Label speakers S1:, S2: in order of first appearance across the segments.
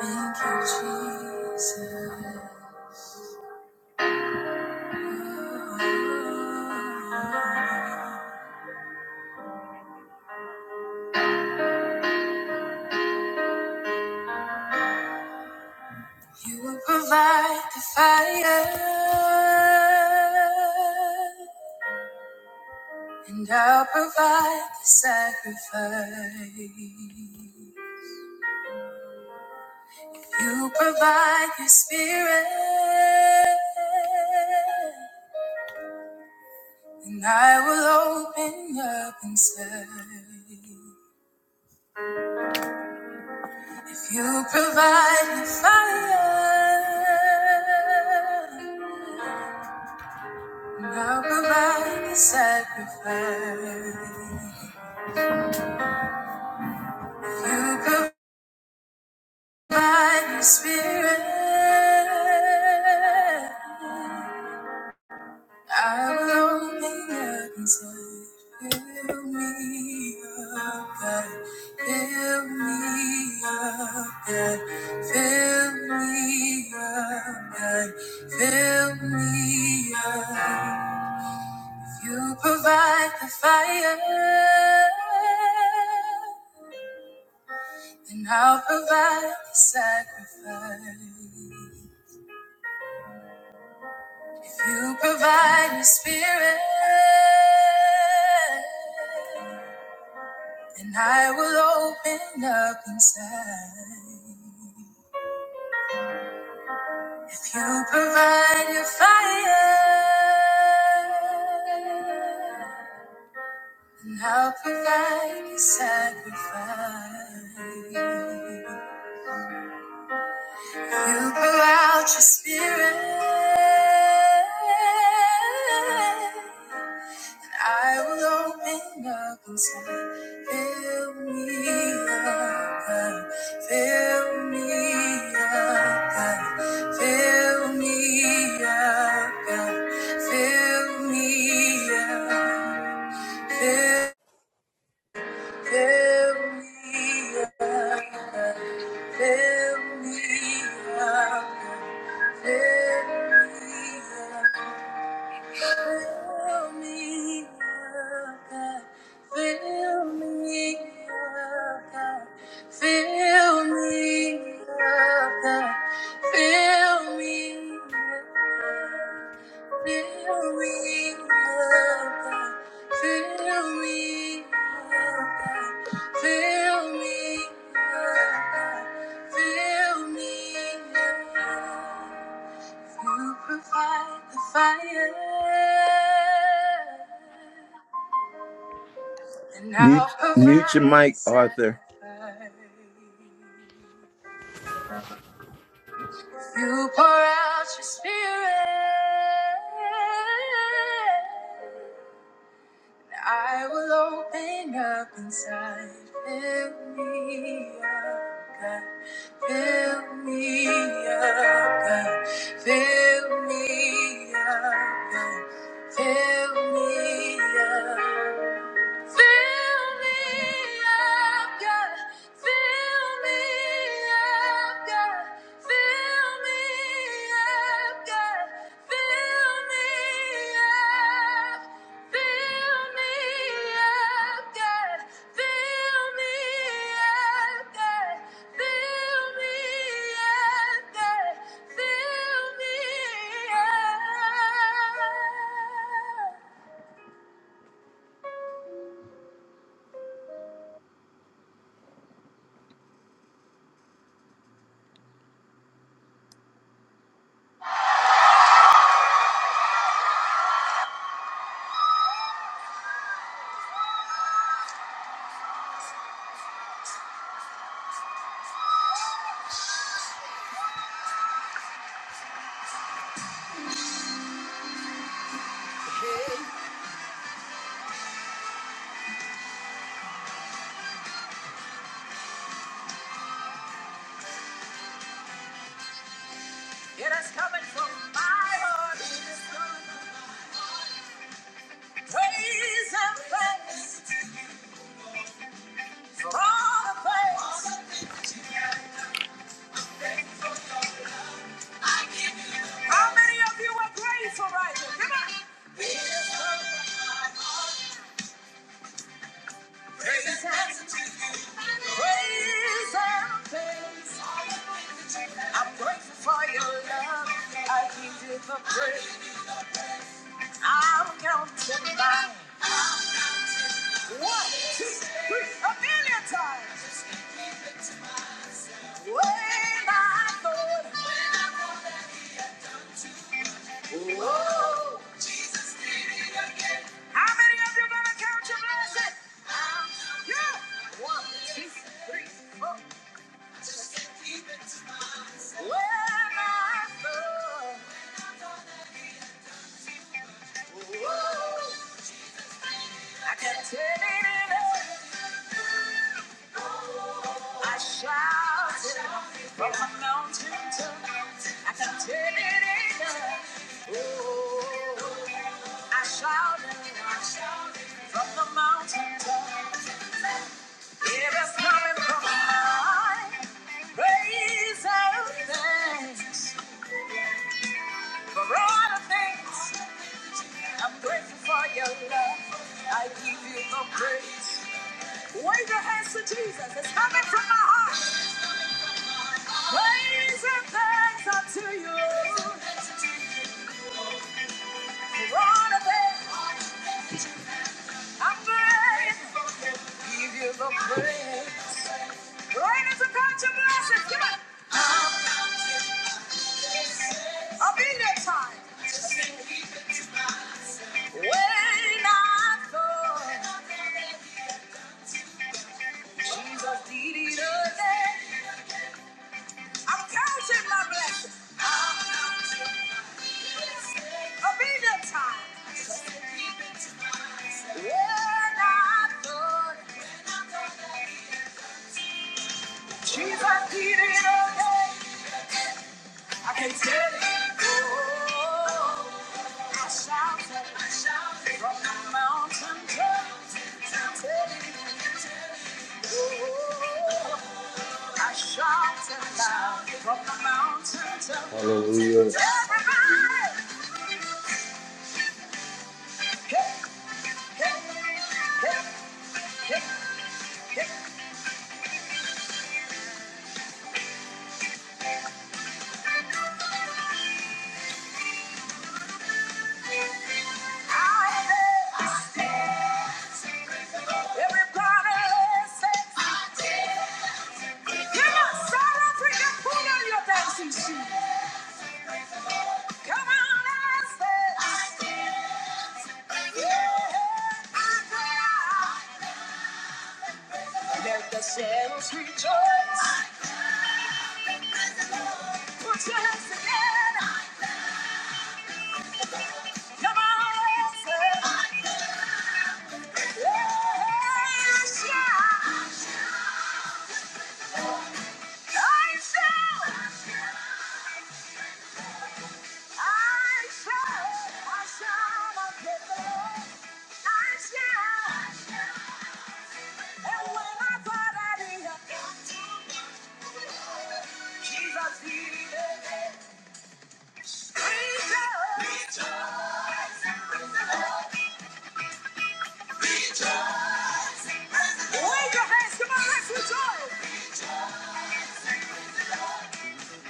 S1: Thank you, Jesus. You will provide the fire, and I'll provide the sacrifice. You provide your spirit, and I will open up inside. You provide the fire, and I'll provide the sacrifice. You provide the spirit, i will open up inside. Fill me up, God. Fill me up, God. Fill me up, God. Fill me up. You provide the fire, then I'll provide the sacrifice. If you provide your spirit, And I will open up inside. If you provide your fire, and I'll provide your sacrifice. You pour out your spirit. I will open up inside. Fill me up, God. Fill me up, God. Fill me up, God. Fill me up. Fill, fill me up, God. Fill me up, God. Fill me up. Fill me up, God. Fill me up, God. Fill me up, God. Fill me up. Fill me up, God. Fill me up, God. Fill me up, God. Fill me up. You provide the fire, and Mute, I'll mute your provide the mic, Arthur. sacrifice. You pour out your spirit. I will open up inside. Fill me up, God. Fill me up, God. Fill me up, God. Fill me up. Fill me up, God. Fill me up, God. Fill me up, God. Fill me up. Fill me up, God. Fill me up, God. Fill me up, God. Fill me up. It is coming from my heart. Praise and thanks for all the praise. How many of you are grateful right now? Come on. Raise your hands. Praise and thanks. I'm grateful for your love. I give you the praise. I'll count to five. One, two, three, a million times. When I thought, whoa. How many of you gonna count your blessings? Yeah. One, two, three, four. When I thought, whoa. I can't take it anymore. I shouted from the mountain top. I can take it in. Oh, I shouted from the mountain top. it is coming from high. Praise and thanks for all the things. I'm grateful for your love. I give you the praise. Wave your hands to Jesus. It's coming from my heart. Raising thanks unto you. Lord of it, I'm grateful. Give you the praise. Rain is a touch of blessings. Come on. I'll be there time. When I thought Jesus needed a day, I'm counting my blessings. Obedience time. When I thought Jesus did it again, I can tell it. Oh, I shouted, I shouted from the mountain top. Tell it. Oh, I shouted loud from the mountain top.
S2: Hallelujah.
S1: Everybody, hey, hey, hey. Let the sailors rejoice. Put your hands together. Come on, let's say, yeah, I shout, I shout. I shall, I shall not give up. I shall. And when I thought I did not, Jesus did Rejoice. Rejoice. Wave your hands, come on, let rejoice.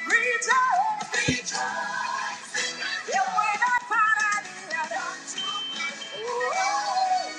S1: Rejoice. And when I thought I did not,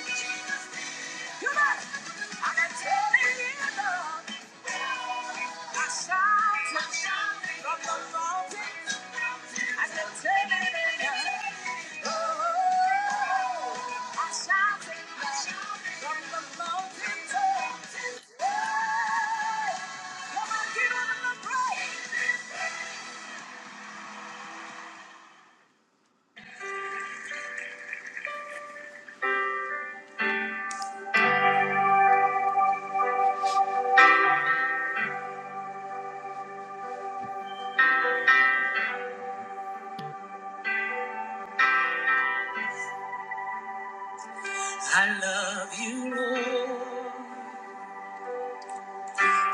S1: I love you, Lord,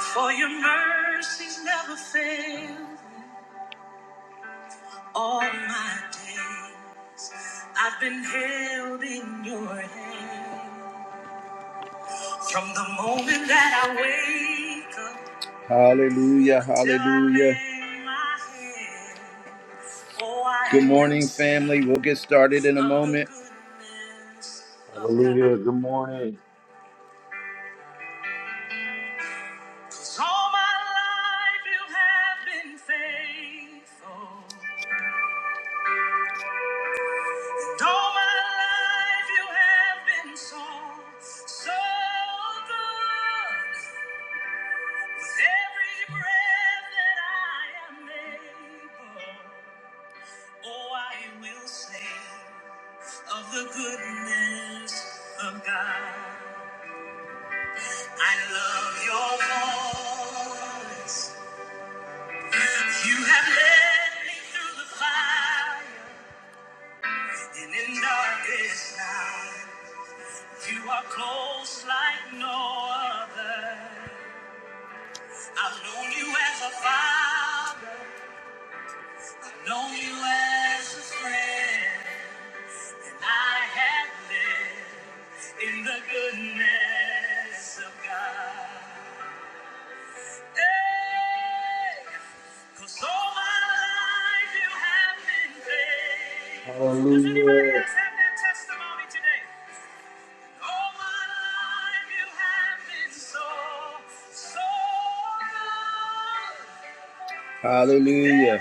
S1: for your mercies never fail all my days. I've been held in your hand from the moment that I wake up. Hallelujah, hallelujah. Good morning, family. We'll get started in a moment.
S2: Hallelujah. Good morning.
S1: All my life you have been faithful. all my life you have been so, so good. Every breath that I am able, oh, I will sing of the goodness of God. I love your voice. You have led me through the fire and in darkest night. You are close like no other. I've known you as a father, known you as a friend. I have lived in the goodness of God. Hey, 'cause all my life you have been faithful. Does anybody
S2: Hallelujah.
S1: else have that testimony today? All my life you have been so, so good. Hallelujah.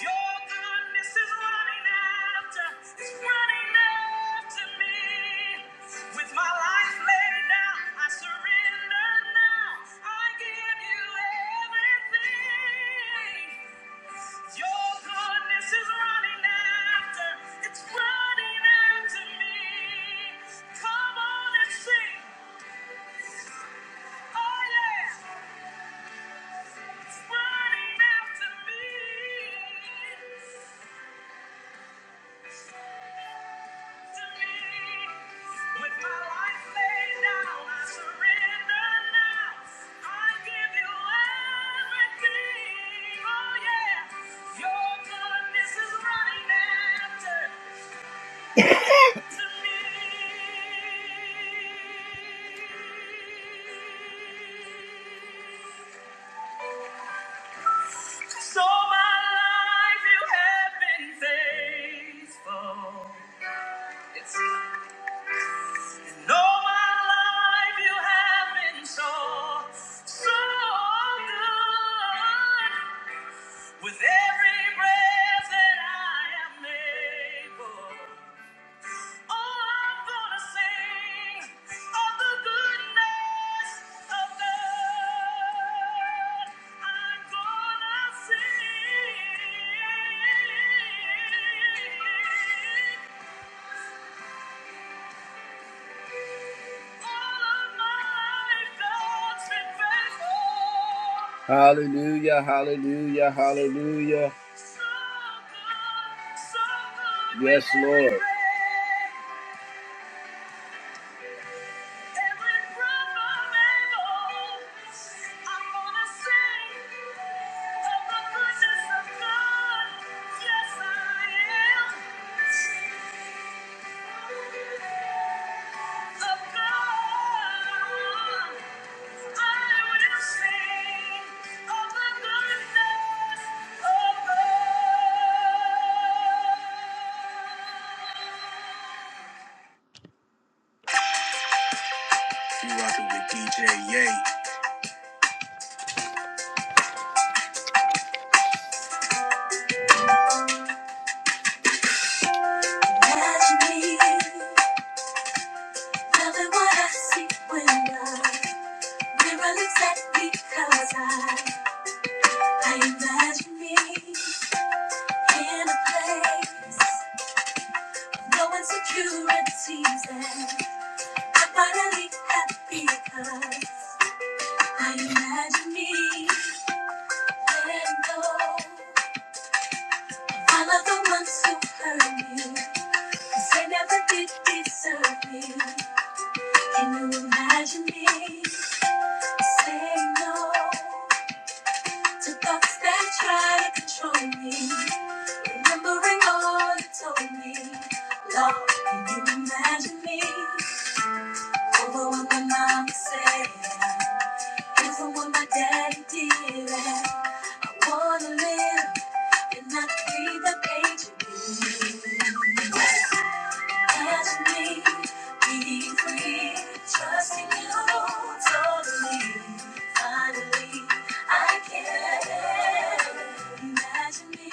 S1: Your goodness is running after, It's running after me. With my life laid down, I surrender now. I give you everything. Your goodness is running after, it's running after me. Come on and sing. Oh yeah, it's running after me. With my life laid down, I surrender now. I give you everything. Oh yeah, your goodness is running after to me. So my life, you have been faithful. It's And all my life you have been so, so good. With every breath that I am able, all I'm gonna sing of the goodness of God. I'm gonna sing. Hallelujah, hallelujah, hallelujah. Yes, Lord. Securities and I I'm finally happy because I imagine me letting go. All of the ones who hurt me, cause they never did deserve me. Can you imagine me saying no to thoughts that try to control me? Remembering all you told me, Lord, can you imagine me over what my mama said, over what my daddy did? I wanna live and not be the patriot. Let me be free, trusting you totally. Finally, I can imagine me.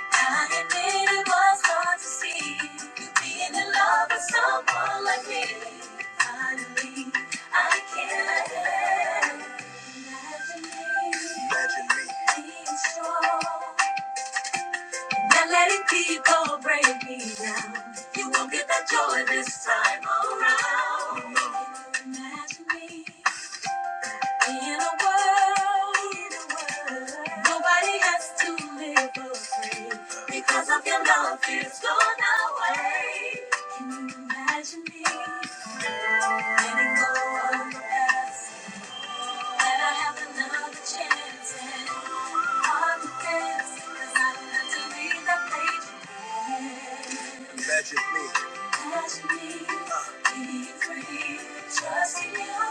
S1: I admit it was hard to see you being in love with someone like me. Finally, I can imagine me being strong. Not letting people break me down. You won't get that joy this time around. Can you imagine me in a world? In a world. Nobody has to live afraid because of your love is gone away. Can you imagine me letting go of the past? That I have another chance and hard to the 'cause I'm not to read that page. again. Catch me, be free, trusting you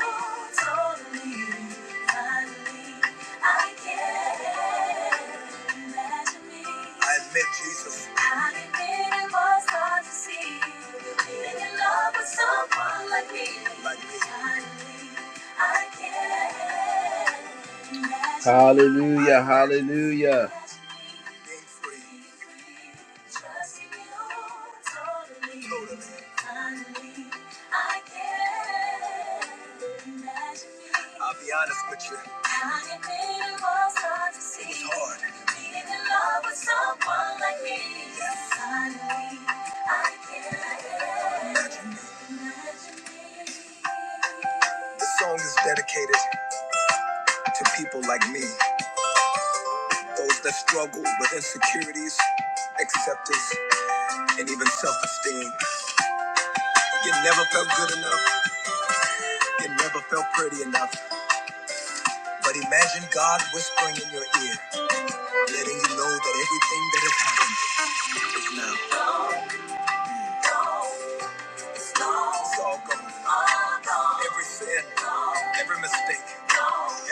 S1: totally. Finally, I can imagine me. I admit, Jesus. I admit it was hard to see. Being in love with someone like me. Like me. Finally, I can imagine. Hallelujah, hallelujah. Be free. Trusting you totally. Totally. Finally, I can imagine me. I'll be honest with you. I admit it was hard to see. It was hard. Being in love with someone like me. Yes. Finally, I can imagine me. Imagine me. This song is dedicated to people like me. Those that struggle with insecurities, acceptance, and even self esteem. You never felt good enough. You never felt pretty enough. But imagine God whispering in your ear, letting you know that everything that has happened now It's all gone. Every sin, every mistake,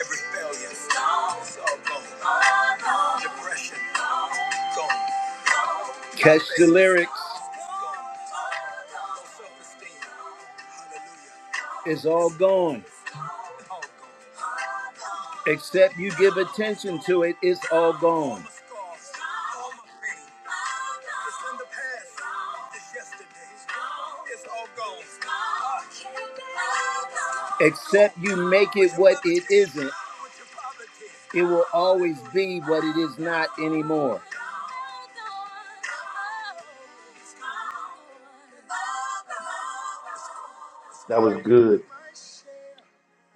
S1: every failure, it's all gone. Depression, gone. Catch the lyrics. Gone. No self-esteem. Hallelujah. It's all gone. Except you give attention to it, it's all gone. Except you make it what it isn't, it will always be what it is not anymore.
S2: That was good.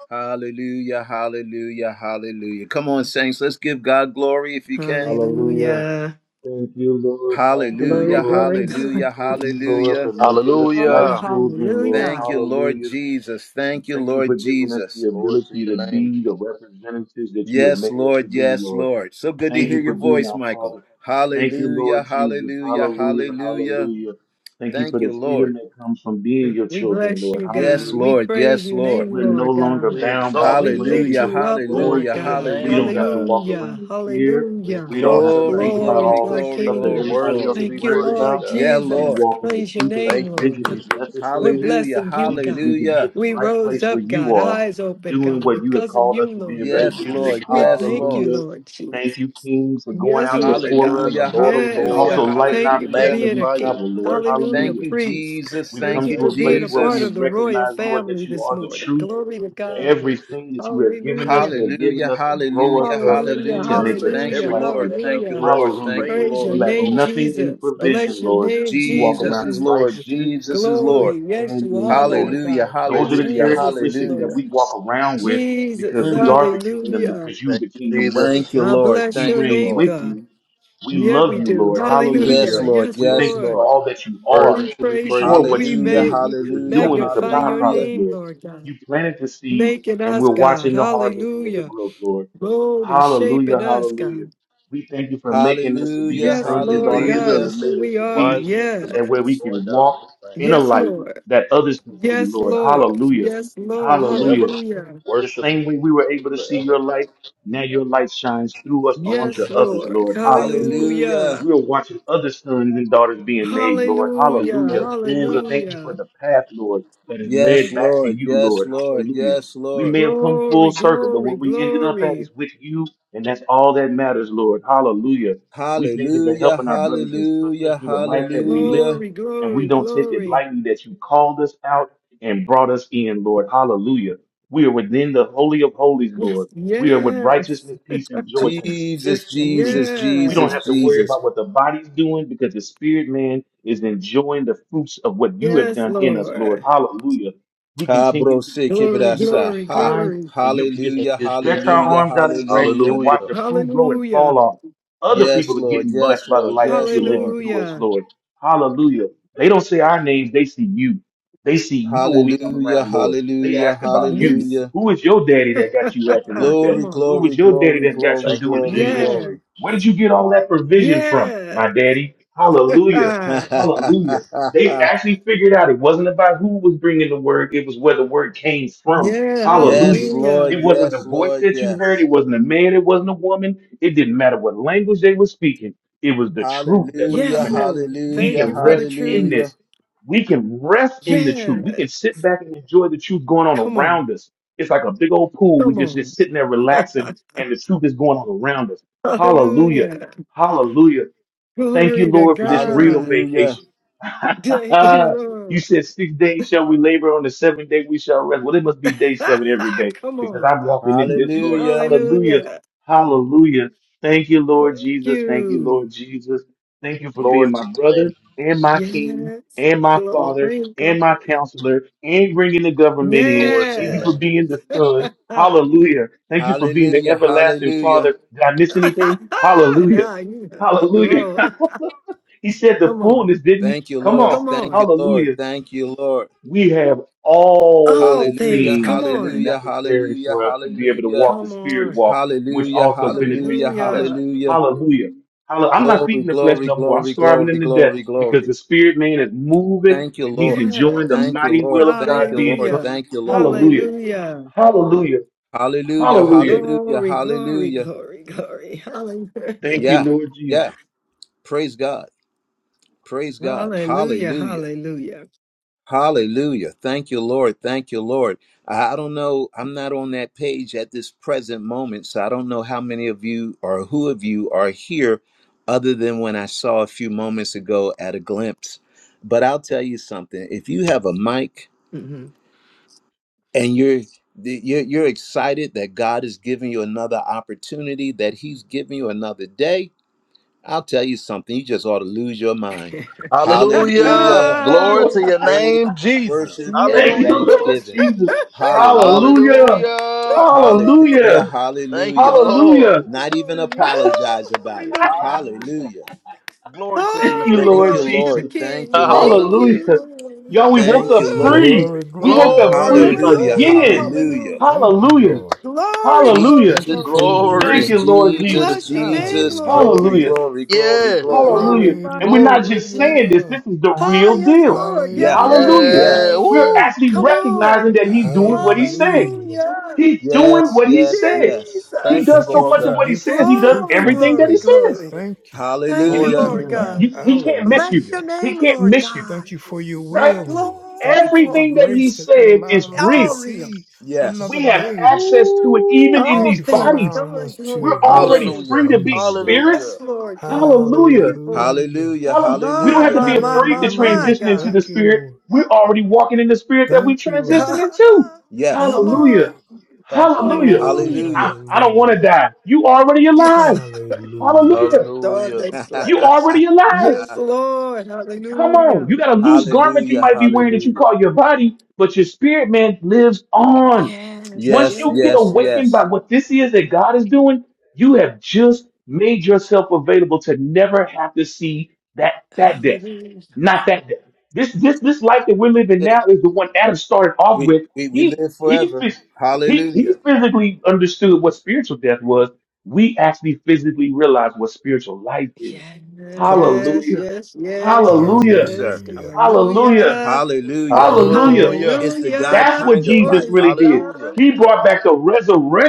S1: Hallelujah, hallelujah, hallelujah. Come on, saints, let's give God glory if you can.
S2: Hallelujah.
S3: Hallelujah.
S2: Thank you, Lord. Thank you,
S1: Hallelujah,
S3: Glory,
S2: Lord.
S3: glory, God.
S1: hallelujah,
S2: Thank you, Lord, for
S1: hallelujah.
S2: making us light
S3: Oh,
S4: Hallelujah.
S2: children, Lord.
S3: hallelujah.
S1: Thank you, Lord
S2: Hallelujah.
S1: Jesus. Thank you,
S2: Thank you for
S1: Lord
S2: giving us
S1: Jesus.
S2: the
S4: Glory to
S2: ability
S4: your
S2: to
S4: name,
S2: be the
S4: Jesus.
S2: representatives that you have
S1: Yes,
S2: made us to
S1: Lord,
S2: be,
S1: yes,
S2: Lord.
S1: Lord. So good to
S2: Thank
S1: hear
S2: you
S1: your
S2: for being
S1: voice,
S2: our
S1: Michael.
S2: Father. Thank you,
S1: Hallelujah,
S2: Lord Jesus.
S1: hallelujah,
S2: Hallelujah.
S1: hallelujah.
S2: Hallelujah. Thank you
S1: Thank
S2: for the
S1: you, Lord.
S2: freedom that comes from being your
S3: We
S2: children,
S3: bless
S2: Lord.
S3: you, God.
S1: Yes,
S2: Hallelujah.
S3: We
S1: Lord,
S3: praise
S1: yes,
S3: your
S1: Lord.
S3: name,
S2: We're no
S3: Lord
S2: longer
S3: God.
S4: We
S2: bound by
S4: exalt
S2: the
S3: We
S4: you,
S2: frailties
S3: lift
S1: Hallelujah,
S4: Jesus.
S2: of
S3: you
S2: this
S3: up,
S4: Glory
S2: world.
S3: Lord
S1: hallelujah,
S4: to your
S3: God.
S2: We
S4: name,
S2: don't have
S1: hallelujah.
S2: to
S4: God.
S2: walk around
S3: Hallelujah.
S2: in fear.
S4: We
S3: Hallelujah.
S2: We don't
S4: exalt
S2: have
S4: your
S2: to
S1: Glory,
S2: think
S4: name,
S2: about
S4: Jesus.
S3: Glory
S1: glory,
S3: to
S2: all
S3: our
S2: the
S1: glory,
S2: stuff that
S4: You're
S3: King.
S1: glory,
S2: everybody
S4: worthy
S2: else
S1: glory.
S4: to
S2: is
S4: be
S3: Thank you,
S2: worried
S4: praised,
S3: Lord
S2: about.
S4: God.
S1: Yeah,
S2: We
S1: Lord.
S3: Jesus.
S2: walk in the
S3: Praise your
S2: truth and the
S3: name,
S4: Thank you,
S2: provision
S3: Lord
S2: is
S4: Jesus.
S3: We're
S2: necessary.
S1: Hallelujah.
S3: blessing
S2: We
S3: you,
S2: just need
S3: God.
S2: to be
S1: Hallelujah.
S2: at the
S3: We
S2: right
S3: rose
S2: place where
S3: up,
S2: you
S3: God,
S2: are,
S3: eyes open,
S2: doing
S3: God,
S2: what you have
S3: because of
S2: called us
S3: you,
S2: to be
S3: Lord
S2: able to
S4: Thank
S3: God.
S1: Yes,
S2: do,
S4: you,
S2: Lord.
S1: Lord.
S4: Jesus.
S3: We
S1: Yes,
S3: thank you,
S1: Lord.
S2: Hallelujah.
S3: Lord
S2: Thank you,
S3: Jesus.
S2: King, for going
S3: Yes,
S2: out
S4: King of
S3: Lord
S4: kings
S3: God.
S2: before us.
S4: and
S1: Hallelujah.
S4: the Lord of
S3: Yes,
S1: Hallelujah.
S4: lords.
S2: Also,
S3: God.
S2: lighten
S4: We
S2: our
S3: Thank you for
S2: paths
S1: Hallelujah.
S2: when
S3: being
S2: we
S3: a
S4: magnify you.
S3: king.
S2: travel,
S4: We
S2: Lord.
S4: worship you.
S3: Hallelujah,
S1: Thank
S2: Hallelujah.
S1: you,
S3: priest.
S1: Jesus.
S2: We've
S3: Thank
S2: come
S1: Thank
S3: you
S1: you,
S2: to
S3: for
S4: Thank
S2: a
S4: you,
S2: place
S3: being a
S2: where
S4: Jesus.
S2: we
S3: part
S1: Jesus.
S3: of the royal
S2: recognize, Lord, that
S3: family
S2: you
S3: this
S2: are the
S3: morning.
S2: truth.
S3: Glory to
S4: Thank you,
S3: God.
S4: Jesus.
S2: Everything that you have given us,
S3: Hallelujah.
S2: you have given
S1: Hallelujah.
S2: us to grow us
S1: Hallelujah.
S2: up
S4: Said in
S3: Hallelujah.
S2: and
S4: your
S2: to
S1: Hallelujah.
S4: word,
S2: make
S4: let
S2: us
S1: Thank
S2: just
S1: you,
S3: Hallelujah.
S2: like
S4: everything
S1: Lord.
S2: you.
S4: that have
S1: Thank you,
S3: Hallelujah.
S4: breath
S1: Lord.
S2: Hallelujah.
S1: Thank you,
S3: Praise
S4: praise
S3: your
S2: We
S4: you,
S1: Lord.
S4: the
S2: lack
S3: name,
S4: Lord.
S2: nothing in
S3: Jesus.
S4: Thank you,
S3: Bless
S2: provision,
S3: your
S4: Jesus.
S2: Lord.
S3: name,
S2: We walk
S1: Jesus
S2: around
S1: is
S3: Jesus.
S2: in
S1: Lord.
S2: righteousness,
S1: Jesus is
S2: peace,
S1: Lord.
S3: Glory. Yes,
S2: and
S3: you
S2: in
S3: are,
S2: joy.
S3: Lord
S1: Hallelujah.
S3: God.
S4: Thank you,
S2: Those are the
S1: Hallelujah.
S4: Jesus.
S3: Jesus is
S2: characteristics that
S1: Hallelujah.
S3: Lord.
S2: we walk around with
S3: Jesus.
S2: because we
S1: Mm.
S2: are the kingdom,
S3: Hallelujah.
S2: because you are
S4: Thank
S2: the
S4: you,
S2: kingdom with us.
S4: Jesus.
S1: Thank you,
S3: I
S1: Lord.
S2: We
S3: bless your
S1: Thank you,
S2: reign
S3: name,
S1: Lord.
S2: with
S3: God.
S2: you. We
S3: Yeah,
S2: love
S3: we
S2: you,
S3: do.
S2: Lord. Hallelujah.
S1: Yes,
S4: Hallelujah.
S3: Hallelujah.
S1: Lord.
S3: Yes,
S2: We
S1: Yes,
S2: thank you for
S3: Lord.
S1: Lord.
S2: all that you
S3: We
S2: are
S4: Worthy to be
S3: praise
S4: praised.
S2: before
S3: you.
S2: what
S3: We
S2: you
S1: Hallelujah.
S2: do,
S3: may
S2: because the
S1: Hallelujah.
S2: doing is a
S3: magnify your
S2: byproduct,
S1: Hallelujah.
S3: name,
S2: Lord.
S3: Lord God.
S2: You planted the seed,
S3: Making
S2: and
S3: us,
S2: we're
S3: God.
S2: watching the harvest and the
S3: Hallelujah.
S2: growth, Lord.
S3: Mold and
S2: Hallelujah,
S3: shaping us,
S2: hallelujah.
S3: God.
S2: We thank you for making us to be the
S1: Hallelujah,
S3: Yes,
S4: Thank
S2: sons
S4: you,
S2: and
S3: Lord
S2: daughters that
S3: God,
S2: you
S1: hallelujah,
S2: have
S3: is who
S4: Jesus.
S2: made us
S3: we
S2: to
S4: for
S3: are.
S4: the
S2: be,
S4: Rising of the
S2: so
S4: sun,
S2: that way we
S4: for
S3: Yes.
S4: the going
S2: can
S4: down of the
S2: walk
S4: same.
S2: in a
S3: Yes,
S2: light
S3: Lord.
S2: that others can see,
S3: Yes,
S2: Lord.
S3: Lord.
S2: Hallelujah,
S3: Yes,
S4: We
S3: Lord.
S4: forever
S2: hallelujah.
S3: Hallelujah.
S2: The
S4: worship
S2: same
S4: you.
S2: way we were able to see
S4: Forever
S2: your light, now your light shines through us
S4: praise
S2: onto
S4: your
S3: Yes,
S4: name.
S2: others,
S3: Lord.
S2: Lord. Hallelujah.
S1: hallelujah.
S3: Hallelujah.
S2: We are watching other sons and daughters being made, Lord.
S4: Yes,
S3: Hallelujah.
S2: Hallelujah.
S4: Lord
S2: We
S4: Jesus.
S2: thank you for
S3: Hallelujah.
S2: the path, Lord, that is
S1: Yes,
S2: led back to
S1: Lord,
S2: you,
S1: yes,
S2: Lord.
S1: Lord,
S2: Hallelujah.
S1: yes,
S2: We
S1: Lord.
S2: may have come full
S3: Glory,
S2: circle, but
S3: glory,
S2: what we ended up at
S3: glory.
S2: is with you, and that's all that matters, Lord. Hallelujah. We thank you for
S1: Hallelujah,
S2: helping our brothers and sisters
S1: hallelujah,
S2: through the life that we
S1: hallelujah.
S2: live,
S3: Glory,
S2: and we
S3: glory,
S2: don't take it
S3: glory.
S2: lightly that you called us out and brought us in, Lord. Hallelujah. We are within the Holy of Holies,
S3: Yes,
S2: Lord. We are with
S3: yes,
S2: righteousness, peace, and joy
S1: Jesus,
S2: consistently.
S1: Jesus,
S2: We
S3: yes,
S2: don't
S1: Jesus,
S2: have to worry
S1: Jesus.
S2: about what the body's doing because the spirit man is enjoying the fruits of what you have
S3: yes,
S2: done in us, Lord.
S3: Lord.
S2: Hallelujah. We
S1: Ha,
S2: continue to
S1: bro,
S2: be
S1: se, que
S2: connected
S3: Glory,
S2: to you as
S1: brasa.
S2: the
S3: glory,
S1: Ha.
S2: vine,
S3: glory.
S2: and you can just
S4: Thank
S1: Hallelujah,
S4: you,
S2: stretch
S4: Jesus.
S2: our
S1: hallelujah,
S2: arms out as branches and
S1: hallelujah.
S2: watch
S4: Hallelujah.
S2: the fruit grow and fall
S3: Hallelujah.
S2: off. Other
S1: Yes,
S2: people are
S1: Lord,
S2: getting
S1: yes,
S2: blessed by the
S1: Lord,
S2: life that
S1: yes,
S2: you're living
S1: Lord.
S2: through us,
S3: Hallelujah.
S2: Lord. Hallelujah. They don't say our names, they see you. They see you when we come
S1: Hallelujah,
S2: around, Lord. They
S1: hallelujah,
S2: ask about you.
S3: Yes.
S1: hallelujah.
S2: Who is your daddy that got you acting like that?
S1: Glory,
S3: Come on.
S2: Who was
S1: glory,
S2: your daddy
S1: glory,
S2: that got you
S1: glory,
S4: Thank
S2: doing
S4: you,
S2: the
S1: glory,
S2: things that you?
S4: Jesus.
S3: Yeah.
S1: glory.
S2: Where did you get all that provision from,
S3: Yeah.
S2: my daddy? Hallelujah, hallelujah. They actually figured out it wasn't about who was bringing the word; it was where the word came from.
S3: Yeah.
S2: Hallelujah.
S1: yes, Lord.
S3: Hallelujah.
S2: It wasn't
S1: Yes,
S2: the voice
S1: Lord.
S2: that you heard.
S1: Yes.
S2: It wasn't a man. It wasn't a woman. It didn't matter what language they were speaking. It was the truth that was
S1: Hallelujah.
S3: Yes,
S2: coming out.
S3: Lord.
S2: We
S3: Thank
S1: Hallelujah.
S3: you
S2: can
S3: for the
S2: rest in
S3: truth.
S1: Hallelujah.
S2: this we can rest in the
S3: Yeah,
S2: truth. We can sit back and enjoy the truth going on
S3: come on,
S2: around us. It's like a big old pool. We
S3: come
S2: just
S3: on.
S2: just sitting there relaxing, and the truth is going on around us. Hallelujah.
S3: Hallelujah.
S2: Hallelujah. Thank you,
S3: Glory to
S2: Lord, for this real
S3: God.
S1: Hallelujah.
S2: vacation.
S3: Thank
S2: you
S3: you, Lord.
S2: said six days shall we labor, on the seventh day we shall rest. Well, it must be day seven every day
S3: come
S2: because
S3: on.
S2: I'm walking in this, Lord.
S1: Hallelujah.
S2: Hallelujah.
S3: Hallelujah.
S2: Hallelujah. Thank you,
S3: Thank
S2: Lord Jesus. Thank you, Lord
S3: you.
S2: Jesus. Thank you for being
S4: Glory
S2: my
S4: to your
S2: brother
S4: name,
S2: and
S4: Jesus.
S2: my king
S3: Yes.
S2: and my father
S3: Glory,
S2: and
S3: glory.
S2: my counselor and bringing the government in.
S4: Glory to
S2: Thank
S4: your
S2: you
S3: Yeah.
S2: for
S4: name.
S2: being the son.
S3: now
S2: Hallelujah. Thank you for being the
S1: Hallelujah.
S2: everlasting
S1: Hallelujah.
S2: father. Did I miss anything? Hallelujah.
S3: you on the
S2: Hallelujah.
S3: road.
S2: he said the
S3: Come on.
S2: fullness, didn't he?
S1: Thank you,
S2: Come
S1: Lord.
S2: on.
S3: Come
S1: Thank
S3: on.
S1: you, Lord.
S2: Hallelujah.
S1: Thank you, Lord.
S2: We have
S3: All
S2: all
S3: things.
S1: Hallelujah.
S3: Come
S2: things that are
S3: on.
S1: Hallelujah.
S2: necessary
S1: Hallelujah.
S2: for us to be able to
S1: Hallelujah.
S2: walk the
S3: Come
S2: spirit
S3: on.
S2: walk, which
S1: Hallelujah.
S2: also benefits
S1: Hallelujah.
S2: the flesh.
S3: Hallelujah.
S1: Hallelujah.
S2: Hallelujah. Hallelujah. I'm not
S1: Glory,
S2: feeding the flesh
S1: glory,
S2: no more. I'm
S1: glory,
S2: starving
S1: glory,
S2: him to death
S1: glory,
S2: because
S1: glory.
S2: the spirit man is moving
S1: Thank you,
S2: and he's
S1: Lord.
S3: Yeah.
S2: enjoying the
S1: Thank you,
S2: mighty will
S1: Lord.
S2: of
S1: Thank
S2: God
S1: you,
S2: being
S1: Lord.
S2: done.
S3: Hallelujah.
S1: Thank you, Lord.
S2: Hallelujah.
S3: Hallelujah.
S2: Hallelujah.
S1: Hallelujah,
S2: Hallelujah.
S1: hallelujah,
S3: Glory, glory,
S1: hallelujah.
S3: glory, glory. Hallelujah.
S2: Thank you,
S1: Yeah,
S2: Lord
S1: yeah.
S2: Jesus.
S1: Praise God. Praise God.
S3: Hallelujah.
S1: Hallelujah.
S3: Hallelujah.
S1: Hallelujah. Thank you, Lord. Thank you, Lord. I I don't know. I'm not on that page at this present moment, so I don't know how many of you or who of you are here other than when I saw a few moments ago at a glimpse. But I'll tell you something. If you have a mic
S3: hmm
S1: and you're the- you're, you're excited that God is giving you another opportunity, that He's giving you another day I'll tell you something. You just ought to lose your mind.
S2: Oh,
S4: Hallelujah.
S1: Hallelujah.
S2: come
S3: Ah,
S4: Glory
S2: on.
S4: to your
S1: Praise,
S4: name, Jesus.
S1: worship,
S3: yeah.
S1: and
S2: Thank you,
S4: Hallelujah.
S2: Lord
S1: thanksgiving.
S2: Jesus.
S1: Hallelujah.
S2: Hallelujah.
S4: Hallelujah.
S1: Hallelujah.
S3: Woo-hoo.
S2: Hallelujah.
S4: Thank you,
S1: Hallelujah.
S4: Lord.
S2: Hallelujah.
S3: Woo.
S1: Not even
S3: Glory.
S1: apologize
S3: Oh,
S1: about it.
S3: hallelujah.
S4: Hallelujah.
S1: Hallelujah.
S4: Glory to your
S2: Thank
S4: name.
S2: you,
S3: Glory,
S1: Thank
S2: Lord
S1: you,
S3: glory to the
S2: Jesus.
S1: Lord. Thank you,
S3: King. Thank
S1: Lord.
S4: Hallelujah.
S3: you,
S2: Hallelujah.
S3: Lord.
S2: Y'all, we woke
S1: Thank
S2: up
S1: you,
S3: Oh,
S1: Lord.
S2: free.
S3: glory.
S5: Glory,
S2: We
S5: glory,
S2: woke up free
S4: Glory.
S5: glory.
S1: Hallelujah.
S3: Hallelujah.
S2: again.
S5: Hallelujah.
S1: Hallelujah.
S3: Hallelujah.
S5: Thank you,
S2: Hallelujah.
S5: Lord.
S3: Glory, glory,
S2: Hallelujah.
S5: Thank
S1: Jesus,
S5: you
S3: glory.
S5: for your
S2: Thank
S4: Glory.
S1: Jesus,
S2: you,
S5: mercy, God.
S2: Lord
S3: We
S2: Jesus.
S1: Jesus,
S3: bless your name,
S1: Jesus.
S3: Lord
S1: Glory,
S5: Hallelujah.
S2: Hallelujah.
S3: Jesus.
S1: glory, glory,
S3: We
S4: Yes.
S1: glory.
S2: Hallelujah.
S3: glorify
S2: And we're
S3: you,
S2: not
S4: Glory.
S3: Lord
S2: just
S3: Jesus.
S2: saying this,
S5: Hallelujah.
S2: this is the
S3: Ah,
S2: real
S3: yes,
S2: deal.
S3: Lord.
S1: Yeah.
S3: Yes, yes,
S2: Hallelujah.
S1: Yeah.
S4: Yeah.
S3: yes.
S2: We're
S5: Hallelujah.
S4: Woo.
S2: actually
S3: Come on.
S2: recognizing that he's doing what he's saying.
S5: Hallelujah, Lord.
S3: Hallelujah.
S2: He's doing
S1: Yes,
S2: what he
S1: yes,
S2: says.
S1: yes.
S2: He
S4: Thank you,
S2: does
S5: Thank
S2: so
S5: you
S3: Jesus.
S4: Lord
S5: for
S2: much of
S5: the
S2: what
S4: God.
S2: he
S5: gift
S2: says.
S5: of
S2: He does
S5: truth,
S3: Glory,
S5: Father
S2: everything that he
S3: glory,
S5: God.
S2: says.
S3: glory.
S5: Thank you.
S2: You,
S3: Thank you,
S4: Glory
S5: Thank
S4: to
S1: Hallelujah.
S5: you,
S2: you,
S3: Lord
S4: your
S2: you-
S5: Lord.
S4: name.
S3: God.
S2: you- he can't miss you.
S3: Bless
S5: Hallelujah.
S3: your
S2: He
S3: name,
S2: can't
S3: Lord
S2: miss you,
S5: Thank
S3: God.
S5: you for your
S2: right?
S5: will, Lord. Thank
S3: Glory,
S5: you for the
S3: glory.
S2: Everything that he
S5: grace that you
S2: said
S5: allow
S2: is
S5: us to
S3: All
S2: real.
S3: real.
S5: see
S1: Yes.
S2: We
S5: another
S2: have
S5: day.
S4: Jesus.
S2: access to it
S4: Woo.
S2: even in
S3: All
S5: Thank
S2: these
S5: you for
S3: things.
S2: bodies.
S5: allowing
S3: Glory,
S5: us
S2: We're
S3: glory,
S5: to
S2: already
S5: worship
S3: glory.
S4: Hallelujah.
S2: free to be
S5: you, Lord.
S3: Yes,
S4: Hallelujah.
S2: spirits.
S3: Lord God. Thank
S2: Hallelujah.
S3: you for it.
S5: Hallelujah.
S1: Hallelujah.
S2: Hallelujah. We don't
S3: My,
S2: have
S1: Hallelujah.
S2: to
S3: my,
S2: be
S3: my,
S2: afraid to
S3: my,
S5: Hallelujah.
S3: my
S2: transition
S3: God.
S2: into the
S5: Thank you,
S2: spirit.
S5: Lord.
S2: We're already walking in the spirit that we
S5: Thank you, Lord.
S2: transitioned into.
S1: Yes.
S3: Come
S5: Thank you,
S2: Hallelujah.
S3: on.
S5: Father.
S4: Thank you,
S2: Hallelujah.
S4: Lord.
S5: Glory.
S3: Hallelujah.
S2: I,
S1: Hallelujah.
S2: I don't want to
S5: Hallelujah.
S2: die. You already
S3: Yes.
S2: alive.
S3: Lord.
S5: Hallelujah.
S2: Hallelujah.
S3: Darn
S4: Hallelujah.
S3: they slack.
S2: You already alive.
S3: Yes, Lord.
S2: Come on,
S3: Hallelujah.
S2: you got a loose garment you
S1: hallelujah.
S2: might be wearing that you
S1: Hallelujah.
S2: call your body, but your spirit man lives on.
S3: Yes.
S2: Once
S1: Yes,
S4: Thank
S2: you
S4: you,
S2: get
S1: yes,
S4: Lord.
S3: Yes.
S2: awakened by
S1: yes.
S2: what this is that God is doing, you have just made yourself available to never have to see that that death,
S3: Hallelujah.
S2: not
S3: Come on.
S2: that death. This this this life that we're living now is the one Adam started off
S1: We,
S2: with.
S1: we we
S2: He
S1: live
S2: he
S1: forever.
S2: phys- he he
S1: Hallelujah.
S2: physically understood what spiritual death was. We actually physically realize what spiritual life is.
S1: Come on,
S3: Yes,
S2: Hallelujah.
S3: yes, yes, yes,
S2: Hallelujah.
S1: sir.
S3: yes.
S5: Hallelujah.
S2: Hallelujah.
S3: Hallelujah.
S1: Hallelujah.
S5: Thank you,
S2: Hallelujah.
S4: Hallelujah.
S5: Lord.
S1: It's the God
S3: Hallelujah.
S2: That's what
S1: kind of
S2: Jesus
S3: Glory
S1: life.
S3: to
S2: really did.
S4: Hallelujah.
S3: God.
S2: He brought back the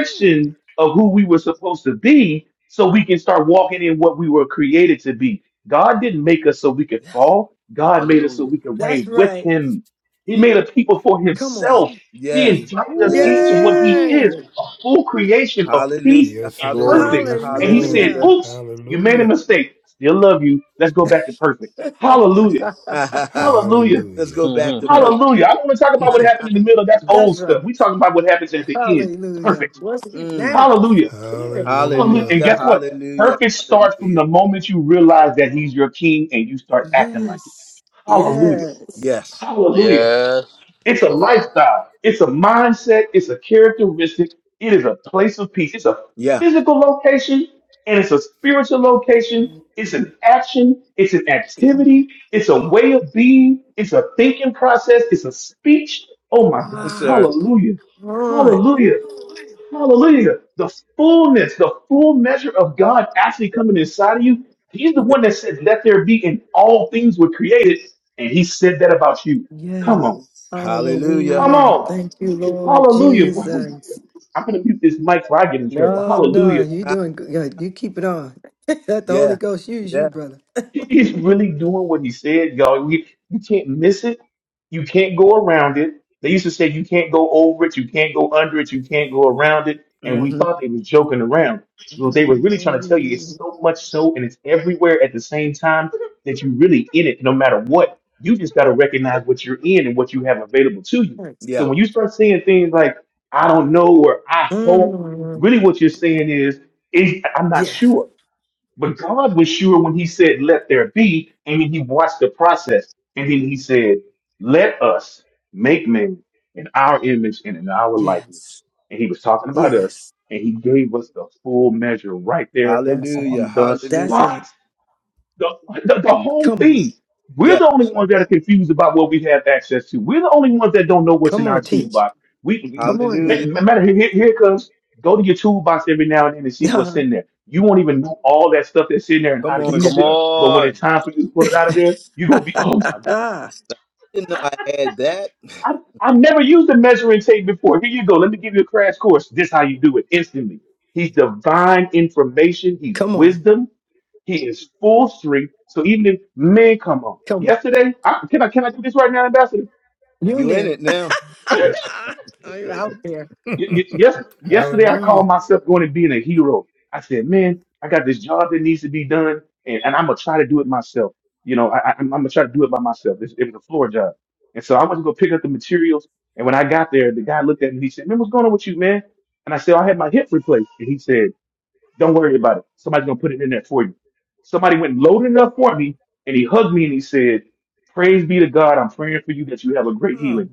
S3: Ooh,
S2: of who we were supposed to be so we can start walking in what we were created to be. God didn't make us so we could
S3: that's,
S2: fall. God made us so
S4: Hallelujah.
S2: we could
S3: that's
S2: reign with
S3: right.
S2: him. He made a people for
S3: Come on.
S2: himself. He
S1: Yes.
S2: invited us into
S1: Yes.
S2: what he
S4: Woo.
S2: is,
S3: Yay.
S2: a full creation of
S1: Hallelujah.
S2: peace
S5: Yes,
S2: and
S1: Hallelujah.
S5: Lord.
S4: Glory.
S2: perfect.
S5: Yes,
S2: And he said,
S5: Lord.
S3: Hallelujah.
S1: Hallelujah.
S2: oops, you made a
S5: Hallelujah.
S2: mistake. I Still love you. Let's go back to perfect. Hallelujah. Hallelujah.
S1: Let's
S5: Hallelujah.
S1: go back to
S4: Mm-hmm.
S1: perfect.
S2: Hallelujah. I don't want to talk about what happened in the middle. That's old
S3: that's right.
S2: stuff. we talking about what happens at the end.
S3: Hallelujah.
S2: Perfect.
S3: What's it
S1: Mm.
S3: now?
S2: Hallelujah.
S3: Spirit.
S1: Hallelujah.
S2: Hallelujah.
S5: Hallelujah.
S2: And guess what?
S1: Hallelujah.
S2: Perfect starts from
S1: Hallelujah.
S2: the moment you realize that he's your king and you start acting like it.
S3: Yes.
S2: Hallelujah.
S3: Yes.
S1: Yes.
S2: Hallelujah.
S4: Yes.
S2: It's a lifestyle. It's a mindset. It's a characteristic. It is a place of peace. It's a
S1: Yeah,
S2: physical location and it's a spiritual location. It's an action. It's an activity. It's a way of being. It's a thinking process. It's a speech. Oh my God.
S3: Ah,
S1: sir.
S3: come on.
S2: Hallelujah.
S3: Come on.
S2: Hallelujah.
S3: Ooh.
S2: Hallelujah. The fullness, the full measure of God actually coming inside of you. He's the
S1: Yeah.
S2: one that said, Let there be, and all things were created. And he said that about you. Come on.
S3: Yes.
S1: Hallelujah.
S2: Come
S3: Hallelujah.
S2: on.
S3: Thank you, Lord
S2: Hallelujah.
S3: Jesus.
S2: I'm going to mute this mic so I get in trouble.
S3: No, no,
S2: Hallelujah.
S3: you're
S1: Ha-
S3: doing good. You keep it on. Let the Holy
S1: Yeah.
S3: Ghost use you,
S1: Yeah.
S3: brother.
S2: He's really doing what he said, y'all. You, you can't miss it. You can't go around it. They used to say you can't go over it, you can't go under it, you can't go around it. And we
S1: hmm
S2: thought they were joking around. Well, they were really trying to tell you it's
S3: Hallelujah.
S2: so much so and it's everywhere at the same time that you are really in it no matter what. You just got to recognize what you're in and what you have available to you.
S3: Yes.
S2: So
S1: Yeah.
S2: when you start saying things like, I don't know, or I hope,
S3: Mm.
S2: really what you're saying is, is I'm not
S3: Yeah.
S2: sure. But God was sure when he said, let there be, and then he watched the process. And then he said, let us make man in our image and in our
S3: Yes.
S2: likeness. And he was talking about us,
S3: Yes.
S2: and he gave us the full measure right there
S3: That's it.
S1: Hallelujah.
S2: on the
S3: That's
S1: Hallelujah.
S2: spot
S3: it.
S2: the, the, the whole
S3: Come on.
S2: thing. We're
S1: Yeah.
S2: the only ones that are confused about what we have access to. We're the only ones that don't know what's in
S3: Come
S2: our
S3: on, teach.
S2: toolbox. We,
S3: Come on
S2: we
S1: Hallelujah.
S3: now.
S2: ma- matter here, here here it comes. Go to your toolbox every now and then and see what's
S3: Uh,
S2: in there. You won't even know all that stuff that's in there and how
S1: Come
S2: to
S1: on,
S3: yeah.
S2: use
S4: Come
S2: it.
S1: sir.
S2: But when
S4: on.
S2: it's time for you to put it out of there, you're gonna be, oh my god,
S1: Didn't know I had that.
S2: I, I've never used a measuring tape before. Here you go. Let me give you a crash course. This how you do it instantly. He's divine information. He's
S3: come on,
S2: wisdom. He is full strength. So even if men come on,
S3: come on,
S2: yesterday, I, can I can I do this right now, Ambassador?
S3: you in
S1: You in
S3: there?
S1: it now?
S3: Are you out there?
S2: Y- y- yes, yesterday I
S5: Hallelujah.
S2: called myself going and being a hero. I said, man, I got this job that needs to be done, and, and I'm gonna try to do it myself. You know, I, I, I'm gonna try to do it by myself. It, it was a floor job, and so I went to go pick up the materials. And when I got there, the guy looked at me. He said, "Man, what's going on with you, man?" And I said, "I had my hip replaced." And he said. Don't worry about it. Somebody's gonna put it in there for you. Somebody went loaded it up for me, and he hugged me and he said, "Praise be to God. I'm praying for you that you have a great healing."
S3: Oh,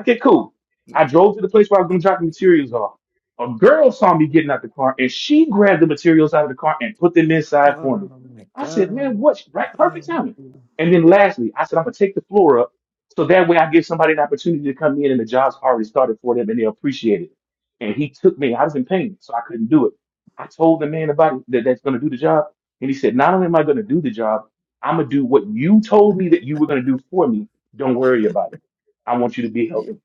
S2: Okay, cool. I drove to the place where I was going to drop the materials off. A girl saw me getting out the car and she grabbed the materials out of the car and put them inside for me.
S3: oh my
S2: I said, man,
S3: God!
S2: what? Right?
S3: Oh,
S2: Perfect timing. And then lastly, I said, I'm going to take the floor up so that way I give somebody an opportunity to come in and the job's already started for them and they appreciate it. And he took me. I was in pain, so I couldn't do it. I told the man about it that that's going to do the job. And he said, not only am I going to do the job, I'm going to do what you told me that you were going to do for me. Don't worry about it. I want you to be
S3: y-
S2: healthy.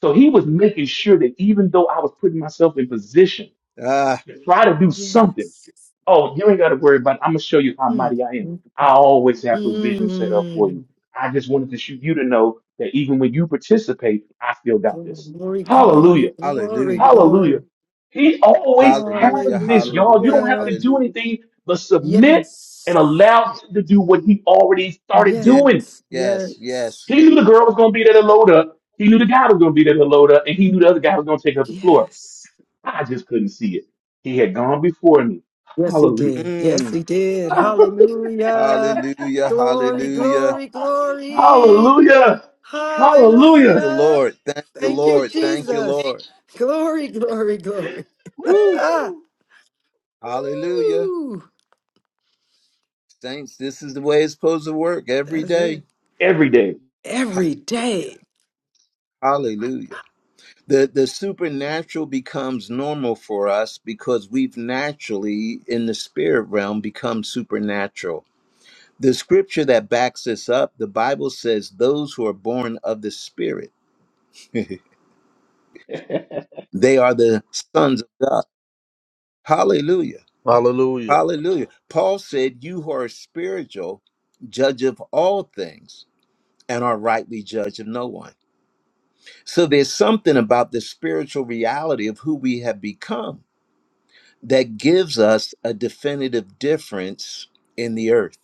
S2: So he was making sure that even though I was putting myself in position
S1: Ah.
S2: to try to do something,
S3: yes.
S2: oh, you ain't got to worry about it. I'm going to show you how
S3: Mm,
S2: mighty I am.
S3: mm,
S2: I
S3: mm,
S2: always have provision set up for you.
S3: mm.
S2: I just wanted to shoot you to know that even when you participate, I still got this.
S3: Glory, glory,
S2: Hallelujah.
S3: glory,
S1: Hallelujah.
S2: Hallelujah.
S3: glory!
S2: He always has
S1: Hallelujah.
S2: this, y'all. You
S1: Hallelujah.
S2: don't have to
S3: Hallelujah!
S2: do
S1: Hallelujah.
S2: anything but submit and
S3: Yes,
S2: allow him to do what he already started
S1: Yeah.
S2: doing.
S3: yes,
S1: Yes.
S3: yes,
S1: Yes.
S2: He
S1: Yes.
S2: knew the girl was going to be there to load up. He knew the guy was going to be there to load up, and he knew the other guy was going to take up the floor.
S3: yes.
S2: I just couldn't see it. He had gone before me.
S3: Yes, he
S2: Hallelujah.
S3: did. Yes,
S1: Mm.
S3: he did. Hallelujah.
S1: Hallelujah.
S3: Glory,
S1: Hallelujah.
S3: glory, glory.
S2: Hallelujah.
S1: Thank
S2: Hallelujah.
S1: you,
S3: Hallelujah.
S1: Lord. Thank you,
S3: Thank you,
S1: Lord. Thank you,
S3: Jesus.
S1: Lord.
S3: Glory, glory, glory. Ah,
S2: Woo!
S1: Hallelujah.
S3: woo.
S1: Saints, this is the way it's supposed to work every
S3: That's
S1: day.
S3: it.
S2: Every day.
S1: Hallelujah.
S3: Every day.
S1: Hallelujah. The the supernatural becomes normal for us because we've naturally in the spirit realm become supernatural. The scripture that backs this up, the Bible says those who are born of the spirit, they are the sons of God. Hallelujah.
S4: Hallelujah.
S1: Hallelujah. Paul said, You who are spiritual, judge of all things and are rightly judge of no one. So there's something about the spiritual reality of who we have become that gives us a definitive difference in the earth.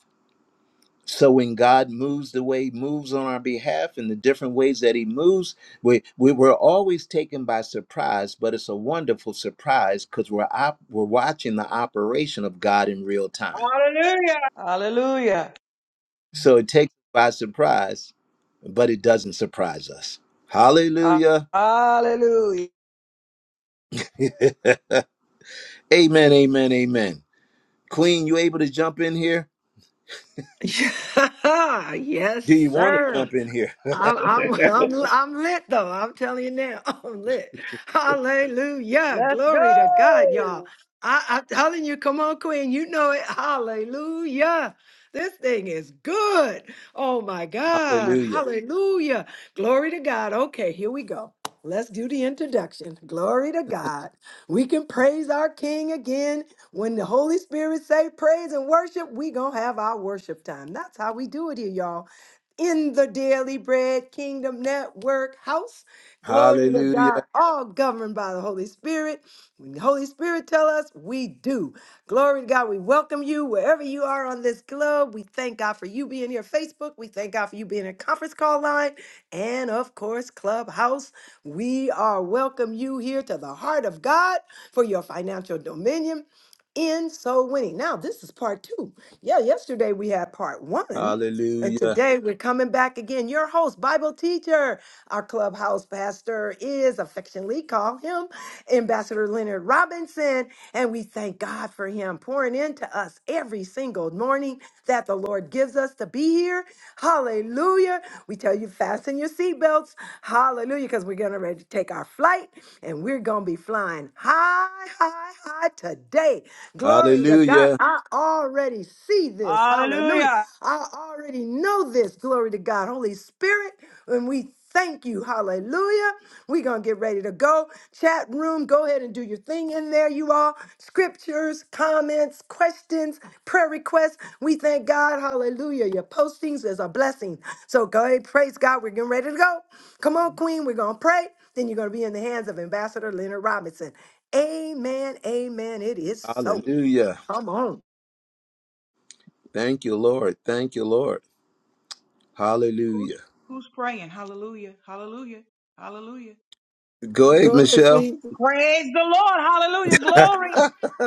S1: So when God moves the way he moves on our behalf in the different ways that he moves, we, we were always taken by surprise, but it's a wonderful surprise because we're op- we're watching the operation of God in real time.
S6: Hallelujah. Hallelujah.
S1: So it takes by surprise, but it doesn't surprise us.
S6: Ha-
S1: Hallelujah.
S6: Hallelujah.
S1: amen, amen, amen. Queen, you able to jump in here?
S3: yes,
S1: Do you want to
S3: sir.
S1: jump in here?
S3: I'm I'm I'm I'm lit though. I'm telling you now, I'm lit. Hallelujah.
S6: Let's
S3: Glory to God, y'all.
S6: go.
S3: I, I'm telling you, come on, Queen. You know it. Hallelujah. This thing is good. Oh my God.
S1: Hallelujah.
S3: Hallelujah. Glory to God. Okay, here we go. Let's do the introduction. Glory to God. We can praise our King again. When the Holy Spirit say praise and worship, we going to have our worship time. That's how we do it here, y'all in the Daily Bread Kingdom Network house. Glory to God,
S1: Hallelujah.
S3: all governed by the Holy Spirit. When the Holy Spirit tell us, we do. Glory to God, we welcome you wherever you are on this globe. We thank God for you being here, Facebook. We thank God for you being a conference call line. And of course, Clubhouse. We are welcome you here to the heart of God for your financial dominion in soul winning. Now, this is part two. Yeah, yesterday we had part one and
S1: Hallelujah.
S3: today we're coming back again. Your host, Bible teacher, our clubhouse pastor is affectionately call him Ambassador Leonard Robinson. And we thank God for him pouring into us every single morning that the Lord gives us to be here Hallelujah. We tell you fasten your seatbelts. Hallelujah. Because we're gonna ready to take our flight and we're going to be flying high, high, high today. Glory to God.
S1: Hallelujah.
S3: I already see this. Hallelujah.
S6: Hallelujah.
S3: I already know this. Glory to God. Holy Spirit, when we Thank you. Hallelujah. We're going to get ready to go. Chat room, go ahead and do your thing in there, you all. Scriptures, comments, questions, prayer requests. We thank God. Hallelujah. Your postings is a blessing. So go ahead, praise God. We're getting ready to go. Come on, Queen. We're going to pray. Then you're going to be in the hands of Ambassador Leonard Robinson. Amen. Amen. It is so.
S1: Hallelujah.
S3: Come on.
S1: Thank you, Lord. Thank you, Lord.
S6: Who's
S1: Hallelujah.
S6: who's praying? Hallelujah. Hallelujah. Hallelujah.
S1: Go
S6: Who's
S1: ahead,
S3: Go ahead,
S6: praying?
S1: Michelle.
S3: sweet.
S6: Praise the Lord. Hallelujah. Glory.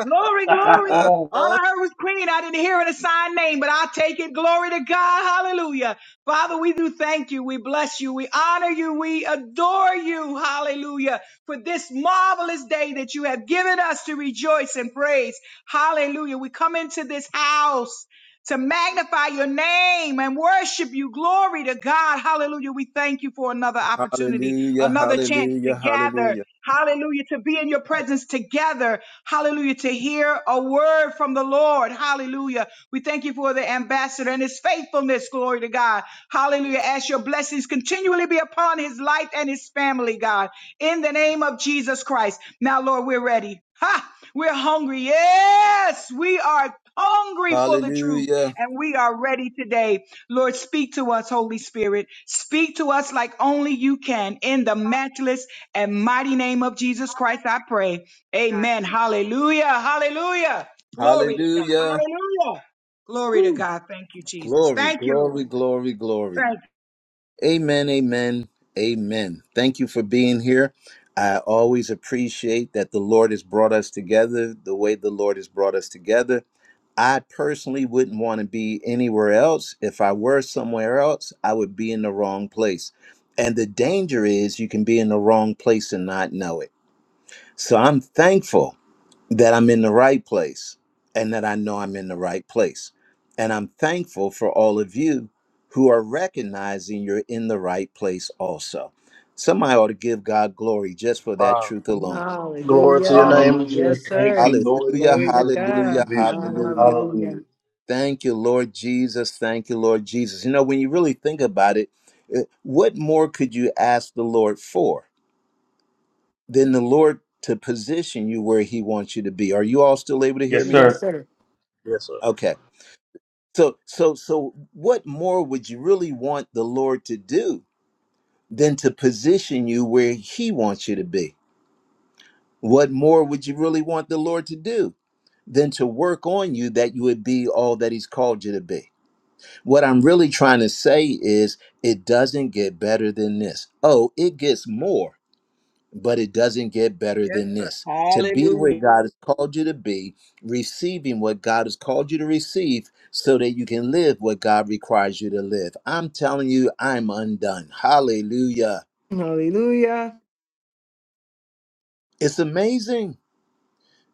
S6: Glory, glory. All I heard was Queen. I didn't hear an assigned name, but I'll take it. Glory to God. Hallelujah. Father, we do thank you. We bless you. We honor you. We adore you. Hallelujah. For this marvelous day that you have given us to rejoice and praise. Hallelujah. We come into this house to magnify your name and worship you. Glory to God. Hallelujah. We thank you for another opportunity,
S1: hallelujah.
S6: another chance to
S1: Hallelujah.
S6: gather.
S1: Hallelujah.
S6: Hallelujah. To be in your presence together. Hallelujah. To hear a word from the Lord. Hallelujah. We thank you for the ambassador and his faithfulness. Glory to God. Hallelujah. As your blessings continually be upon his life and his family, God. In the name of Jesus Christ. Now, Lord, we're ready. Ha! We're hungry. Yes, we are hungry for the truth.
S1: Hallelujah.
S6: And we are ready today. Lord, speak to us, Holy Spirit. Speak to us like only you can. In the matchless and mighty name of Jesus Christ, I pray. Amen. Hallelujah. Hallelujah. Glory to God.
S1: Hallelujah.
S6: Hallelujah. Glory to
S1: Whew.
S6: God. Thank you, Jesus.
S1: Glory,
S6: Thank you,
S1: glory,
S6: Lord.
S1: glory, glory.
S6: Thank
S1: Amen, amen, amen. Thank you for being here. I always appreciate that the Lord has brought us together the way the Lord has brought us together. I personally wouldn't want to be anywhere else. If I were somewhere else, I would be in the wrong place. And the danger is you can be in the wrong place and not know it. So I'm thankful that I'm in the right place and that I know I'm in the right place. And I'm thankful for all of you who are recognizing you're in the right place also. Somebody ought to give God glory just for that
S4: Wow.
S1: truth alone.
S4: Glory to your
S3: Hallelujah.
S4: name,
S2: Hallelujah.
S4: Jesus.
S3: Yes,
S2: Thank
S3: sir.
S2: you, Lord
S1: Hallelujah,
S3: Glory to
S2: Jesus, for the
S1: hallelujah,
S3: God.
S2: provision, Lord.
S1: hallelujah.
S3: Hallelujah.
S2: Hallelujah.
S1: Thank you, Lord Jesus. Thank you, Lord Jesus. You know, when you really think about it, uh, what more could you ask the Lord for than the Lord to position you where He wants you to be? Are you all still able to
S2: Yes,
S1: hear me?
S3: Yes,
S2: sir.
S3: sir.
S4: Yes, sir.
S1: Okay So, so, so, what more would you really want the Lord to do than to position you where He wants you to be? What more would you really want the Lord to do than to work on you that you would be all that He's called you to be? What I'm really trying to say is, it doesn't get better than this. Oh, it gets more but it doesn't get better
S6: you.
S1: than
S6: Yes, sir.
S1: this to be where
S6: Hallelujah.
S1: God has called you to be, receiving what God has called you to receive, so that you can live what God requires you to live. I'm telling you, I'm undone. Hallelujah.
S3: Hallelujah.
S1: It's amazing.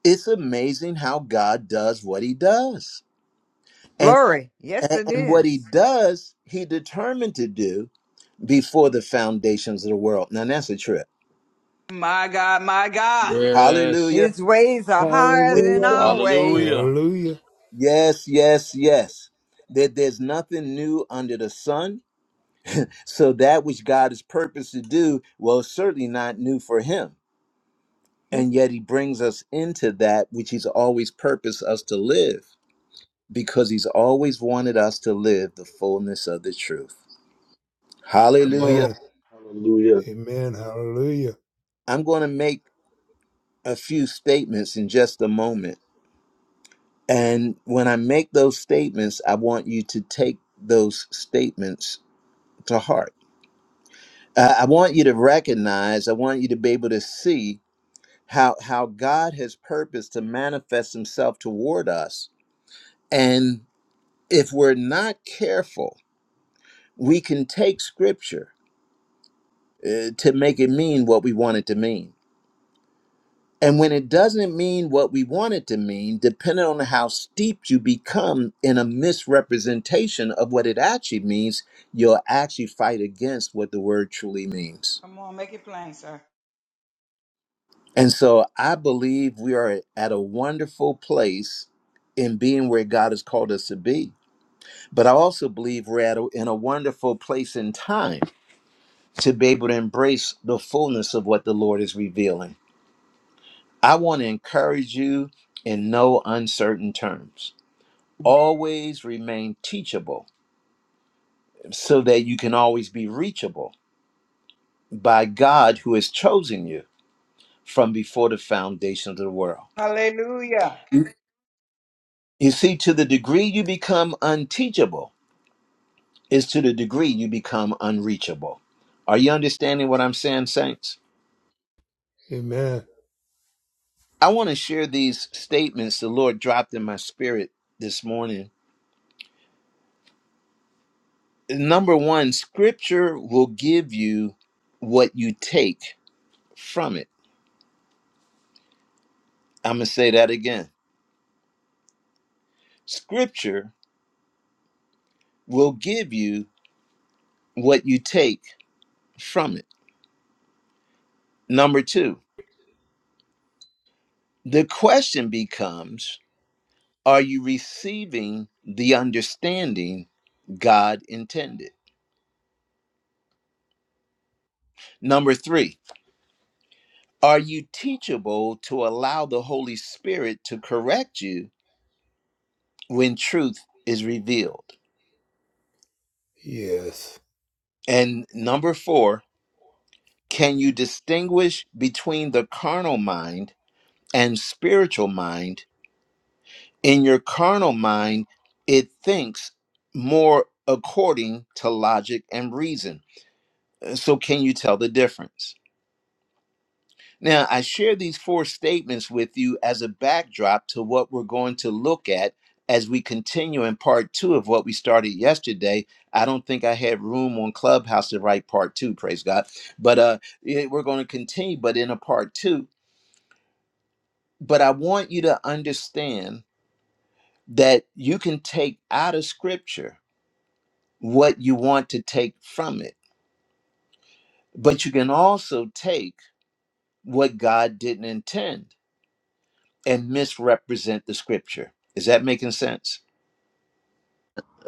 S1: It's amazing how God does what he does. And,
S7: Glory. Yes,
S1: and,
S7: it
S1: and what he
S7: is.
S1: does, he determined to do before the foundations of the world. Now, that's a trip.
S6: My God, my God.
S4: Yes.
S1: Hallelujah.
S7: His ways are higher than
S3: Hallelujah.
S7: our ways.
S4: Hallelujah.
S5: Hallelujah.
S1: Yes, yes, yes. That there's nothing new under the sun. So that which God is purposed to do, well, it's certainly not new for him.
S7: Hmm.
S1: And yet he brings us into that which he's always purposed us to live because he's always wanted us to live the fullness of the truth.
S2: Come on.
S1: Hallelujah.
S5: Amen.
S2: Hallelujah.
S5: Amen. Hallelujah.
S1: I'm going to make a few statements in just a moment. And when I make those statements, I want you to take those statements to heart uh, I want you to recognize, I want you to be able to see how how God has purposed to manifest himself toward us. And if we're not careful, we can take scripture uh, to make it mean what we want it to mean. And when it doesn't mean what we want it to mean, depending on how steeped you become in a misrepresentation of what it actually means, you'll actually fight against what the word truly means.
S6: Come on, make it plain, sir.
S1: And so I believe we are at a wonderful place in being where God has called us to be. But I also believe we're at a, in a wonderful place in time to be able to embrace the fullness of what the Lord is revealing. I want to encourage you in no uncertain terms. Always remain teachable so that you can always be reachable by God who has chosen you from before the foundation of the world.
S6: Hallelujah.
S1: You see, to the degree you become unteachable, is to the degree you become unreachable. Are you understanding what I'm saying, saints?
S5: Amen.
S1: I want to share these statements the Lord dropped in my spirit this morning. Number one, scripture will give you what you take from it. I'm going to say that again. Scripture will give you what you take from it. Number two, the question becomes are you receiving the understanding God intended? Number three, Are you teachable to allow the Holy Spirit to correct you when truth is revealed?
S5: Yes.
S1: And number four, can you distinguish between the carnal mind and spiritual mind? In your carnal mind, it thinks more according to logic and reason. So, can you tell the difference? Now, I share these four statements with you as a backdrop to what we're going to look at as we continue in part two of what we started yesterday. I don't think I had room on Clubhouse to write part two, praise God. But uh, yeah, we're going to continue, but in a part two. But I want you to understand that you can take out of scripture what you want to take from it, but you can also take what God didn't intend and misrepresent the scripture. Is that making sense?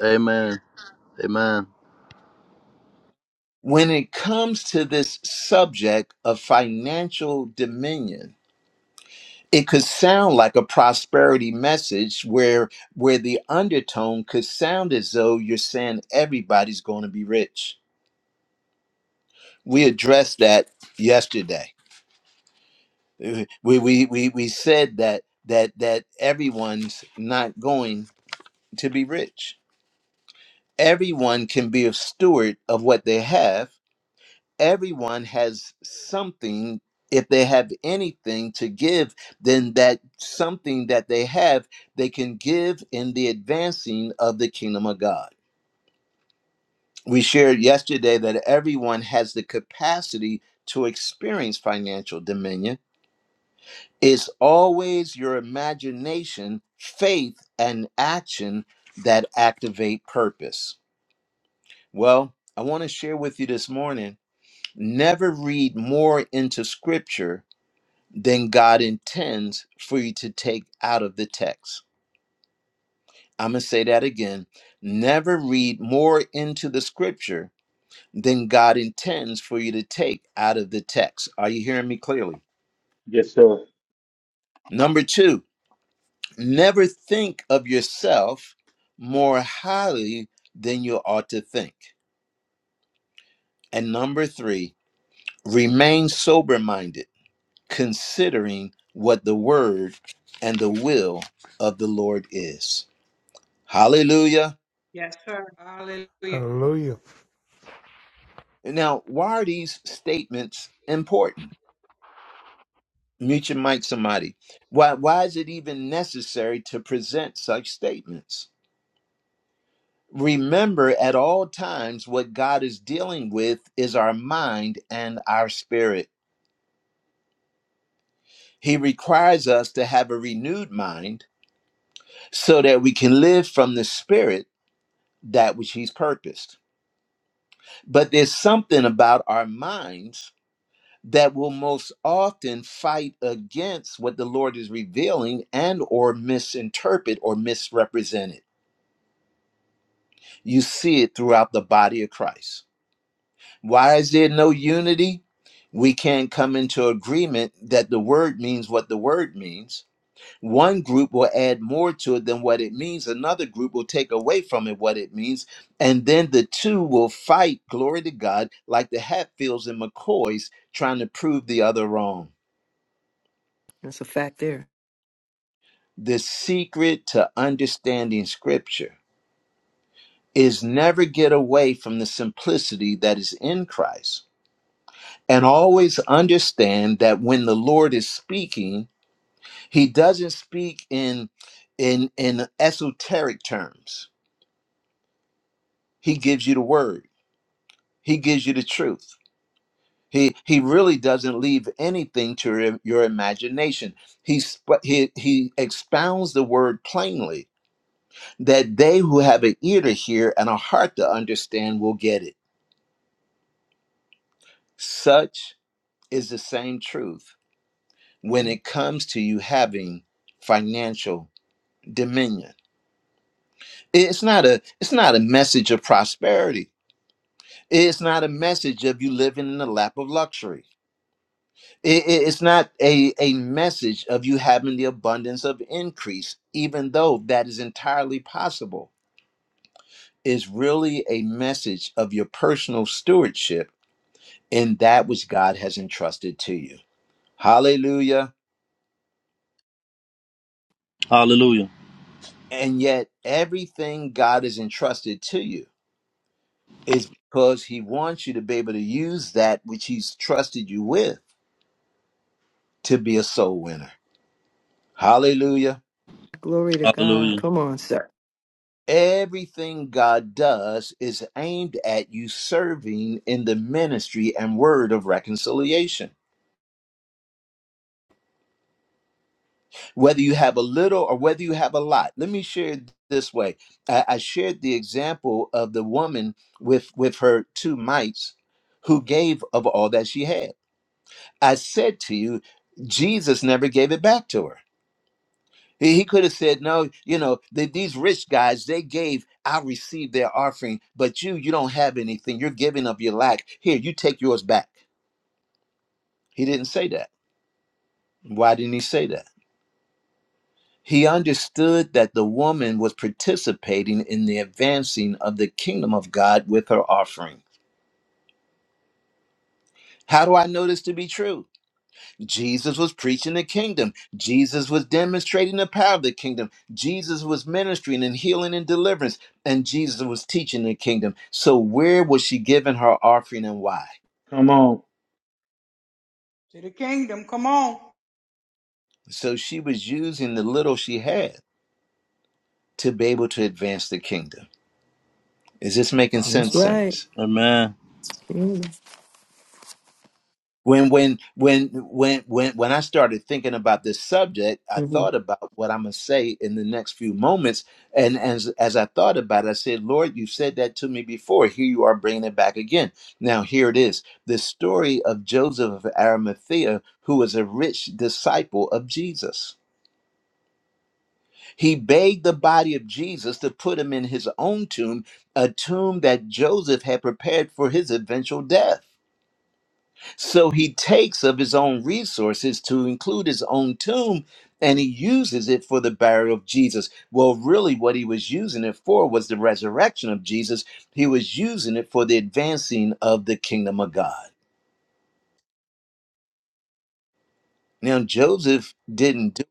S4: Amen. Amen.
S1: When it comes to this subject of financial dominion, it could sound like a prosperity message where where the undertone could sound as though you're saying everybody's going to be rich. We addressed that yesterday. Uh, We we we, we said that that that everyone's not going to be rich. Everyone can be a steward of what they have everyone has something if they have anything to give then that something that they have they can give in the advancing of the kingdom of god we shared yesterday that everyone has the capacity to experience financial dominion it's always your imagination faith and action that activate purpose well i want to share with you this morning never read more into scripture than God intends for you to take out of the text. I'm going to say that again. Never read more into the scripture than God intends for you to take out of the text. Are you hearing me clearly?
S2: Yes, sir.
S1: Number two, never think of yourself more highly than you ought to think. And number three, remain sober minded, considering what the word and the will of the Lord is. Hallelujah.
S6: Yes, sir. Hallelujah. To
S5: Hallelujah.
S1: Now, why are these statements important? Mute your mic, somebody. Why, why is it even necessary to present such statements? Remember at all times what God is dealing with is our mind and our spirit. He requires us to have a renewed mind so that we can live from the spirit that which He's purposed. But there's something about our minds that will most often fight against what the lord is revealing and or misinterpret or misrepresent it you see it throughout the body of christ why is there no unity we can't come into agreement that the word means what the word means one group will add more to it than what it means another group will take away from it what it means and then the two will fight glory to god like the hatfields and mccoys trying to prove the other wrong
S3: That's a fact there.
S1: The secret to understanding scripture is never get away from the simplicity that is in Christ and always understand that when the Lord is speaking, he doesn't speak in in in esoteric terms. He gives you the word. He gives you the truth. He he really doesn't leave anything to your, your imagination. He, sp- he he expounds the word plainly that they who have an ear to hear and a heart to understand will get it. Such is the same truth when it comes to you having financial dominion. It's not a it's not a message of prosperity. It's not a message of you living in the lap of luxury. I- i- It's not a, a message of you having the abundance of increase, even though that is entirely possible. It's really a message of your personal stewardship in that which God has entrusted to you. Hallelujah.
S4: Hallelujah.
S1: And yet, everything God has entrusted to you is because He wants you to be able to use that which He's trusted you with to be a soul winner. Hallelujah.
S3: Glory to God.
S4: Hallelujah.
S3: Come on, sir.
S1: Everything God does is aimed at you serving in the ministry and word of reconciliation. whether you have a little or whether you have a lot. Let me share it this way. I, I shared the example of the woman with with her two mites who gave of all that she had. I said to you, Jesus never gave it back to her. He, he could have said, No, you know, the, these rich guys, they gave, I received their offering, but you, you don't have anything. You're giving up your lack. Here, you take yours back. He didn't say that. Why didn't he say that? He understood that the woman was participating in the advancing of the kingdom of God with her offering. How do I know this to be true? Jesus was preaching the kingdom. Jesus was demonstrating the power of the kingdom. Jesus was ministering and healing and deliverance. And Jesus was teaching the kingdom. So, where was she giving her offering and why?
S2: Come on.
S6: the kingdom. Come on.
S1: So, she was using the little she had to be able to advance the kingdom. Is this making
S3: That's
S1: sense,
S6: Hallelujah.
S3: right.
S1: Saints?
S4: Amen.
S3: Mhm.
S1: when when when when when when I started thinking about this subject, I thought about what I'm gonna say in the next few moments, and as as I thought about it, I said, "Lord, you said that to me before. Here you are bringing it back again. Now here it is: the story of Joseph of Arimathea, who was a rich disciple of Jesus. He begged the body of Jesus to put him in his own tomb, a tomb that Joseph had prepared for his eventual death." So he takes of his own resources to include his own tomb and he uses it for the burial of Jesus. Well, really, what he was using it for was the resurrection of Jesus. He was using it for the advancing of the kingdom of God. Now, Joseph didn't do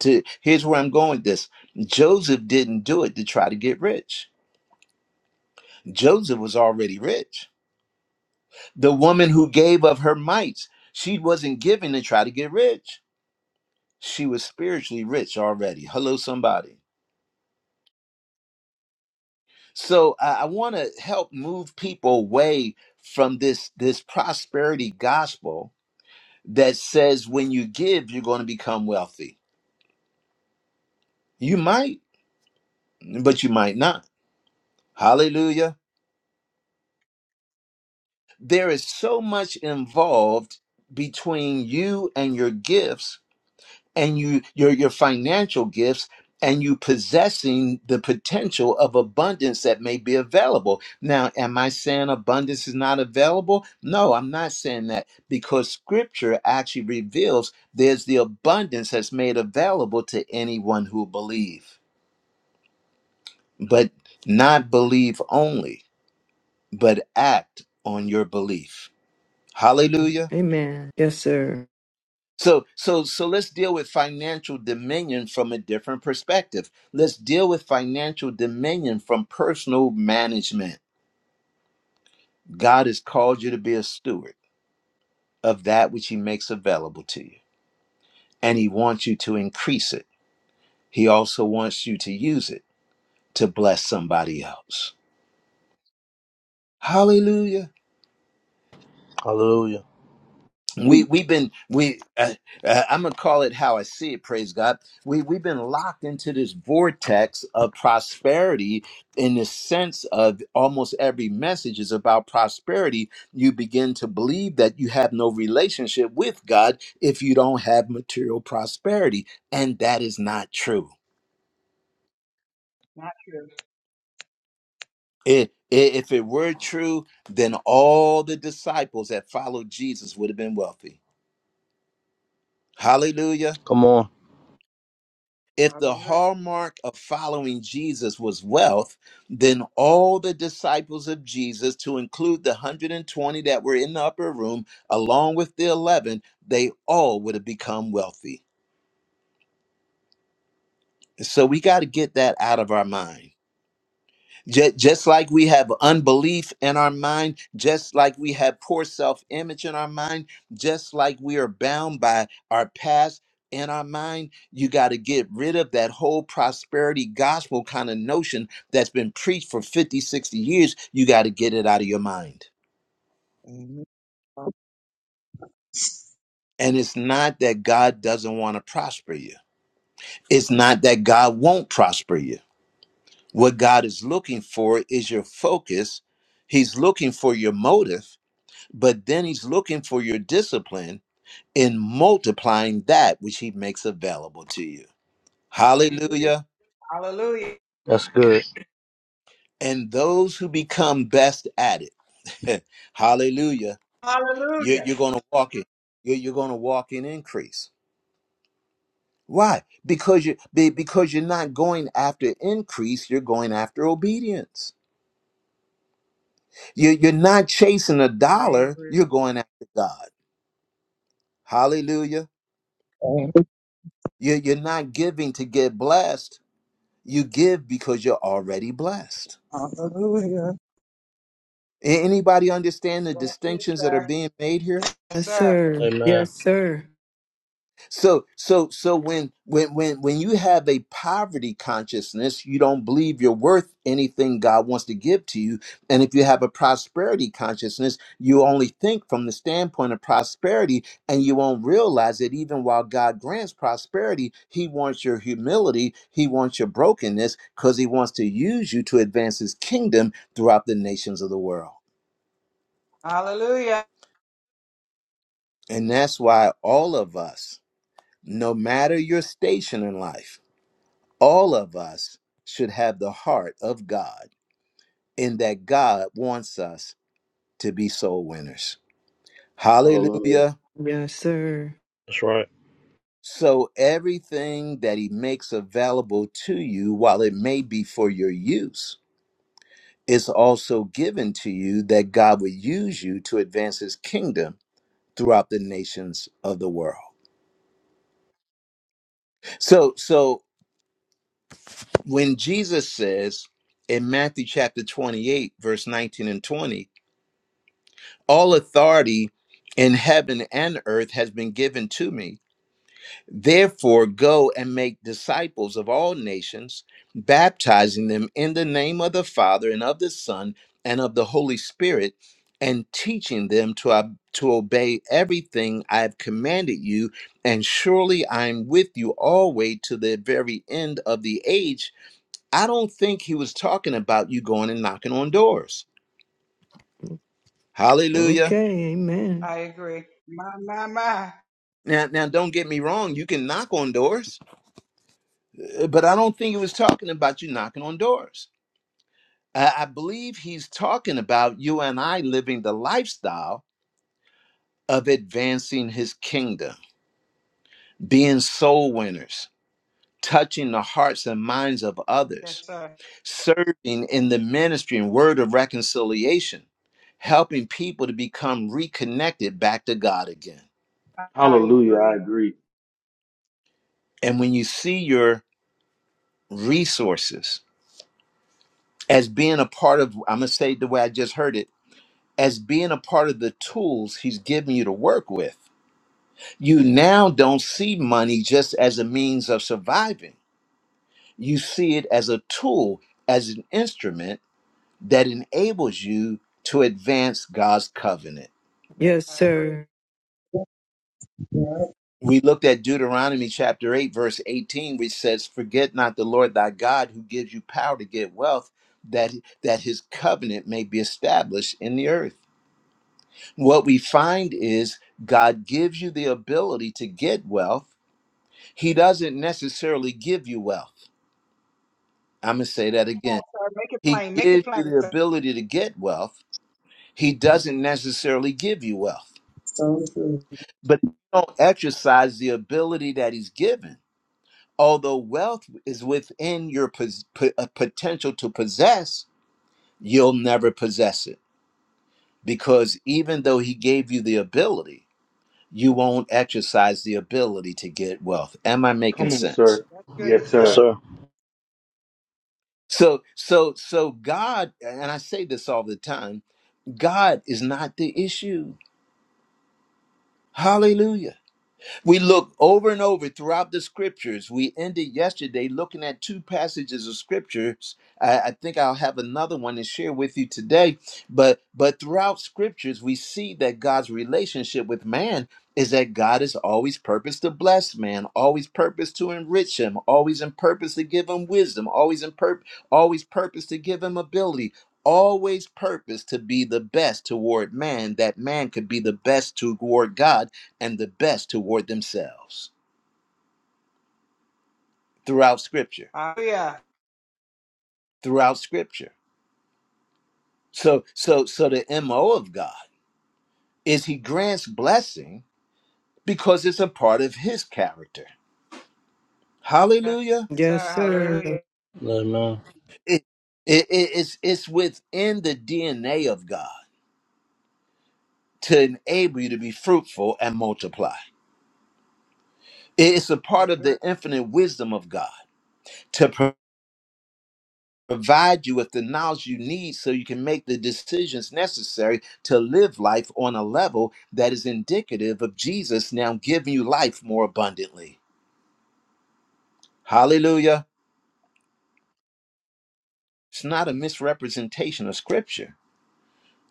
S1: to here's where I'm going with this. Joseph didn't do it to try to get rich. Joseph was already rich. The woman who gave of her mites, she wasn't giving to try to get rich she was spiritually rich already. Hello, somebody. So I, I want to help move people away from this this prosperity gospel that says when you give, you're going to become wealthy. You might, but you might not. Hallelujah. There is so much involved between you and your gifts and you your your financial gifts and you possessing the potential of abundance that may be available. Now, am I saying abundance is not available? No, I'm not saying that because scripture actually reveals there's the abundance that's made available to anyone who believe. But not believe only, but act on your belief. Hallelujah.
S3: Amen. Yes, sir.
S1: So so so let's deal with financial dominion from a different perspective. Let's deal with financial dominion from personal management. God has called you to be a steward of that which he makes available to you, and he wants you to increase it. He also wants you to use it to bless somebody else. Hallelujah.
S4: Hallelujah.
S1: we we've been we uh, uh, i'm gonna call it how i see it praise god we we've been locked into this vortex of prosperity in the sense of almost every message is about prosperity you begin to believe that you have no relationship with god if you don't have material prosperity and that is not true
S6: Not true.
S1: it i- if it were true, then all the disciples that followed Jesus would have been wealthy. Hallelujah.
S4: Come on.
S1: If the
S6: Hallelujah.
S1: hallmark of following Jesus was wealth, then all the disciples of Jesus, to include the 120 that were in the upper room, along with the 11, they all would have become wealthy. So we got to get that out of our mind. Just, just like we have unbelief in our mind, just like we have poor self image in our mind, just like we are bound by our past in our mind, you got to get rid of that whole prosperity gospel kind of notion that's been preached for 50, 60 years. You got to get it out of your mind.
S8: Amen.
S1: And it's not that God doesn't want to prosper you, it's not that God won't prosper you. What God is looking for is your focus, He's looking for your motive but then he's looking for your discipline in multiplying that which he makes available to you.
S6: I agree.
S1: Hallelujah.
S6: Hallelujah.
S4: That's good.
S1: And those who become best at it, hallelujah, you're,
S6: Hallelujah.
S1: you're going to walk in. You're, you're going to walk in increase. Why? Because you be- because you're not going after increase, you're going after obedience. You, you're not chasing a
S6: I
S1: dollar,
S6: agree.
S1: you're going after God. Hallelujah.
S8: Amen.
S1: You, you're not giving to get blessed You give because you're already blessed.
S8: Hallelujah.
S1: A- Anybody understand the
S6: That's it,
S1: distinctions that are
S6: sir.
S1: being made here?
S6: Yes,
S3: Yes,
S6: sir.
S3: sir.
S4: Amen.
S3: Yes, sir.
S1: So so so when when when when you have a poverty consciousness, you don't believe you're worth anything God wants to give to you. And if you have a prosperity consciousness, you only think from the standpoint of prosperity and you won't realize that even while God grants prosperity, he wants your humility, he wants your brokenness cuz he wants to use you to advance his kingdom throughout the nations of the world.
S6: Hallelujah.
S1: And that's why all of us, no matter your station in life, all of us should have the heart of God in that God wants us to be soul winners.
S2: Hallelujah.
S1: Hallelujah.
S3: Yes, sir.
S4: That's right.
S1: So everything that he makes available to you, while it may be for your use, is also given to you that God would use you to advance his kingdom throughout the nations of the world. So so when Jesus says in Matthew chapter 28, verse 19 and 20, all authority in heaven and earth has been given to me. Therefore, go and make disciples of all nations, baptizing them in the name of the Father and of the Son and of the Holy Spirit, and teaching them to, ob- to obey everything I have commanded you. And surely I am with you always to the very end of the age I don't think he was talking about you going and knocking on doors. Hallelujah.
S3: Okay, amen.
S6: I agree. My, my, my.
S1: Now, now, don't get me wrong. You can knock on doors, uh, but I don't think he was talking about you knocking on doors. I, I believe he's talking about you and I living the lifestyle of advancing his kingdom, being soul winners, touching the hearts and minds of
S6: Yes,
S1: others,
S6: sir.
S1: serving in the ministry and word of reconciliation, helping people to become reconnected back to God again.
S6: I I
S2: Hallelujah. I
S6: agree.
S2: agree.
S1: And when you see your resources as being a part of, I'm going to say it the way I just heard it, as being a part of the tools he's giving you to work with, you now don't see money just as a means of surviving. You see it as a tool, as an instrument that enables you to advance God's covenant.
S3: Yes,
S6: I agree.
S3: sir.
S8: Yeah.
S1: we looked at Deuteronomy chapter 8, verse 18, which says, Forget not the Lord thy God who gives you power to get wealth, that, that his covenant may be established in the earth. What we find is God gives you the ability to get wealth. He doesn't necessarily give you wealth. I'm going to say that
S6: Come on,
S1: again.
S6: sir. Make it
S1: He
S6: plain. Make it
S1: gives you
S6: plain,
S1: the
S6: sir.
S1: ability to get wealth. He doesn't necessarily give you wealth.
S8: So true.
S1: But if you don't exercise the ability that he's given although wealth is within your pos- po- uh, potential to possess, you'll never possess it because even though he gave you the ability, you won't exercise the ability to get wealth. Am I making
S2: Come on,
S1: sense?
S2: sir.
S6: That's good,
S2: Yes,
S4: Yes,
S6: sir.
S2: sir.
S4: sir.
S1: So, so, so God, and I say this all the time God is not the issue. Hallelujah. We look over and over throughout the scriptures. We ended yesterday looking at two passages of scriptures. I, I think I'll have another one to share with you today. But but throughout scriptures, we see that God's relationship with man is that God is always purposed to bless man, always purposed to enrich him, always in purpose to give him wisdom, always in purpose, always purpose to give him ability, always purpose to be the best toward man, that man could be the best toward God and the best toward themselves throughout scripture
S6: Hallelujah.
S1: throughout scripture so so so the mo of god is he grants blessing because it's a part of his character
S6: Yes,
S1: hallelujah
S6: sir.
S3: Yes, sir.
S6: Hallelujah.
S4: Amen.
S1: it, it, it- it's it's within the dna of god to enable you to be fruitful and multiply it's a
S6: I
S1: part of
S6: agree.
S1: the infinite wisdom of god provide you with the knowledge you need so you can make the decisions necessary to live life on a level that is indicative of Jesus now giving you life more abundantly. Hallelujah. It's not a misrepresentation of scripture.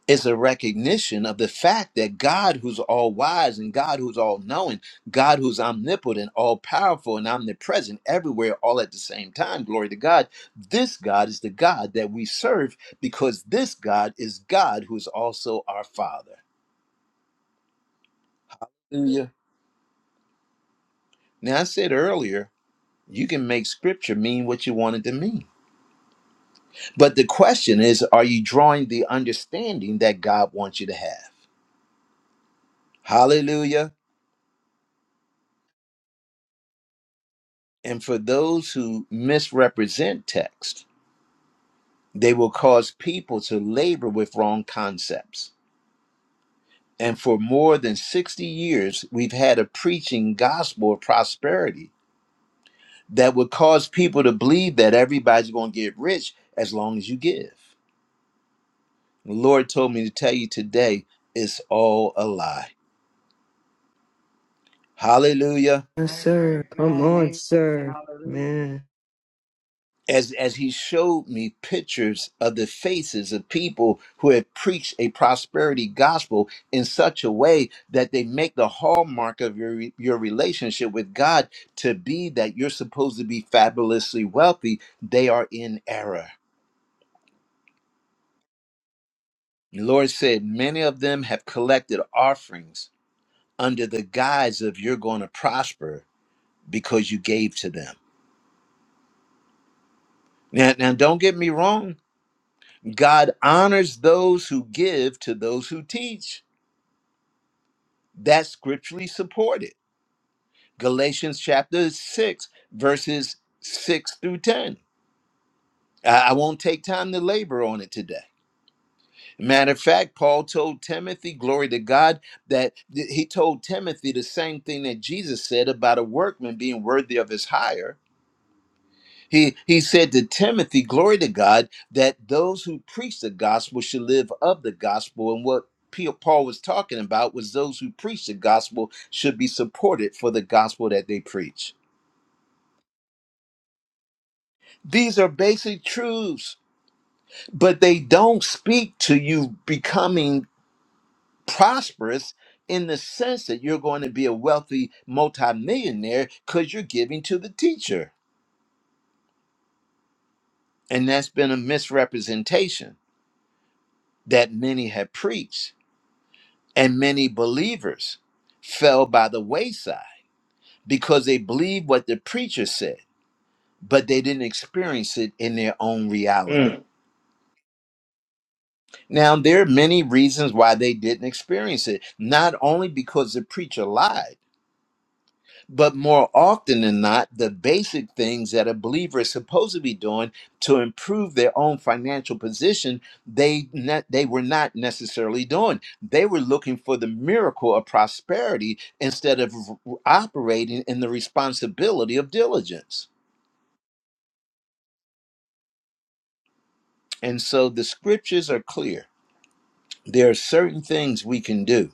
S1: It's a recognition of the fact that God, who's all wise and God, who's all knowing, God, who's omnipotent, all powerful, and omnipresent everywhere, all at the same time, glory to God. This God is the God that we serve because this God is God, who's also our Father. Hallelujah. Now, I said earlier, you can make scripture mean what you want it to mean. But the question is, are you drawing the understanding that God wants you to have? Hallelujah. And for those who misrepresent text, they will cause people to labor with wrong concepts. And for more than 60 years, we've had a preaching gospel of prosperity that would cause people to believe that everybody's going to get rich as long as you give. The Lord told me to tell you today it's all a lie. Hallelujah.
S3: Yes,
S6: I agree.
S3: sir. Come
S6: Man,
S3: on,
S6: amen.
S3: sir.
S6: Hallelujah.
S3: Man.
S1: as as he showed me pictures of the faces of people who had preached a prosperity gospel in such a way that they make the hallmark of your your relationship with God to be that you're supposed to be fabulously wealthy they are in error the lord said many of them have collected offerings under the guise of you're going to prosper because you gave to them now now don't get me wrong god honors those who give to those who teach That's scripturally supported. Galatians chapter 6, verses 6 through 10. I I won't take time to labor on it today. Matter of fact, Paul told Timothy, glory to God, that th- he told Timothy the same thing that Jesus said about a workman being worthy of his hire He he said to Timothy, glory to God, that those who preach the gospel should live of the gospel. And what Pe- Paul was talking about was those who preach the gospel should be supported for the gospel that they preach. These are basic truths, but they don't speak to you becoming prosperous in the sense that you're going to be a wealthy multimillionaire because you're giving to the teacher. And that's been a misrepresentation that many have preached And many believers fell by the wayside because they believed what the preacher said, but they didn't experience it in their own reality.
S2: Mm,
S1: Now, there are many reasons why they didn't experience it, not only because the preacher lied. But more often than not, the basic things that a believer is supposed to be doing to improve their own financial position, they ne- they were not necessarily doing. They were looking for the miracle of prosperity instead of r- operating in the responsibility of diligence. And so the scriptures are clear. There are certain things we can do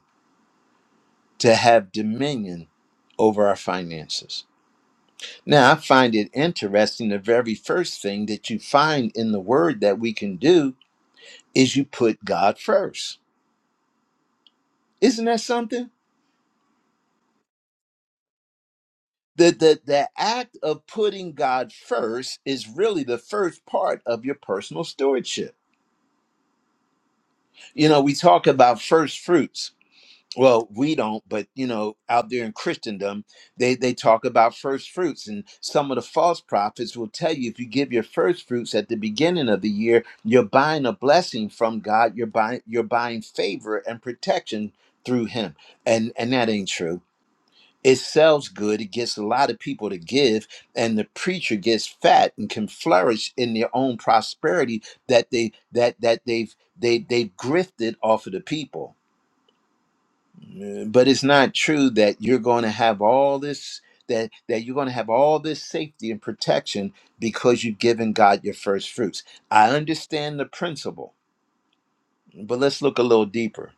S1: to have dominion over our finances. Now, I find it interesting. The very first thing that you find in the word that we can do is you put God first. Isn't that something? The, the, the act of putting God first is really the first part of your personal stewardship. You know, we talk about first fruits well we don't but you know out there in christendom they they talk about first fruits and some of the false prophets will tell you if you give your first fruits at the beginning of the year you're buying a blessing from god you're buying you're buying favor and protection through him and and that ain't true it sells good it gets a lot of people to give and the preacher gets fat and can flourish in their own prosperity that they that that they've they they've grifted off of the people but it's not true that you're going to have all this that that you're going to have all this safety and protection because you've given God your first fruits. I understand the principle, but let's look a little deeper.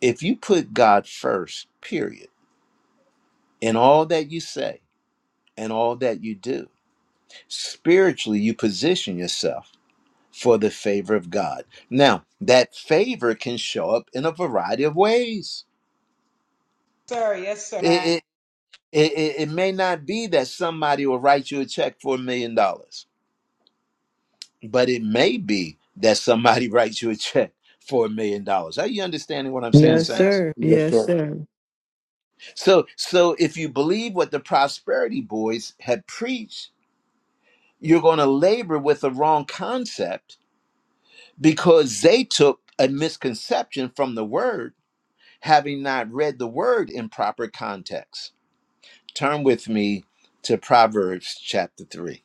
S1: If you put God first, period, in all that you say and all that you do, spiritually you position yourself for the favor of God. Now, that favor can show up in a variety of ways.
S6: Sir, yes, sir. Man.
S1: It, it, it may not be that somebody will write you a check for a million dollars, but it may be that somebody writes you a check for a million dollars. Are you understanding what I'm
S2: come
S6: Yes,
S1: saying,
S2: on.
S3: Yes,
S6: sir.
S1: Saints?
S3: sir.
S2: Yes,
S3: Yes,
S2: sir.
S3: sir.
S1: So, so if you believe what the prosperity boys had preached, you're going to labor with the wrong concept because they took a misconception from the word, having not read the word in proper context. Turn with me to Proverbs chapter 3.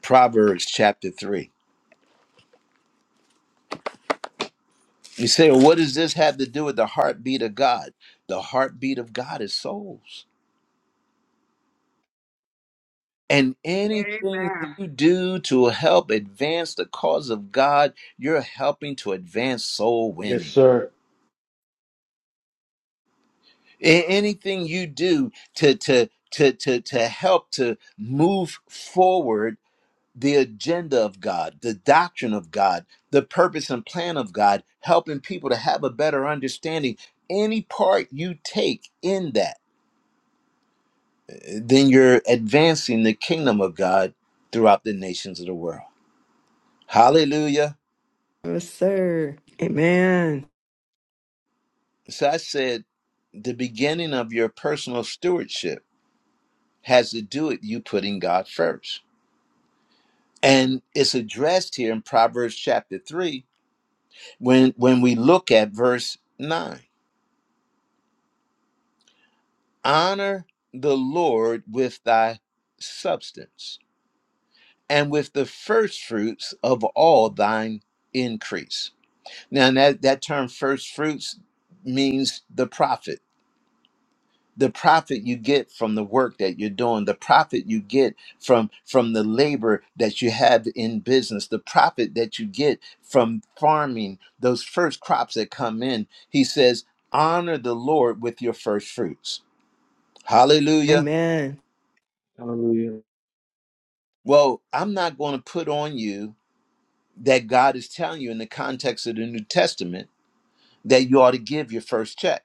S1: Proverbs chapter 3. You say, well, what does this have to do with the heartbeat of God? The heartbeat of God is souls. And anything
S6: Amen.
S1: you do to help advance the cause of God, you're helping to advance soul
S2: Yes,
S1: winning.
S2: sir.
S1: A- Anything you do to, to, to, to, to help to move forward the agenda of God, the doctrine of God, the purpose and plan of God, helping people to have a better understanding, any part you take in that then you're advancing the kingdom of God throughout the nations of the world. Hallelujah.
S3: Yes, sir. Amen.
S1: So I said, the beginning of your personal stewardship has to do with you putting God first. And it's addressed here in Proverbs chapter 3 when, when we look at verse 9. Honor the Lord with thy substance and with the first fruits of all thine increase Now that that term first fruits means the profit. The profit you get from the work that you're doing, the profit you get from from the labor that you have in business, the profit that you get from farming, those first crops that come in. He says, honor the Lord with your first fruits. Hallelujah.
S3: Amen.
S2: Hallelujah.
S1: Well, I'm not going to put on you that God is telling you in the context of the New Testament that you ought to give your first check.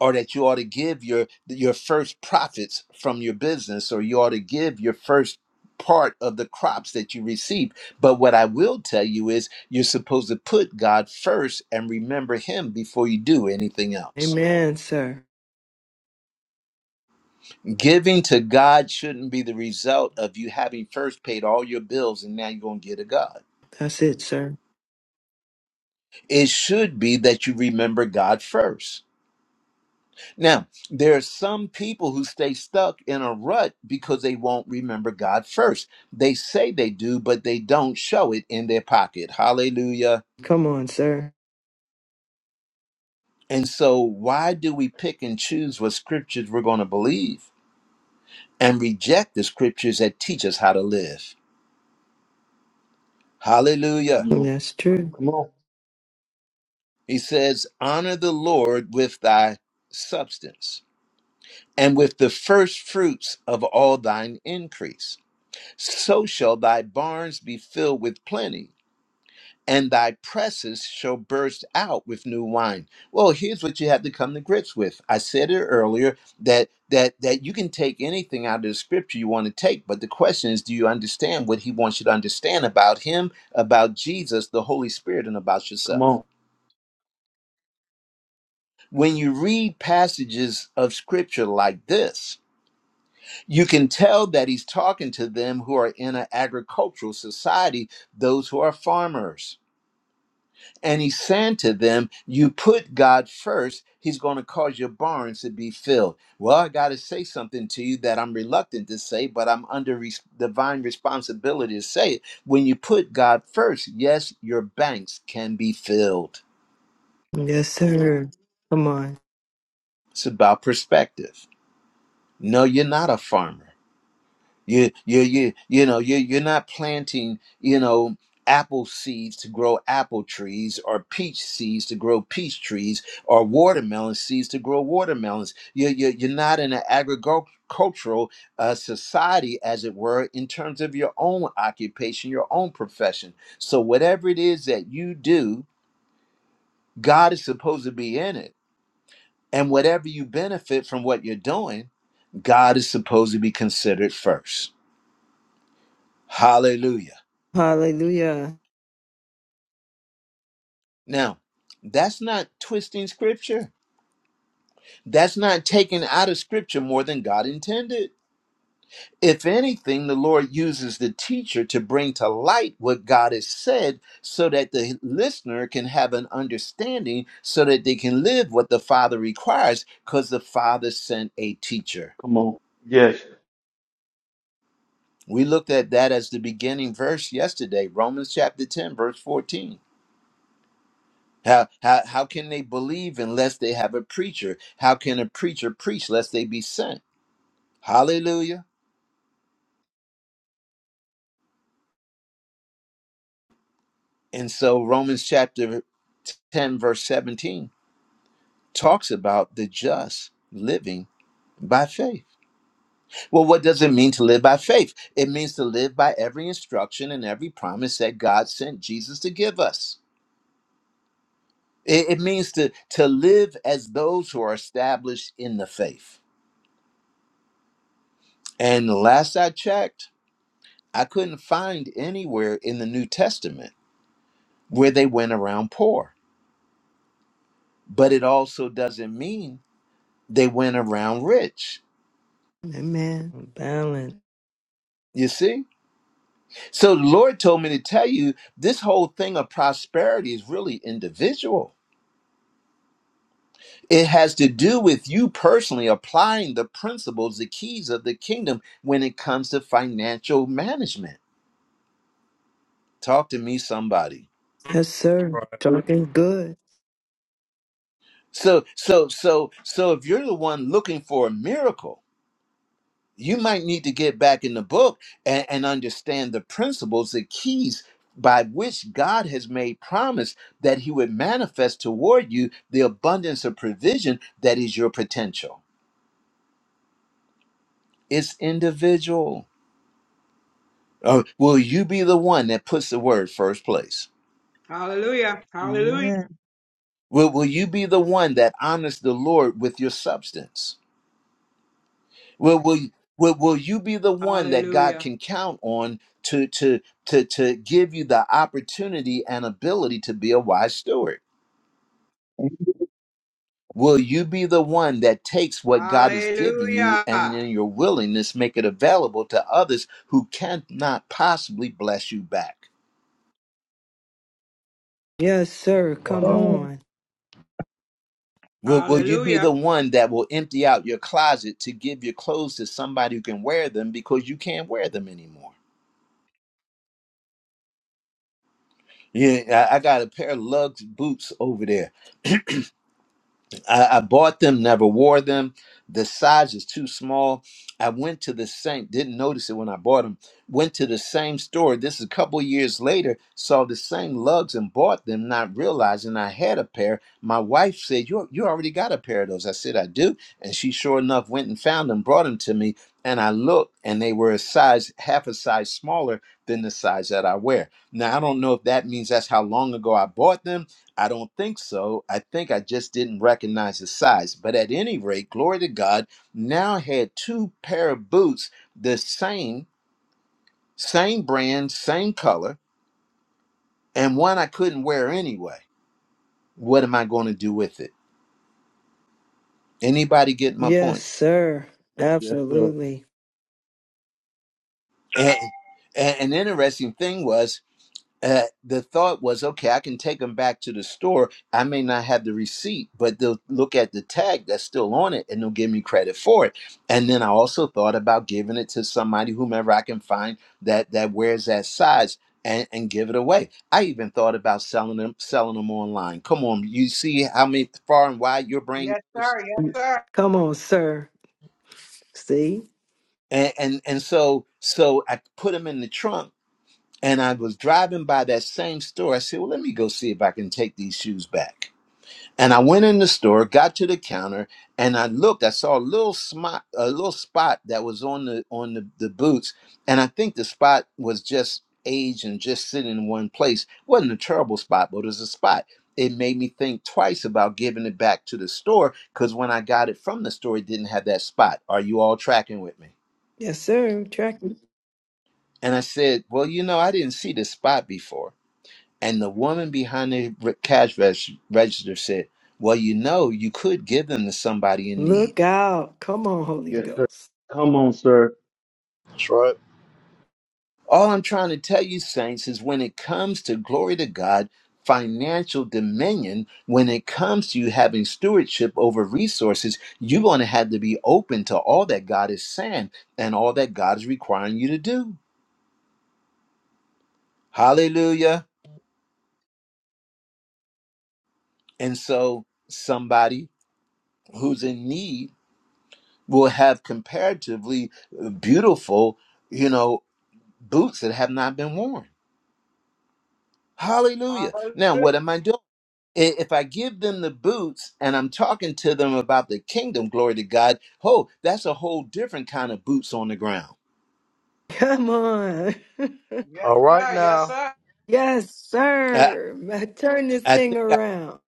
S1: or that you ought to give your your first profits from your business or you ought to give your first part of the crops that you receive but what i will tell you is you're supposed to put god first and remember him before you do anything else
S3: Amen, sir.
S1: giving to god shouldn't be the result of you having first paid all your bills and now you're going to get to god
S3: That's it, sir.
S1: it should be that you remember god first Now, there are some people who stay stuck in a rut because they won't remember God first. They say they do, but they don't show it in their pocket. Hallelujah.
S3: Come on, sir.
S1: And so, why do we pick and choose what scriptures we're going to believe and reject the scriptures that teach us how to live?
S2: Come
S1: Hallelujah.
S2: on.
S3: That's true.
S2: Come on.
S1: He says, Honor the Lord with thy substance and with the first fruits of all thine increase. So shall thy barns be filled with plenty and thy presses shall burst out with new wine. Well, here's what you have to come to grips with. I said it earlier that that that you can take anything out of the scripture you want to take, but the question is, do you understand what he wants you to understand about him, about Jesus, the Holy Spirit, and about
S2: Come
S1: yourself?
S2: on.
S1: When you read passages of scripture like this, you can tell that he's talking to them who are in an agricultural society, those who are farmers And he said to them, You put God first, he's going to cause your barns to be filled. Well, I got to say something to you that I'm reluctant to say, but I'm under res- divine responsibility to say it. When you put God first, yes, your banks can be filled.
S3: Yes, sir. Come on.
S1: It's about perspective. No, you're not a farmer. You you you you know you you're not planting you know apple seeds to grow apple trees or peach seeds to grow peach trees or watermelon seeds to grow watermelons. You you you're not in an agricultural uh, society as it were in terms of your own occupation, your own profession. So whatever it is that you do, God is supposed to be in it, and whatever you benefit from what you're doing, God is supposed to be considered first. Hallelujah.
S3: Hallelujah.
S1: Now, that's not twisting scripture. That's not taking out of scripture more than God intended. If anything, the Lord uses the teacher to bring to light what God has said so that the listener can have an understanding so that they can live what the Father requires because the Father sent a teacher.
S2: Come on. Yes.
S1: We looked at that as the beginning verse yesterday, Romans chapter 10, verse 14. How, how, how can they believe unless they have a preacher? How can a preacher preach lest they be sent? Hallelujah. And so Romans chapter 10, verse 17 talks about the just living by faith. Well, what does it mean to live by faith? It means to live by every instruction and every promise that God sent Jesus to give us. It, it means to, to live as those who are established in the faith. And last I checked, I couldn't find anywhere in the New Testament where they went around poor. But it also doesn't mean They went around rich.
S3: Amen. Balance.
S1: You see? So the Lord told me to tell you this whole thing of prosperity is really individual. It has to do with you personally applying the principles, the keys of the kingdom when it comes to financial management. Talk to me somebody.
S3: Yes, sir.
S4: Right.
S3: Talking good.
S1: So so so so if you're the one looking for a miracle, you might need to get back in the book and, and understand the principles, the keys by which God has made promise that He would manifest toward you the abundance of provision that is your potential. It's individual. Uh, will you be the one that puts the word first place?
S6: Hallelujah. Hallelujah.
S8: Amen.
S1: Will, will you be the one that honors the Lord with your substance? Will will you- will, will you be the one that God
S6: Hallelujah.
S1: can count on to to to to give you the opportunity and ability to be a wise steward? Will you be the one that takes what God has given you
S6: Hallelujah.
S1: and in your willingness make it available to others who cannot possibly bless you back?
S3: Yes, sir. Come
S4: Wow.
S8: Amen.
S3: on.
S1: Will, will you be
S6: Hallelujah.
S1: the one that will empty out your closet to give your clothes to somebody who can wear them because you can't wear them anymore? Yeah, I, I got a pair of lugs boots over there I, I bought them, never wore them. The size is too small. I went to the same, didn't notice it when I bought them. Went to the same store. This is a couple years later, saw the same lugs and bought them, not realizing I had a pair. My wife said, You, you already got a pair of those. I said, I do. And she sure enough went and found them, brought them to me. And I looked, and they were a size, half a size smaller than the size that I wear. Now, I don't know if that means that's how long ago I bought them I don't think so. I think I just didn't recognize the size. But at any rate, glory to God, now had two pair of boots, the same, same brand, same color, and one I couldn't wear anyway. What am I going to do with it? Anybody get my
S3: Yes,
S1: point?
S3: sir.
S2: Yes, sir.
S3: Absolutely.
S1: And, and an interesting thing was uh, the thought was, okay, I can take them back to the store. I may not have the receipt, but they'll look at the tag that's still on it and they'll give me credit for it. And then I also thought about giving it to somebody, whomever I can find that that wears that size. And, and give it away. I even thought about selling them, selling them online. Come on, you see how many far and wide your brain
S6: Yes,
S1: goes.
S6: sir. Yes, sir.
S3: Come on, sir. See?
S1: And and, and so so I put them in the trunk, and I was driving by that same store. I said, well, let me go see if I can take these shoes back And I went in the store, got to the counter, and I looked. I saw a little spot, a little spot that was on the on the, the boots, and I think the spot was just age and just sitting in one place. wasn't a terrible spot, but it was a spot. It made me think twice about giving it back to the store because when I got it from the store, it didn't have that spot. Are you all tracking with me?
S3: Yes, sir. Tracking.
S1: And I said, Well, you know, I didn't see this spot before. And the woman behind the re- cash reg- register said, Well, you know, you could give them to somebody in need.
S3: Look out. Come on, Holy
S2: Yes, sir.
S3: Ghost.
S2: Come on, sir.
S4: That's right.
S1: All I'm trying to tell you, saints, is when it comes to glory to God, financial dominion, when it comes to you having stewardship over resources, you're going to have to be open to all that God is saying and all that God is requiring you to do. Hallelujah. And so somebody who's in need will have comparatively uh, beautiful you know boots that have not been worn. Hallelujah. Now,
S6: Hallelujah.
S1: what am I doing? I- If I give them the boots and I'm talking to them about the kingdom, glory to God, oh, that's a whole different kind of boots on the ground.
S3: Come on.
S6: Yes,
S4: All right
S6: sir. Yes,
S4: now.
S6: sir.
S3: yes,
S1: I,
S3: sir. Ma- Turn this
S1: I
S3: thing
S1: think I,
S3: around.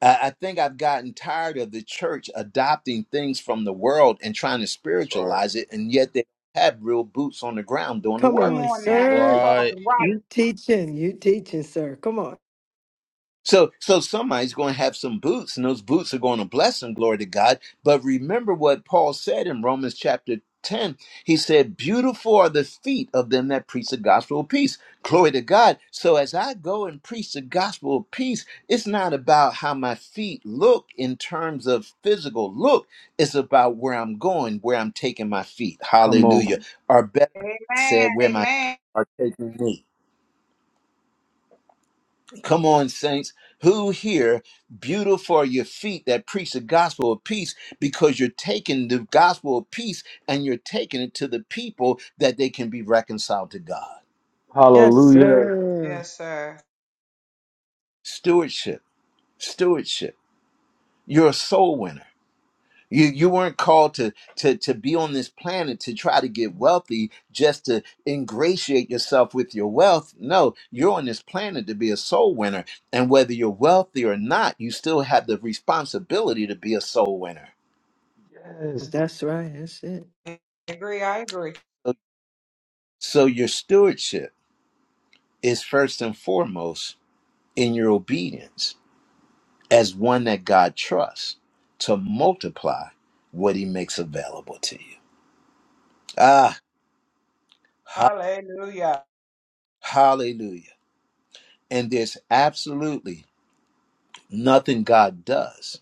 S1: I I think I've gotten tired of the church adopting things from the world and trying to
S4: That's right.
S1: spiritualize it, and yet they have real boots on the ground doing the
S3: Come
S6: Come
S1: work.
S3: on,
S6: on now.
S4: That's
S6: You
S3: sir.
S4: right.
S6: talking right.
S3: You teaching, you teaching, sir. Come on.
S1: So, so somebody's going to have some boots, and those boots are going to bless them. Glory to God. But remember what Paul said in Romans chapter ten. He said, "Beautiful are the feet of them that preach the gospel of peace." Glory to God. So, as I go and preach the gospel of peace, it's not about how my feet look in terms of physical look. It's about where I'm going, where I'm taking my feet.
S2: Come
S1: Hallelujah.
S2: on.
S1: Or better said,
S6: Amen.
S1: where my feet
S6: Amen.
S1: are taking me. Come on, saints. Who here, beautiful are your feet that preach the gospel of peace because you're taking the gospel of peace and you're taking it to the people that they can be reconciled to God.
S3: Yes,
S2: Hallelujah.
S3: sir.
S6: Yes, sir.
S1: Stewardship, stewardship. You're a soul winner. You, you weren't called to, to, to be on this planet to try to get wealthy just to ingratiate yourself with your wealth. No, you're on this planet to be a soul winner. And whether you're wealthy or not, you still have the responsibility to be a soul winner.
S2: Yes.
S3: That's right. That's it.
S6: I agree. I agree.
S1: So, so your stewardship is first and foremost in your obedience as one that God trusts to multiply what he makes available to you. Ah, ha-
S6: Hallelujah.
S1: hallelujah. And there's absolutely nothing God does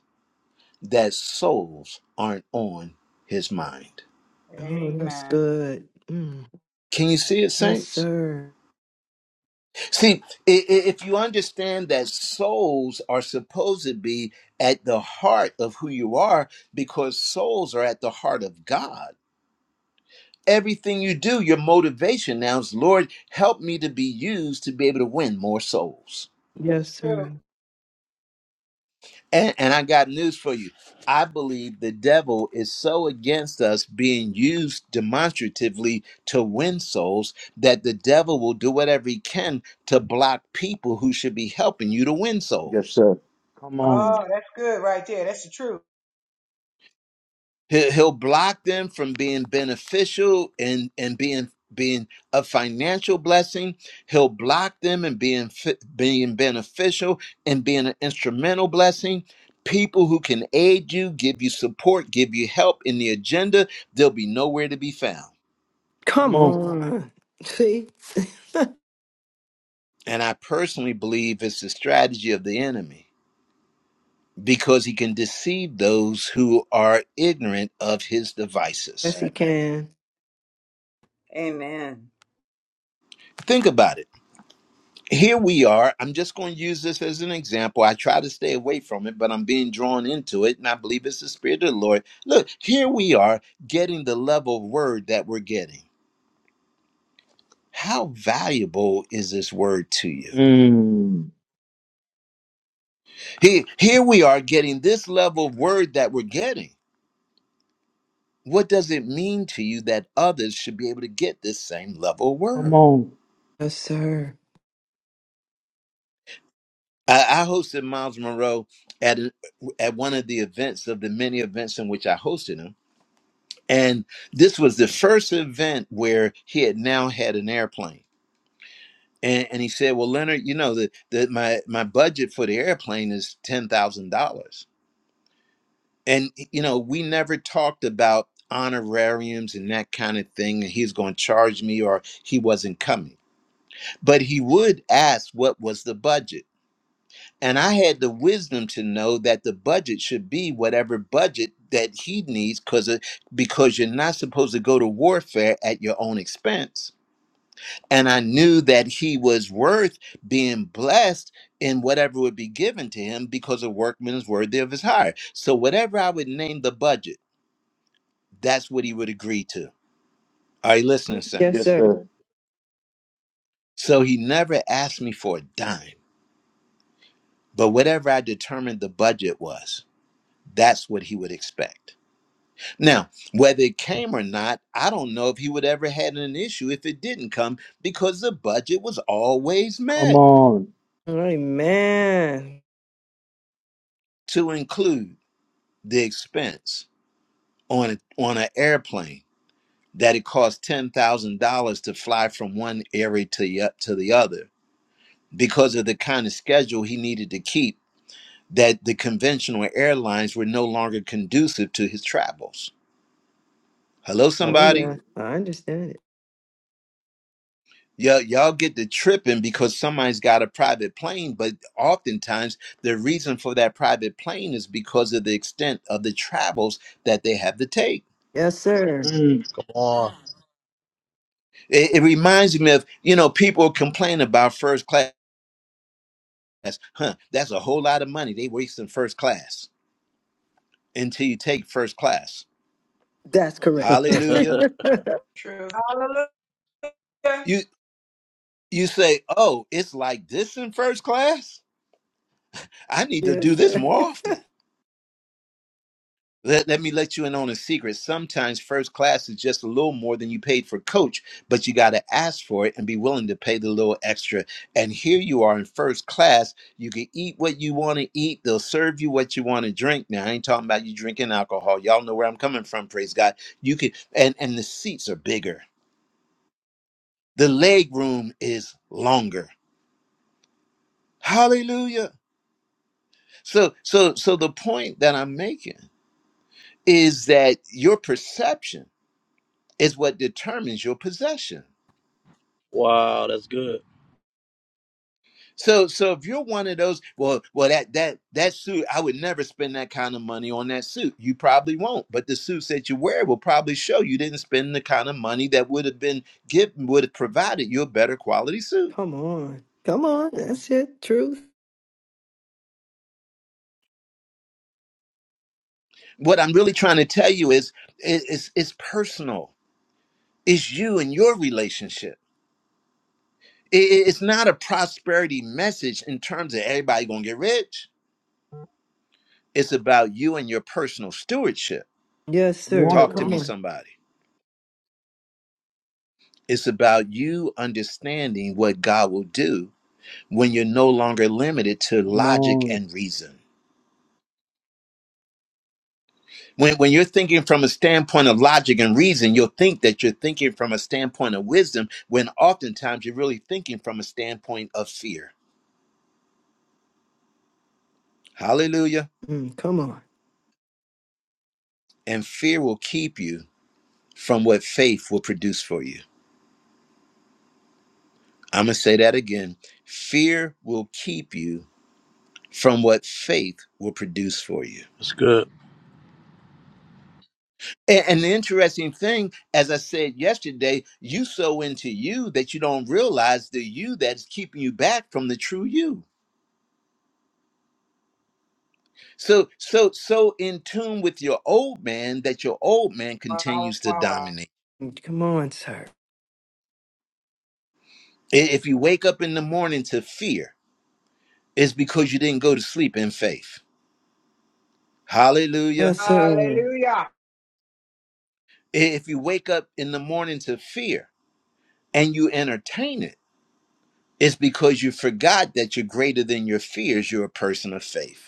S1: that souls aren't on his mind.
S3: Oh, that's
S6: Amen.
S3: good. Mm.
S1: Can you see it,
S3: Yes,
S1: saints?
S3: sir.
S1: See, i- i- if you understand that souls are supposed to be at the heart of who you are, because souls are at the heart of God. Everything you do, your motivation now is, Lord, help me to be used to be able to win more souls.
S3: Yes,
S6: True.
S3: sir.
S1: And, and I got news for you. I believe the devil is so against us being used demonstratively to win souls that the devil will do whatever he can to block people who should be helping you to win
S2: Yes,
S1: souls.
S2: sir. Come
S6: Oh,
S2: on.
S6: that's good right there. That's the truth.
S1: He'll, he'll block them from being beneficial and and being being a financial blessing. He'll block them and being fi- being beneficial and being an instrumental blessing. People who can aid you, give you support, give you help in the agenda, they'll be nowhere to be found.
S2: Come
S3: Come
S2: on.
S3: on. See?
S1: And I personally believe it's the strategy of the enemy because he can deceive those who are ignorant of his devices.
S3: yes, he
S2: Facts.
S3: can.
S7: Amen.
S1: Think about it here we are. I'm just going to use this as an example. I try to stay away from it, but I'm being drawn into it, and I believe it's the Spirit of the Lord. Look, here we are getting the level of word that we're getting. How valuable is this word to you?
S2: Mm.
S1: Here, here we are getting this level of word that we're getting. What does it mean to you that others should be able to get this same level of
S2: Come
S1: word?
S2: on.
S3: Yes, sir.
S1: I, I hosted Miles Monroe at, an- at one of the events of the many events in which I hosted him And this was the first event where he had now had an airplane. And, and he said, Well, Leonard, you know that that my, my budget for the airplane is ten thousand dollars. And you know, we never talked about honorariums and that kind of thing, and he's gonna charge me or he wasn't coming. But he would ask what was the budget. And I had the wisdom to know that the budget should be whatever budget that he needs because because you're not supposed to go to warfare at your own expense and I knew that he was worth being blessed in whatever would be given to him because a workman is worthy of his hire. So whatever I would name the budget, that's what he would agree to. Are you listening,
S3: Yes,
S2: Yes,
S1: saints?
S3: sir.
S2: sir.
S1: So he never asked me for a dime, but whatever I determined the budget was, that's what he would expect. Now, whether it came or not, I don't know if he would ever had an issue if it didn't come because the budget was always
S2: Come
S1: met
S2: on.
S3: Amen.
S1: to include the expense on a, on an airplane that it costs ten thousand dollars to fly from one area to the, o- to the other because of the kind of schedule he needed to keep that the conventional airlines were no longer conducive to his travels. Hello,
S2: That's
S3: Oh,
S1: somebody.
S3: yeah.
S2: good.
S3: I understand it.
S1: Y'all, y'all get the tripping because somebody's got a private plane, but oftentimes the reason for that private plane is because of the extent of the travels that they have to take.
S3: Yes, sir.
S2: Mm.
S4: Come on.
S1: It, it reminds me of, you know, people complain about first class. That's huh, that's a whole lot of money they wasting first class until you take first class.
S3: That's
S2: Come
S3: correct.
S2: on.
S1: Hallelujah.
S6: True. Hallelujah.
S1: You you say, "Oh, it's like this in first class? I need to do
S3: yes,
S1: this
S3: sir.
S1: more often." Let, let me let you in on a secret. Sometimes first class is just a little more than you paid for coach, but you got to ask for it and be willing to pay the little extra. And here you are in first class. You can eat what you want to eat. They'll serve you what you want to drink. Now, I ain't talking about you drinking alcohol. Y'all know where I'm coming from, praise God. You can and and the seats are bigger. The leg room is longer. Hallelujah. So so so the point that I'm making is that your perception is what determines your possession.
S4: wow, that's good.
S1: So so if you're one of those, well, well that that that suit, I would never spend that kind of money on that suit. You probably won't, but the suits that you wear will probably show you didn't spend the kind of money that would have been given would have provided you a better quality suit.
S3: Come on. Come on. That's it. Truth.
S1: What I'm really trying to tell you is it- it's it's personal. It's you and your relationship. I- i- It's not a prosperity message in terms of everybody gonna get rich. It's about you and your personal stewardship.
S3: Yes,
S2: You want
S3: sir.
S1: Talk
S2: it?
S1: to
S3: Come
S1: me,
S3: on.
S1: somebody. It's about you understanding what God will do when you're no longer limited to
S2: Come
S1: logic
S2: on.
S1: and reason. When, when you're thinking from a standpoint of logic and reason, you'll think that you're thinking from a standpoint of wisdom, when oftentimes you're really thinking from a standpoint of fear. Hallelujah.
S3: Mm, come on.
S1: And fear will keep you from what faith will produce for you. I'm going to say that again. Fear will keep you from what faith will produce for you.
S4: That's good.
S1: A- And the interesting thing, as I said yesterday, you sow into you that you don't realize the you that's keeping you back from the true you. So, so, so in tune with your old man that your old man
S6: Wow,
S1: continues to
S6: wow, wow.
S1: dominate.
S3: Mm, Come on, sir.
S1: I- If you wake up in the morning to fear, it's because you didn't go to sleep in faith. Hallelujah.
S3: Yes, sir.
S6: Hallelujah.
S1: I- If you wake up in the morning to fear and you entertain it, it's because you forgot that you're greater than your fears. You're a person of faith.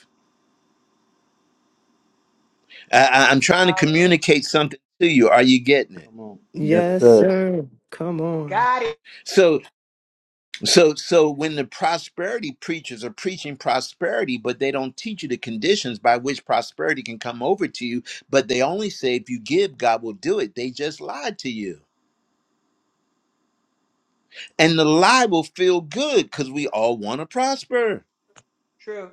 S1: I, I- am trying to
S6: Hallelujah.
S1: communicate something to you. Are you getting it?
S2: Come on. Yes,
S3: Yes,
S2: sir.
S3: sir. Come on.
S6: Got it.
S1: So, so, so when the prosperity preachers are preaching prosperity, but they don't teach you the conditions by which prosperity can come over to you, but they only say if you give, God will do it. They just lied to you, and the lie will feel good because we all want to prosper.
S6: True.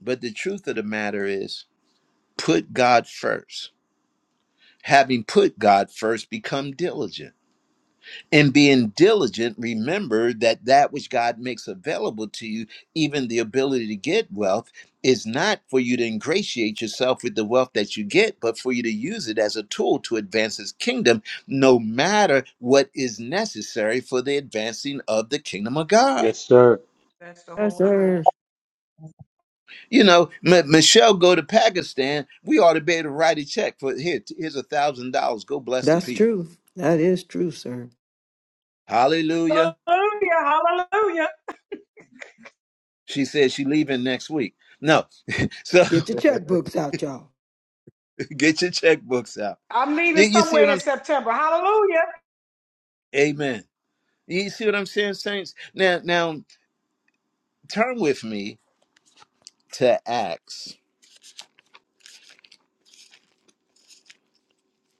S1: But the truth of the matter is, put God first. Having put God first, become diligent and being diligent, remember that that which God makes available to you, even the ability to get wealth, is not for you to ingratiate yourself with the wealth that you get, but for you to use it as a tool to advance His kingdom, no matter what is necessary for the advancing of the kingdom of God.
S2: Yes, sir.
S6: That's the
S3: Yes,
S6: whole truth.
S3: sir.
S1: You know, M- Michelle, go to Pakistan. We ought to be able to write a check for here. t- Here's a thousand dollars. Go bless the
S3: That's
S1: people.
S3: true. That is true, sir.
S6: Hallelujah.
S1: Hallelujah.
S6: Hallelujah.
S1: She says she leaving next week. No, so
S3: Get your checkbooks out, y'all.
S1: Get your checkbooks out.
S6: I'm
S1: You
S6: leaving
S1: you see what
S6: somewhere in
S1: I'm
S6: September. Hallelujah.
S1: saying? Amen. You see what I'm saying, Saints? Now now turn with me to Acts.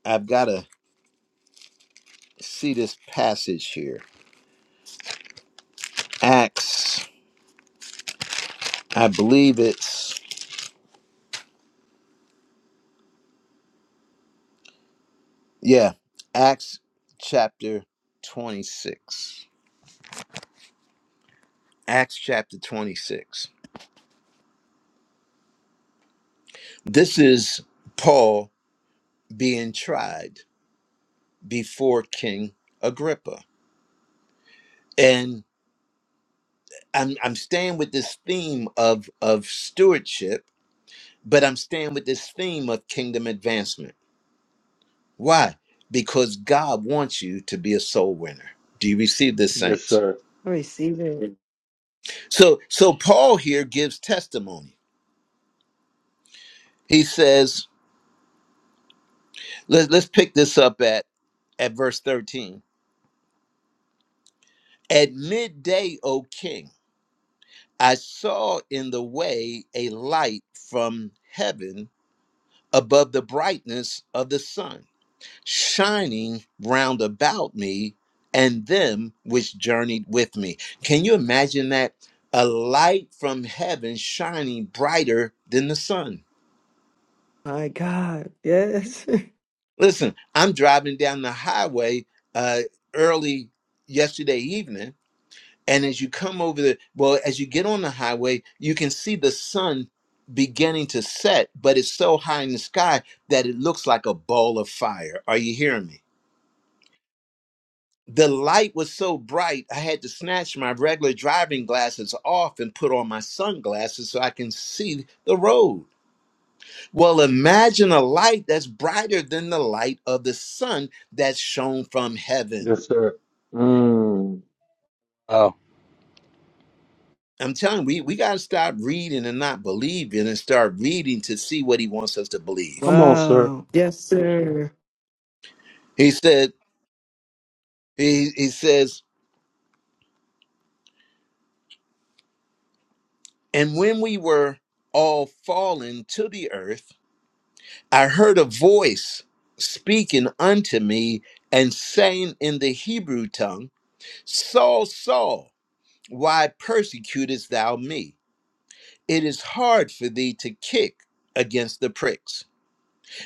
S1: I've gotta see this passage here. Acts, I believe it's yeah, Acts chapter 26. Acts chapter 26. This is Paul being tried before King Agrippa. And I'm I'm staying with this theme of of stewardship But I'm staying with this theme of kingdom advancement. Why? Because God wants you to be a soul winner. Do you receive this,
S2: Yes,
S1: saints?
S2: sir.
S3: I receive it.
S1: So, so Paul here gives testimony. He says, let, let's pick this up at, at verse 13. At midday, O king, I saw in the way a light from heaven above the brightness of the sun shining round about me and them which journeyed with me. Can you imagine that? A light from heaven shining brighter than the sun.
S3: My God. Yes.
S1: Listen, I'm driving down the highway uh, early yesterday evening, and as you come over the, well, as you get on the highway, you can see the sun beginning to set, but it's so high in the sky that it looks like a ball of fire. Are you hearing me? The light was so bright, I had to snatch my regular driving glasses off and put on my sunglasses so I can see the road. Well, imagine a light that's brighter than the light of the sun that's shown from heaven.
S2: Yes, sir. Mm.
S4: Wow.
S1: I'm telling you, we, we got to stop reading and not believing and start reading to see what he wants us to believe.
S2: Come on, sir.
S3: Wow. Yes, sir.
S1: He said, he, he says, and when we were all fallen to the earth, I heard a voice speaking unto me and saying in the Hebrew tongue, Saul, Saul, why persecutest thou me? It is hard for thee to kick against the pricks.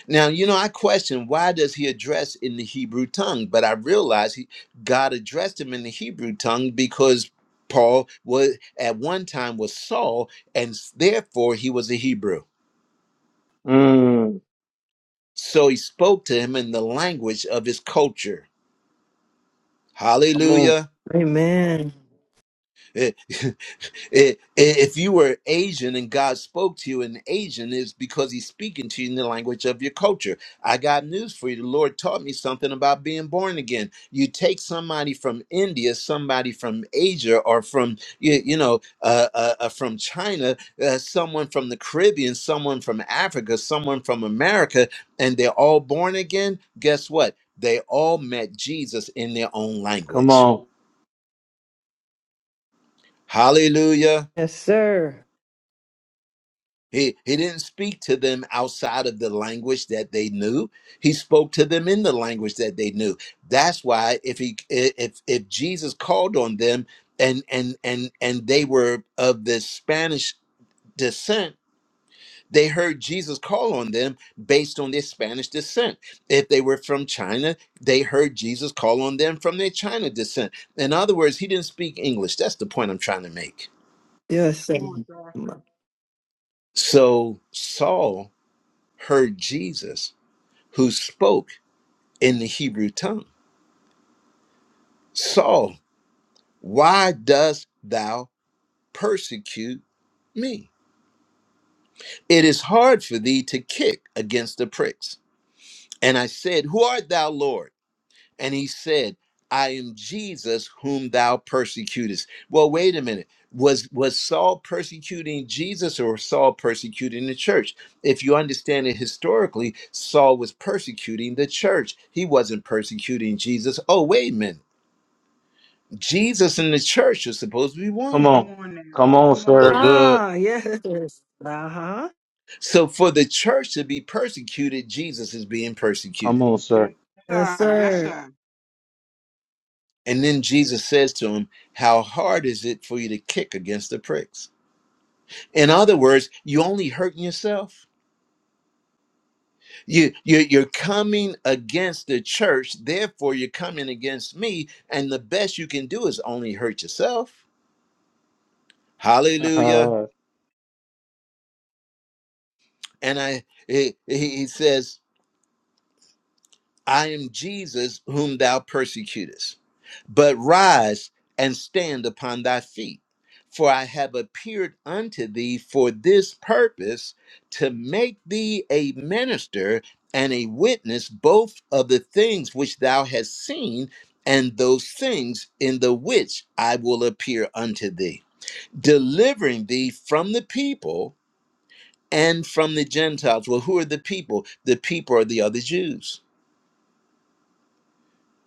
S1: Now, you know, I question why does he address in the Hebrew tongue? But I realize he, God addressed him in the Hebrew tongue because Paul was at one time was Saul, and therefore he was a Hebrew.
S2: Mm.
S1: So he spoke to him in the language of his culture.
S2: Come on.
S1: Hallelujah.
S3: Amen.
S1: Eh, eh, if you were Asian and God spoke to you in Asian, it's because He's speaking to you in the language of your culture. I got news for you. The Lord taught me something about being born again. You take somebody from India, somebody from Asia, or from you, you know, uh, uh, uh, from China, uh, someone from the Caribbean, someone from Africa, someone from America, and they're all born again. Guess what? They all met Jesus in their own
S2: Come
S1: language.
S2: on.
S1: Hallelujah.
S3: Yes, sir.
S1: He, he didn't speak to them outside of the language that they knew. He spoke to them in the language that they knew. That's why if he if if Jesus called on them and and and and they were of the Spanish descent, they heard Jesus call on them based on their Spanish descent. If they were from China, they heard Jesus call on them from their China descent. In other words, he didn't speak English. That's the point I'm trying to make.
S3: Yes,
S6: Come
S3: sir.
S6: on, sir.
S1: So Saul heard Jesus, who spoke in the Hebrew tongue, Saul, why dost thou persecute me? It is hard for thee to kick against the pricks. And I said, Who art thou, Lord? and he said i am jesus whom thou persecutest well wait a minute was was saul persecuting jesus or saul persecuting the church if you understand it historically saul was persecuting the church he wasn't persecuting jesus oh wait a minute jesus and the church are supposed to be
S2: Come
S1: one
S6: Come
S2: on.
S6: on now.
S2: Come on,
S6: Come on
S4: That's
S2: sir.
S6: now.
S4: good.
S3: Ah, yes. Uh huh.
S1: so for the church to be persecuted jesus is being
S2: Come
S1: persecuted
S2: on, sir.
S6: Yes,
S3: Yes,
S6: sir. Yes,
S3: sir.
S6: sir.
S1: and then jesus says to him how hard is it for you to kick against the pricks In other words, you only hurting yourself. You, you you're coming against the church, therefore you're coming against me, and the best you can do is only hurt yourself. Hallelujah.
S2: Haha.
S1: And I he, he says I am Jesus whom thou persecutest. But rise and stand upon thy feet, for I have appeared unto thee for this purpose, to make thee a minister and a witness both of the things which thou hast seen and those things in the which I will appear unto thee, delivering thee from the people and from the Gentiles. Well, who are the people? The people are the other Jews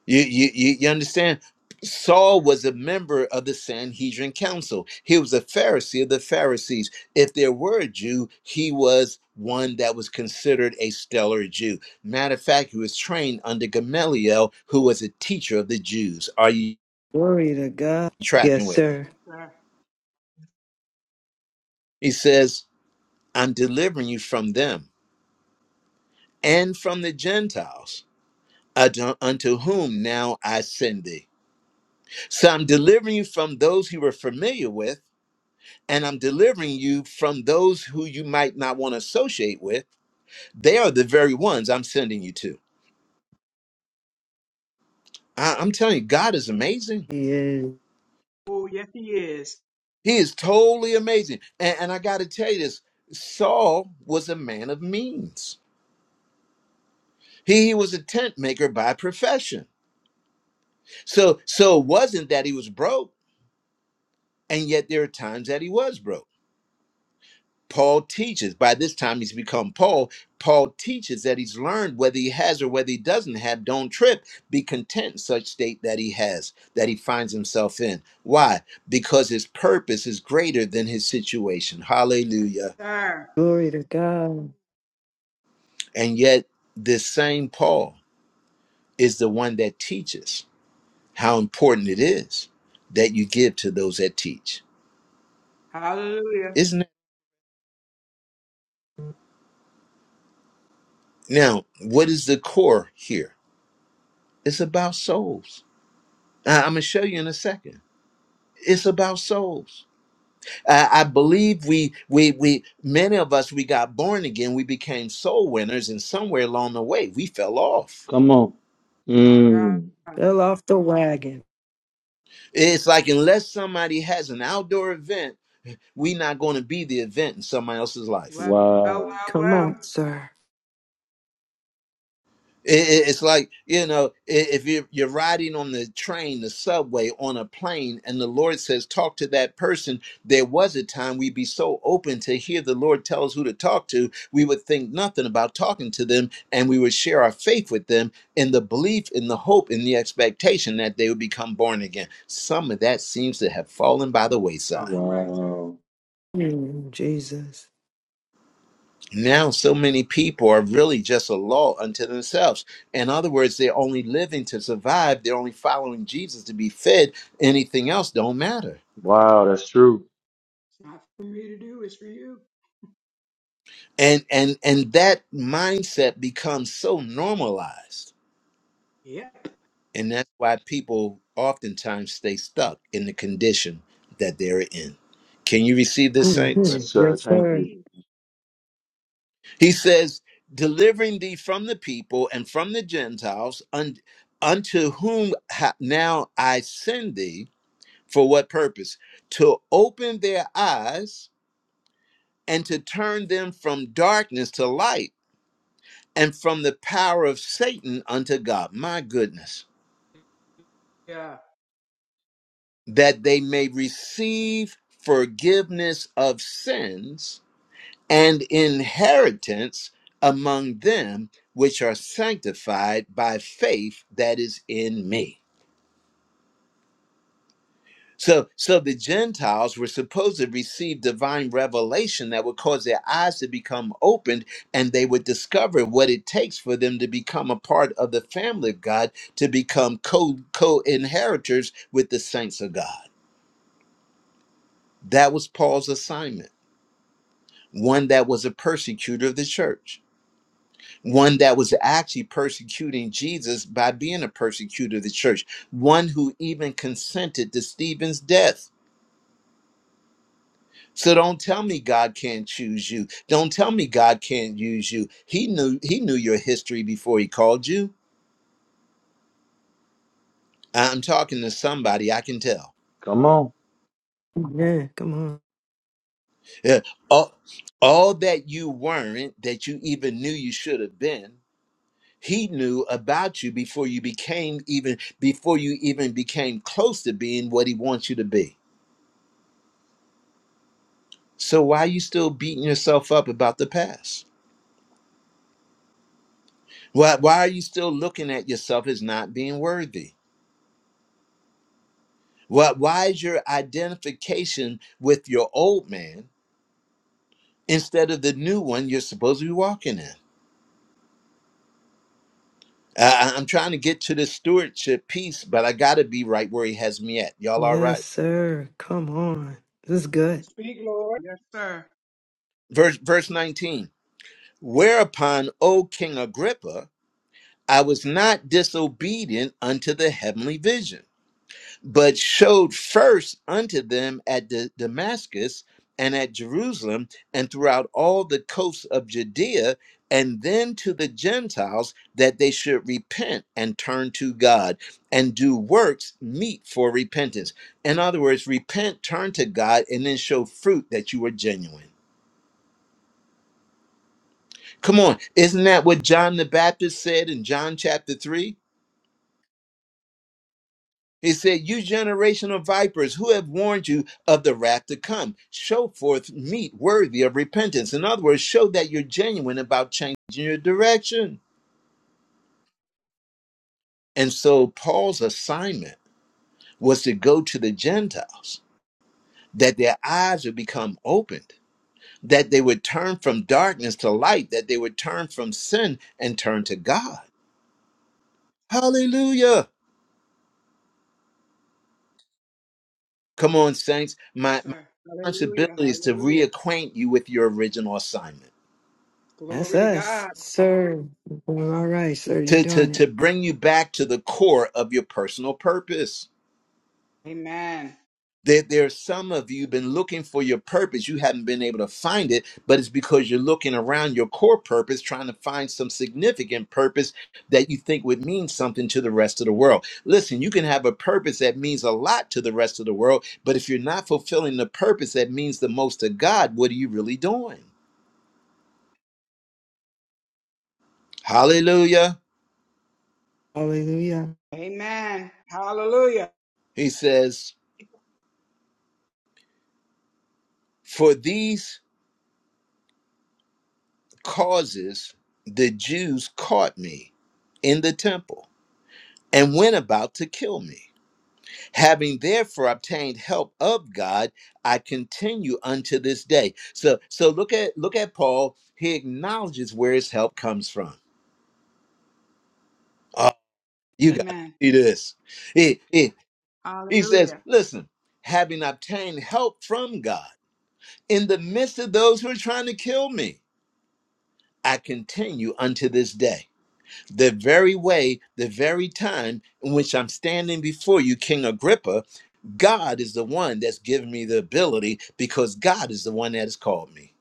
S1: You, you, you you understand? Saul was a member of the Sanhedrin council. He was a Pharisee of the Pharisees. If there were a Jew, he was one that was considered a stellar Jew. Matter of fact, he was trained under Gamaliel, who was a teacher of the Jews. Are you
S3: Glory to God. Yes,
S1: tracking with me?
S3: sir.
S6: Yes, sir.
S1: He says, I'm delivering you from them and from the Gentiles, unto unto whom now I send thee. So I'm delivering you from those you were familiar with and I'm delivering you from those who you might not want to associate with. They are the very ones I'm sending you to. I, am telling you, God is amazing.
S3: He is.
S6: Oh, yes, he is.
S1: He is totally amazing. And, and I got to tell you this Saul was a man of means. He, he was a tent maker by profession. So, so it wasn't that he was broke, and yet there are times that he was broke. Paul teaches. By this time, he's become Paul. Paul teaches that he's learned whether he has or whether he doesn't have. Don't trip. Be content in such state that he has, that he finds himself in. Why? Because his purpose is greater than his situation.
S6: Yes,
S1: Hallelujah.
S6: sir.
S3: Glory to God.
S1: And yet, this same Paul is the one that teaches how important it is that you give to those that teach.
S6: Hallelujah.
S1: Isn't it? Now, what is the core here? It's about souls. I- I'm going to show you in a second It's about souls. I, I believe we we we many of us we got born again. We became soul winners, and somewhere along the way we fell off.
S2: Come on.
S6: My God.
S2: Mm.
S3: Fell off the wagon.
S1: It's like unless somebody has an outdoor event, we're not going to be the event in somebody else's life.
S6: Well, well, well.
S2: Wow.
S3: Come
S6: well.
S3: on, sir.
S1: It, it- it's like you know, i- if you're, you're riding on the train, the subway, on a plane, and the Lord says, "Talk to that person." There was a time we'd be so open to hear the Lord tell us who to talk to, we would think nothing about talking to them, and we would share our faith with them in the belief, in the hope, in the expectation that they would become born again. Some of that seems to have fallen by the
S6: You're
S1: wayside.
S6: talking right, sir.
S2: Wow.
S3: Mm, Jesus.
S1: now so many people are really just a law unto themselves in other words they're only living to survive they're only following jesus to be fed anything else don't matter
S2: Wow, that's true.
S6: It's not for me to do. It's for you.
S1: and and and that mindset becomes so normalized
S6: Yep.
S1: and that's why people oftentimes stay stuck in the condition that they're in can you receive
S6: I
S1: this
S3: hmm
S1: saints
S2: Yes,
S6: agree.
S2: sir.
S3: Yes,
S2: Thank
S3: sir.
S2: you.
S6: Receive.
S1: he says delivering thee from the people and from the gentiles un- unto whom ha- now i send thee For what purpose? To open their eyes and to turn them from darkness to light and from the power of Satan unto God. My goodness.
S6: Yeah.
S1: That they may receive forgiveness of sins and inheritance among them which are sanctified by faith that is in me. So, so the Gentiles were supposed to receive divine revelation that would cause their eyes to become opened and they would discover what it takes for them to become a part of the family of God, to become co co inheritors with the saints of God. That was Paul's assignment, one that was a persecutor of the church, one that was actually persecuting Jesus by being a persecutor of the church, one who even consented to Stephen's death So don't tell me God can't choose you. Don't tell me God can't use you. He knew he knew your history before he called you. I'm talking to somebody I can tell.
S2: Come on.
S3: Yeah, come on.
S1: Yeah, All, all that you weren't that you even knew you should have been, he knew about you before you became even before you even became close to being what he wants you to be. So why are you still beating yourself up about the past? Why why are you still looking at yourself as not being worthy? Why, why is your identification with your old man instead of the new one you're supposed to be walking in? I, I- I'm trying to get to the stewardship piece, but I got to be right where he has me at. Y'all all
S3: Yes,
S1: right?
S3: sir. Come on. This is good.
S6: Speak, Lord. Yes, sir.
S1: Verse, verse 19 Whereupon, O King Agrippa, I was not disobedient unto the heavenly vision. but showed first unto them at Da- Damascus and at Jerusalem and throughout all the coasts of Judea, and then to the Gentiles that they should repent and turn to God and do works meet for repentance. In other words, repent, turn to God, and then show fruit that you are genuine. Come on, isn't that what John the Baptist said in John chapter 3? He said, You generation of vipers, who have warned you of the wrath to come? Show forth meat worthy of repentance. In other words, show that you're genuine about changing your direction. And so Paul's assignment was to go to the Gentiles, that their eyes would become opened, that they would turn from darkness to light, that they would turn from sin and turn to God. Hallelujah. Come on, saints.
S6: Yes,
S1: My, my
S6: sir.
S1: responsibility
S6: Hallelujah.
S1: is to
S6: Hallelujah.
S1: reacquaint you with your original assignment.
S3: That's
S6: Glory to
S3: us,
S6: God.
S3: sir. Well, all right, sir. You're
S1: to to
S3: doing
S1: to
S3: it.
S1: bring you back to the core of your personal purpose.
S6: Amen.
S1: There, there are some of you been looking for your purpose. You haven't been able to find it, but it's because you're looking around your core purpose, trying to find some significant purpose that you think would mean something to the rest of the world. Listen, you can have a purpose that means a lot to the rest of the world, but if you're not fulfilling the purpose that means the most to God, what are you really doing? Hallelujah.
S3: Hallelujah.
S6: Amen. Hallelujah.
S1: He says, For these causes the Jews caught me in the temple and went about to kill me. Having therefore obtained help of God, I continue unto this day. So so look at look at Paul. He acknowledges where his help comes from. Oh, you gotta
S6: Amen.
S1: see this. He, he, he says,
S6: Hallelujah.
S1: listen, having obtained help from God in the midst of those who are trying to kill me, I continue unto this day. the very way, the very time in which I'm standing before you, King Agrippa, God is the one that's given me the ability because God is the one that has called me.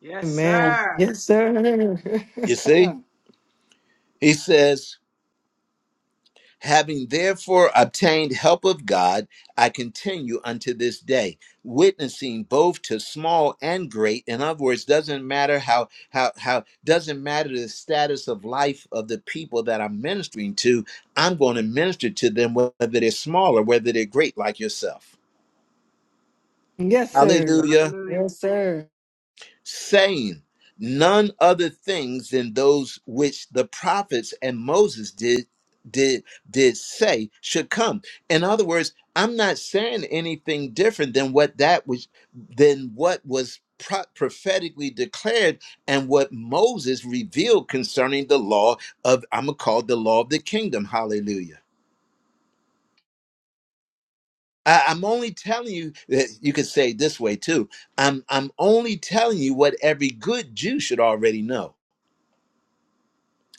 S6: Yes,
S3: Amen.
S6: sir.
S3: Yes, sir.
S1: You see? He says, Having therefore obtained help of God, I continue unto this day, witnessing both to small and great. In other words, doesn't matter how how how doesn't matter the status of life of the people that I'm ministering to. I'm going to minister to them whether they're small or whether they're great, like yourself.
S3: yes,
S6: Yes.
S3: sir.
S1: Hallelujah.
S6: Hallelujah.
S3: Yes, sir.
S1: saying none other things than those which the prophets and Moses did did did say should come. In other words, I'm not saying anything different than what that was than what was pro- prophetically declared and what Moses revealed concerning the law of I'm gonna call it the law of the kingdom. Hallelujah. I- I'm only telling you that you could say it this way too. I'm I'm only telling you what every good Jew should already know.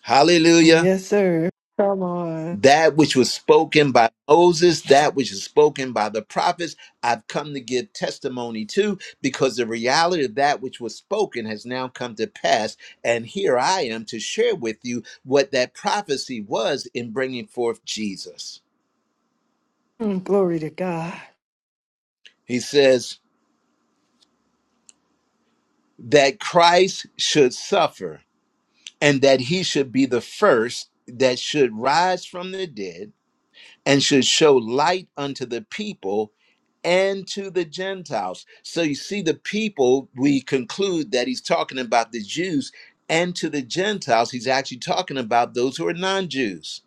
S1: Hallelujah.
S3: Yes, sir. Come on.
S1: That which was spoken by Moses, that which is spoken by the prophets, I've come to give testimony to because the reality of that which was spoken has now come to pass. And here I am to share with you what that prophecy was in bringing forth Jesus.
S3: Mm, Glory to God.
S1: He says that Christ should suffer and that he should be the first that should rise from the dead and should show light unto the people and to the Gentiles. So you see, the people, we conclude that he's talking about the Jews and to the Gentiles, he's actually talking about those who are non Jews.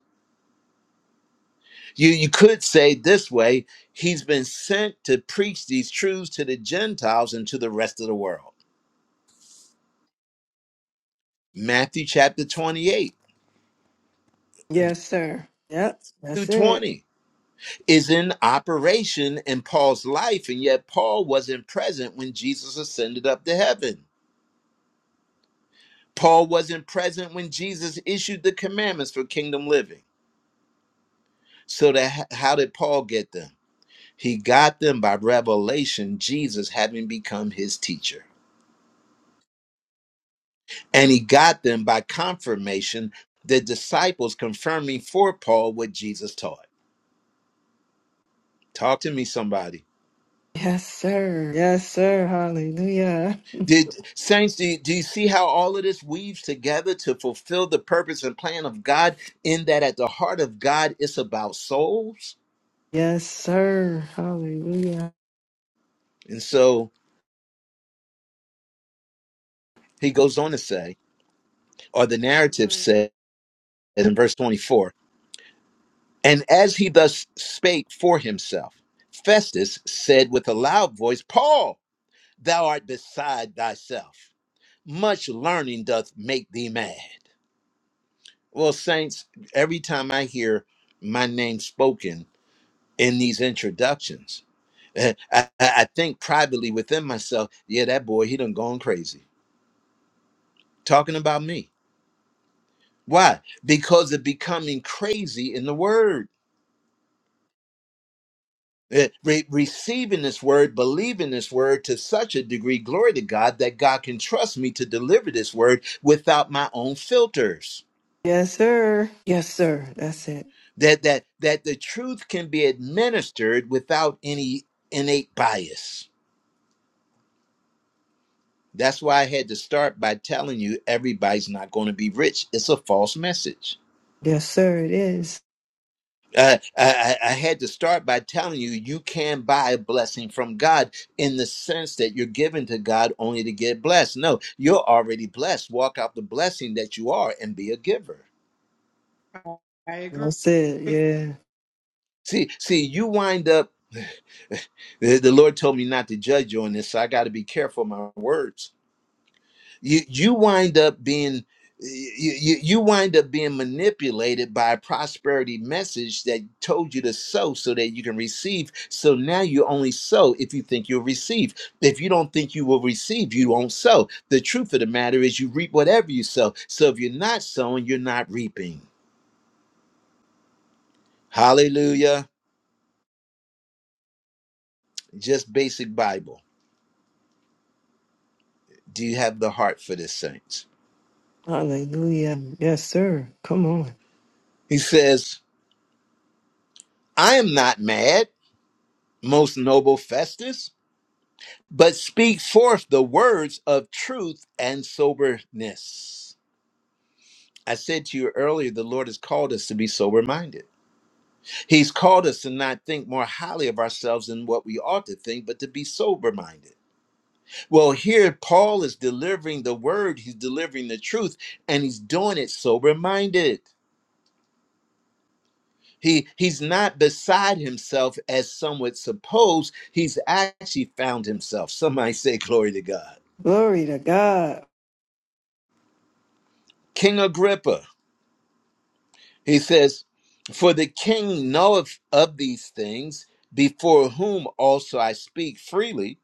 S1: You, you could say this way he's been sent to preach these truths to the Gentiles and to the rest of the world. Matthew chapter 28
S3: Yes, sir. Yep,
S1: through
S3: that's it.
S1: 20 is in operation in Paul's life, and yet Paul wasn't present when Jesus ascended up to heaven. Paul wasn't present when Jesus issued the commandments for kingdom living. So that how did Paul get them? He got them by revelation, Jesus having become his teacher. And he got them by confirmation, the disciples confirming for Paul what Jesus taught. Talk to me, somebody.
S3: Yes, sir. Yes, sir. Hallelujah.
S1: Did saints, do, you, do you see how all of this weaves together to fulfill the purpose and plan of God? In that at the heart of God, it's about souls.
S3: Yes, sir. Hallelujah.
S1: And so he goes on to say. or the narrative
S6: Hallelujah.
S1: says in verse 24, and as he thus spake for himself, Festus said with a loud voice, Paul, thou art beside thyself. Much learning doth make thee mad. Well, saints, every time I hear my name spoken in these introductions, eh, I, I I think privately within myself, yeah, that boy, he done gone crazy. Talking about me. Why? Because of becoming crazy in the word Eh, re- receiving this word, believing this word to such a degree, glory to God, that God can trust me to deliver this word without my own filters.
S3: Yes, sir. Yes, sir. That's it.
S1: That that that the truth can be administered without any innate bias. That's why I had to start by telling you everybody's not going to be rich. It's a false message.
S3: Yes, sir. It is.
S1: Uh, I, I I had to start by telling you, you can buy a blessing from God in the sense that you're given to God only to get blessed. No, you're already blessed. Walk out the blessing that you are and be a giver.
S6: I agree.
S3: That's it. Yeah.
S1: See, see, you wind up. The, the Lord told me not to judge you on this, so I got to be careful of my words. you you wind up being you, you you wind up being manipulated by a prosperity message that told you to sow so that you can receive so now you only sow if you think you'll receive if you don't think you will receive you won't sow the truth of the matter is you reap whatever you sow so if you're not sowing you're not reaping hallelujah just basic bible do you have the heart for this saints
S3: Hallelujah. Yes, sir. Come on.
S1: he says i am not mad most noble festus but speak forth the words of truth and soberness. I said to you earlier, the Lord has called us to be sober minded. He's called us to not think more highly of ourselves than what we ought to think, but to be sober minded. Well, here Paul is delivering the word, he's delivering the truth, and he's doing it sober minded. He, he's not beside himself as some would suppose. He's actually found himself. Somebody say, Glory to God.
S3: Glory to God.
S1: King Agrippa, He says, For the king knoweth of these things, before whom also I speak freely.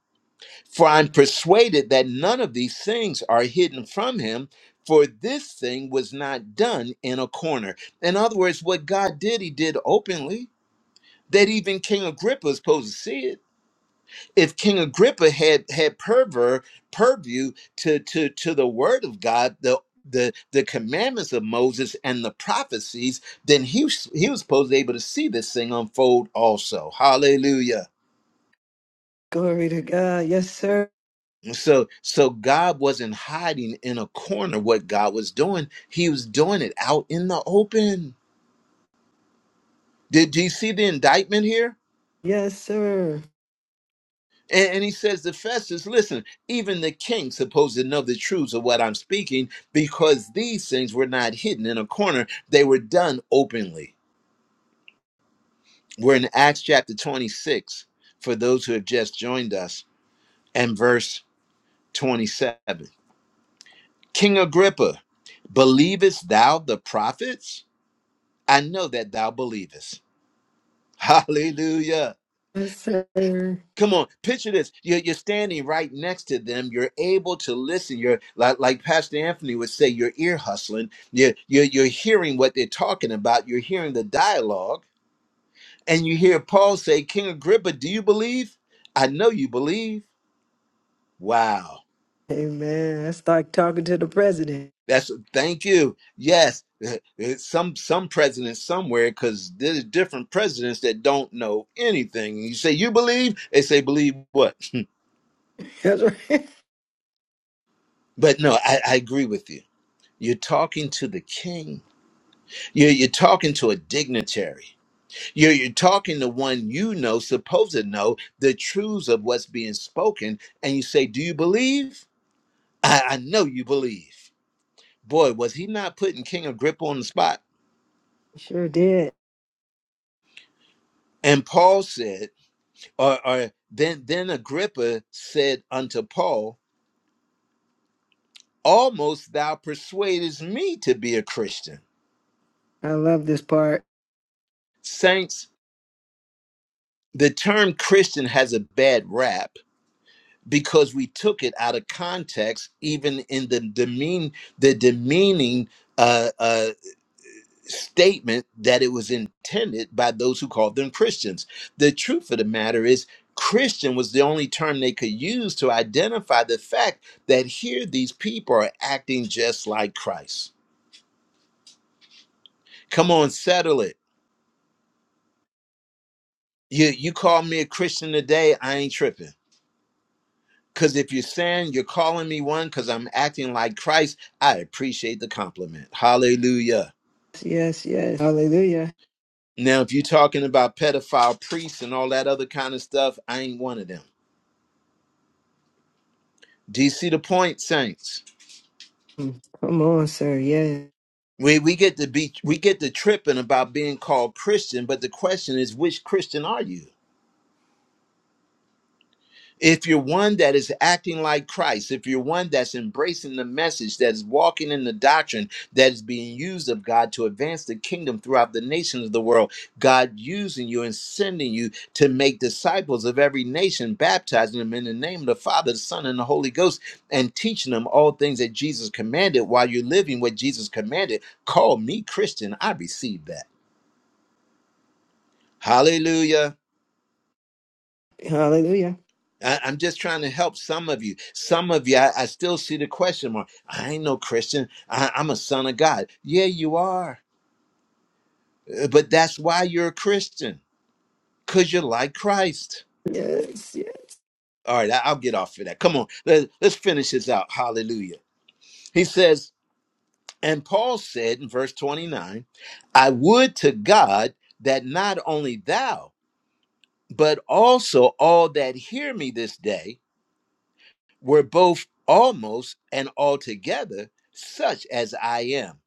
S1: For I'm persuaded that none of these things are hidden from him, for this thing was not done in a corner. In other words, what God did, he did openly, that even King Agrippa was supposed to see it if King Agrippa had had purver purview to to to the word of God, the the the commandments of Moses and the prophecies, then he was- he was supposed to be able to see this thing unfold also. Hallelujah.
S3: Glory to God. Yes, sir.
S1: And So so God wasn't hiding in a corner what God was doing. He was doing it out in the open. Did do you see the indictment here?
S3: Yes, sir.
S1: And, and he says to Festus, listen, even the king supposed to know the truths of what I'm speaking because these things were not hidden in a corner. They were done openly. We're in Acts chapter 26 for those who have just joined us and verse 27. King Agrippa, believest thou the prophets? I know that thou believest. Hallelujah.
S3: Yes, sir.
S1: Come on, picture this. You're, you're standing right next to them. You're able to listen. You're like, like Pastor Anthony would say, you're ear hustling. You're, you're, you're hearing what they're talking about. You're hearing the dialogue. And you hear Paul say, King Agrippa, do you believe? I know you believe. Wow.
S3: Amen. That's like talking to the president.
S1: That's thank you. Yes. It's some some president somewhere because there's different presidents that don't know anything. You say you believe, they say believe what?
S3: That's right.
S1: But no, I, I agree with you You're talking to the king. You're, you're talking to a dignitary. You're, you're talking to one you know, supposed to know the truths of what's being spoken. And you say, Do you believe? I, I know you believe. Boy, was he not putting King Agrippa on the spot?
S3: Sure did.
S1: And Paul said, or, or then, then Agrippa said unto Paul, Almost thou persuadest me to be a Christian.
S3: I love this part.
S1: Saints, the term Christian has a bad rap because we took it out of context, even in the demean the demeaning uh, uh, statement that it was intended by those who called them Christians. The truth of the matter is, Christian was the only term they could use to identify the fact that here these people are acting just like Christ. Come on, settle it. You you call me a Christian today, I ain't tripping Because if you're saying you're calling me one because I'm acting like Christ, I appreciate the compliment. Hallelujah.
S3: Yes, yes. Hallelujah.
S1: Now, if you're talking about pedophile priests and all that other kind of stuff, I ain't one of them. Do you see the point, saints?
S3: Mm. Come on, sir. Yes.
S1: We, we get to be we get to tripping about being called Christian, but the question is, which Christian are you? if you're one that is acting like Christ, if you're one that's embracing the message, that's walking in the doctrine that is being used of God to advance the kingdom throughout the nations of the world, God using you and sending you to make disciples of every nation, baptizing them in the name of the Father, the Son, and the Holy Ghost, and teaching them all things that Jesus commanded while you're living what Jesus commanded. Call me Christian. I receive that. Hallelujah.
S3: Hallelujah.
S1: I, I'm just trying to help some of you. Some of you, I, I still see the question mark. I ain't no Christian. I, I'm a son of God. Yeah, you are. Uh, But that's why you're a Christian, because you're like Christ.
S3: Yes, yes,
S1: All right, I, will get off of that. Come on, let, let's finish this out. Hallelujah. He says, and Paul said in verse 29, I would to God that not only thou, but also all that hear me this day were both almost and altogether such as I am,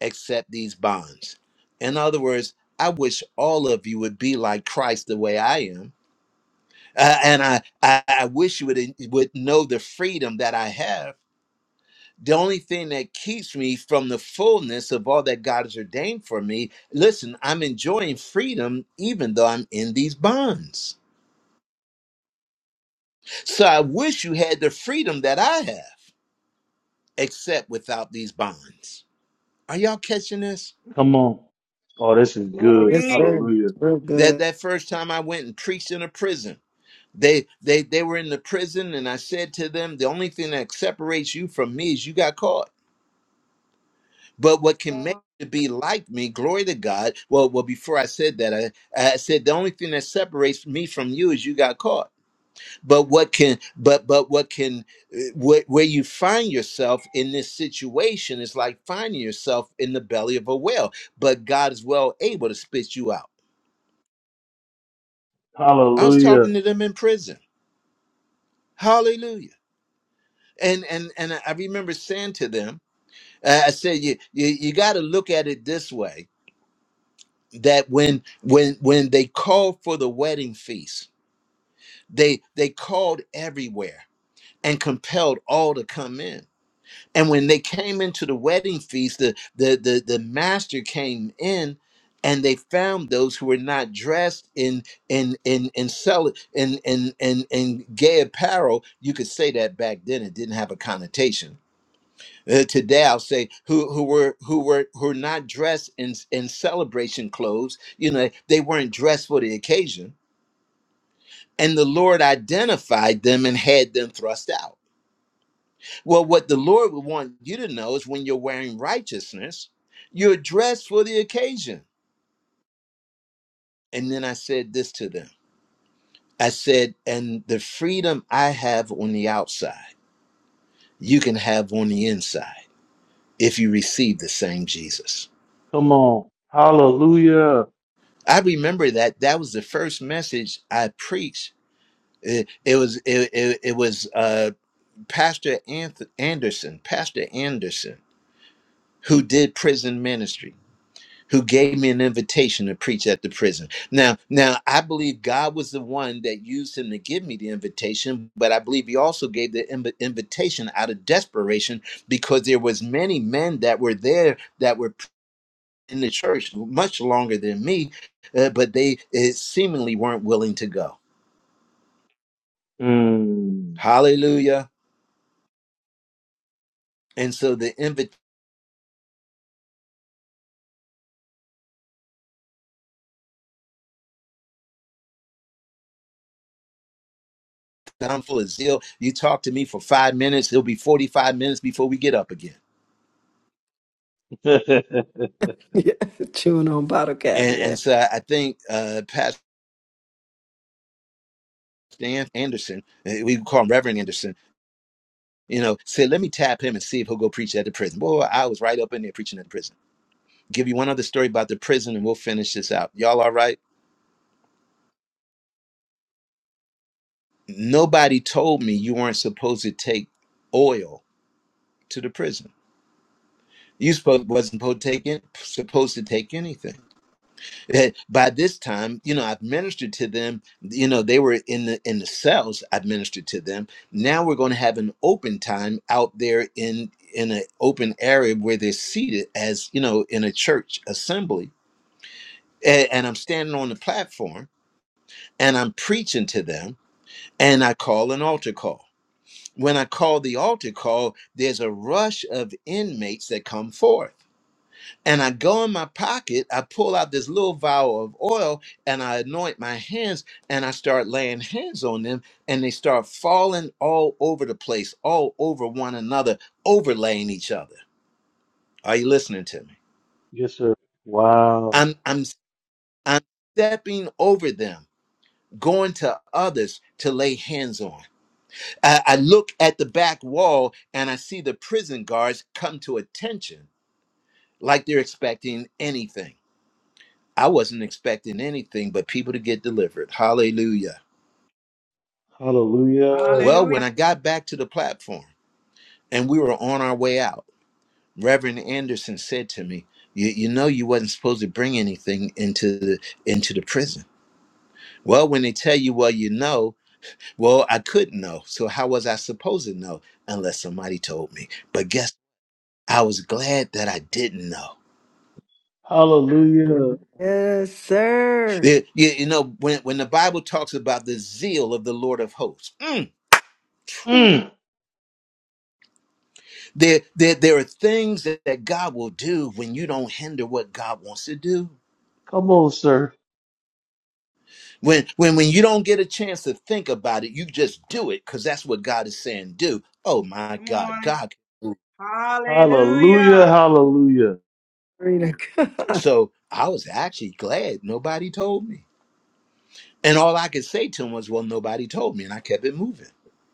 S1: except these bonds. In other words, I wish all of you would be like Christ the way I am. Uh, and I, I, I wish you would, uh, would know the freedom that I have. The only thing that keeps me from the fullness of all that God has ordained for me, listen, I'm enjoying freedom even though I'm in these bonds. So I wish you had the freedom that I have, except without these bonds. Are y'all catching this?
S2: Come on. Oh, this is good.
S3: yes,
S6: Glory.
S3: sir.
S2: Hallelujah.
S3: Real
S1: That
S3: good.
S1: that first time I went and preached in a prison. They they they were in the prison and I said to them, the only thing that separates you from me is you got caught. But what can make you be like me, glory to God. Well, well, before I said that, I, I said the only thing that separates me from you is you got caught. But what can but but what can uh, wh- where you find yourself in this situation is like finding yourself in the belly of a whale. But God is well able to spit you out. I was
S2: Hallelujah.
S1: talking to them in prison. Hallelujah. And and and I remember saying to them, uh, I said, you you, you got to look at it this way: that when when when they called for the wedding feast, they they called everywhere and compelled all to come in And when they came into the wedding feast, the, the, the, the master came in and they found those who were not dressed in in in in sell in in in, in gay apparel. You could say that back then it didn't have a connotation. Uh, today I'll say who who were who were who were not dressed in in celebration clothes. You know, they weren't dressed for the occasion. And the Lord identified them and had them thrust out. Well, what the Lord would want you to know is when you're wearing righteousness, you're dressed for the occasion. And then I said this to them I said, and the freedom I have on the outside, you can have on the inside if you receive the same Jesus.
S2: Come on. Hallelujah.
S1: I remember that that was the first message I preached. It, it was it, it, it was uh, Pastor Anth- Anderson, Pastor Anderson, who did prison ministry who gave me an invitation to preach at the prison. Now, now I believe God was the one that used him to give me the invitation, but I believe he also gave the inv- invitation out of desperation because there was many men that were there that were in the church much longer than me, uh, but they uh, seemingly weren't willing to go.
S2: Mm.
S1: Hallelujah. And so the invitation, I'm full of zeal. You talk to me for five minutes, it'll be 45 minutes before we get up again.
S3: Yeah, chewing on bottle cap.
S1: And,
S3: Yeah.
S1: and so I think uh, Pastor. Dan Anderson, eh, we call him Reverend Anderson, you know, said, let me tap him and see if he'll go preach at the prison. Boy, I was right up in there preaching at the prison. Give you one other story about the prison and we'll finish this out. Y'all all right? Nobody told me you weren't supposed to take oil to the prison. You supposed, wasn't supposed to take it, supposed to take anything. Eh, by this time you know i've ministered to them you know they were in the in the cells i've ministered to them now we're going to have an open time out there in in an open area where they're seated as you know in a church assembly and, and i'm standing on the platform and i'm preaching to them and i call an altar call when i call the altar call there's a rush of inmates that come forth and I go in my pocket, I pull out this little vial of oil and I anoint my hands and I start laying hands on them and they start falling all over the place, all over one another, overlaying each other. Are you listening to me?
S2: yes, sir. Wow.
S1: I'm I'm I'm stepping over them, going to others to lay hands on. I, I look at the back wall and I see the prison guards come to attention like they're expecting anything. I wasn't expecting anything but people to get delivered. Hallelujah.
S2: Hallelujah.
S1: Well, when
S6: Hallelujah.
S1: I got back to the platform and we were on our way out, Reverend Anderson said to me, you, you know you wasn't supposed to bring anything into the into the prison. Well, when they tell you, well, you know, well, I couldn't know. So how was I supposed to know unless somebody told me? But guess I was glad that I didn't know.
S2: Hallelujah.
S3: Yes, sir.
S1: You, you- you know, when, when the Bible talks about the zeal of the Lord of hosts, mm, phew,
S2: Mm.
S1: There, there, there are things that, that God will do when you don't hinder what God wants to do.
S2: Come on, sir.
S1: When, when, when you don't get a chance to think about it, you just do it because that's what God is saying. Do. Oh my
S6: Come
S1: God,
S6: on.
S1: God.
S2: Hallelujah.
S6: Hallelujah.
S2: Hallelujah.
S3: Glory to God.
S1: So I was actually glad nobody told me, and all I could say to him was, "Well, nobody told me," and I kept it moving.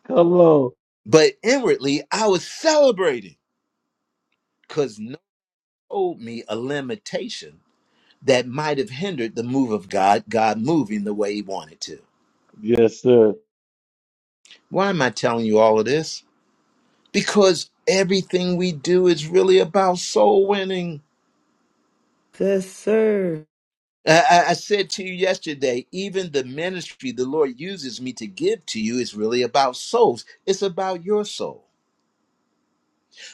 S2: Come on.
S1: But inwardly, I was celebrating because no one told me a limitation that might have hindered the move of God, God moving the way He wanted to.
S2: Yes, sir.
S1: Why am I telling you all of this? because everything we do is really about soul winning.
S3: Yes, sir.
S1: I, I I said to you yesterday, even the ministry the Lord uses me to give to you is really about souls. It's about your soul.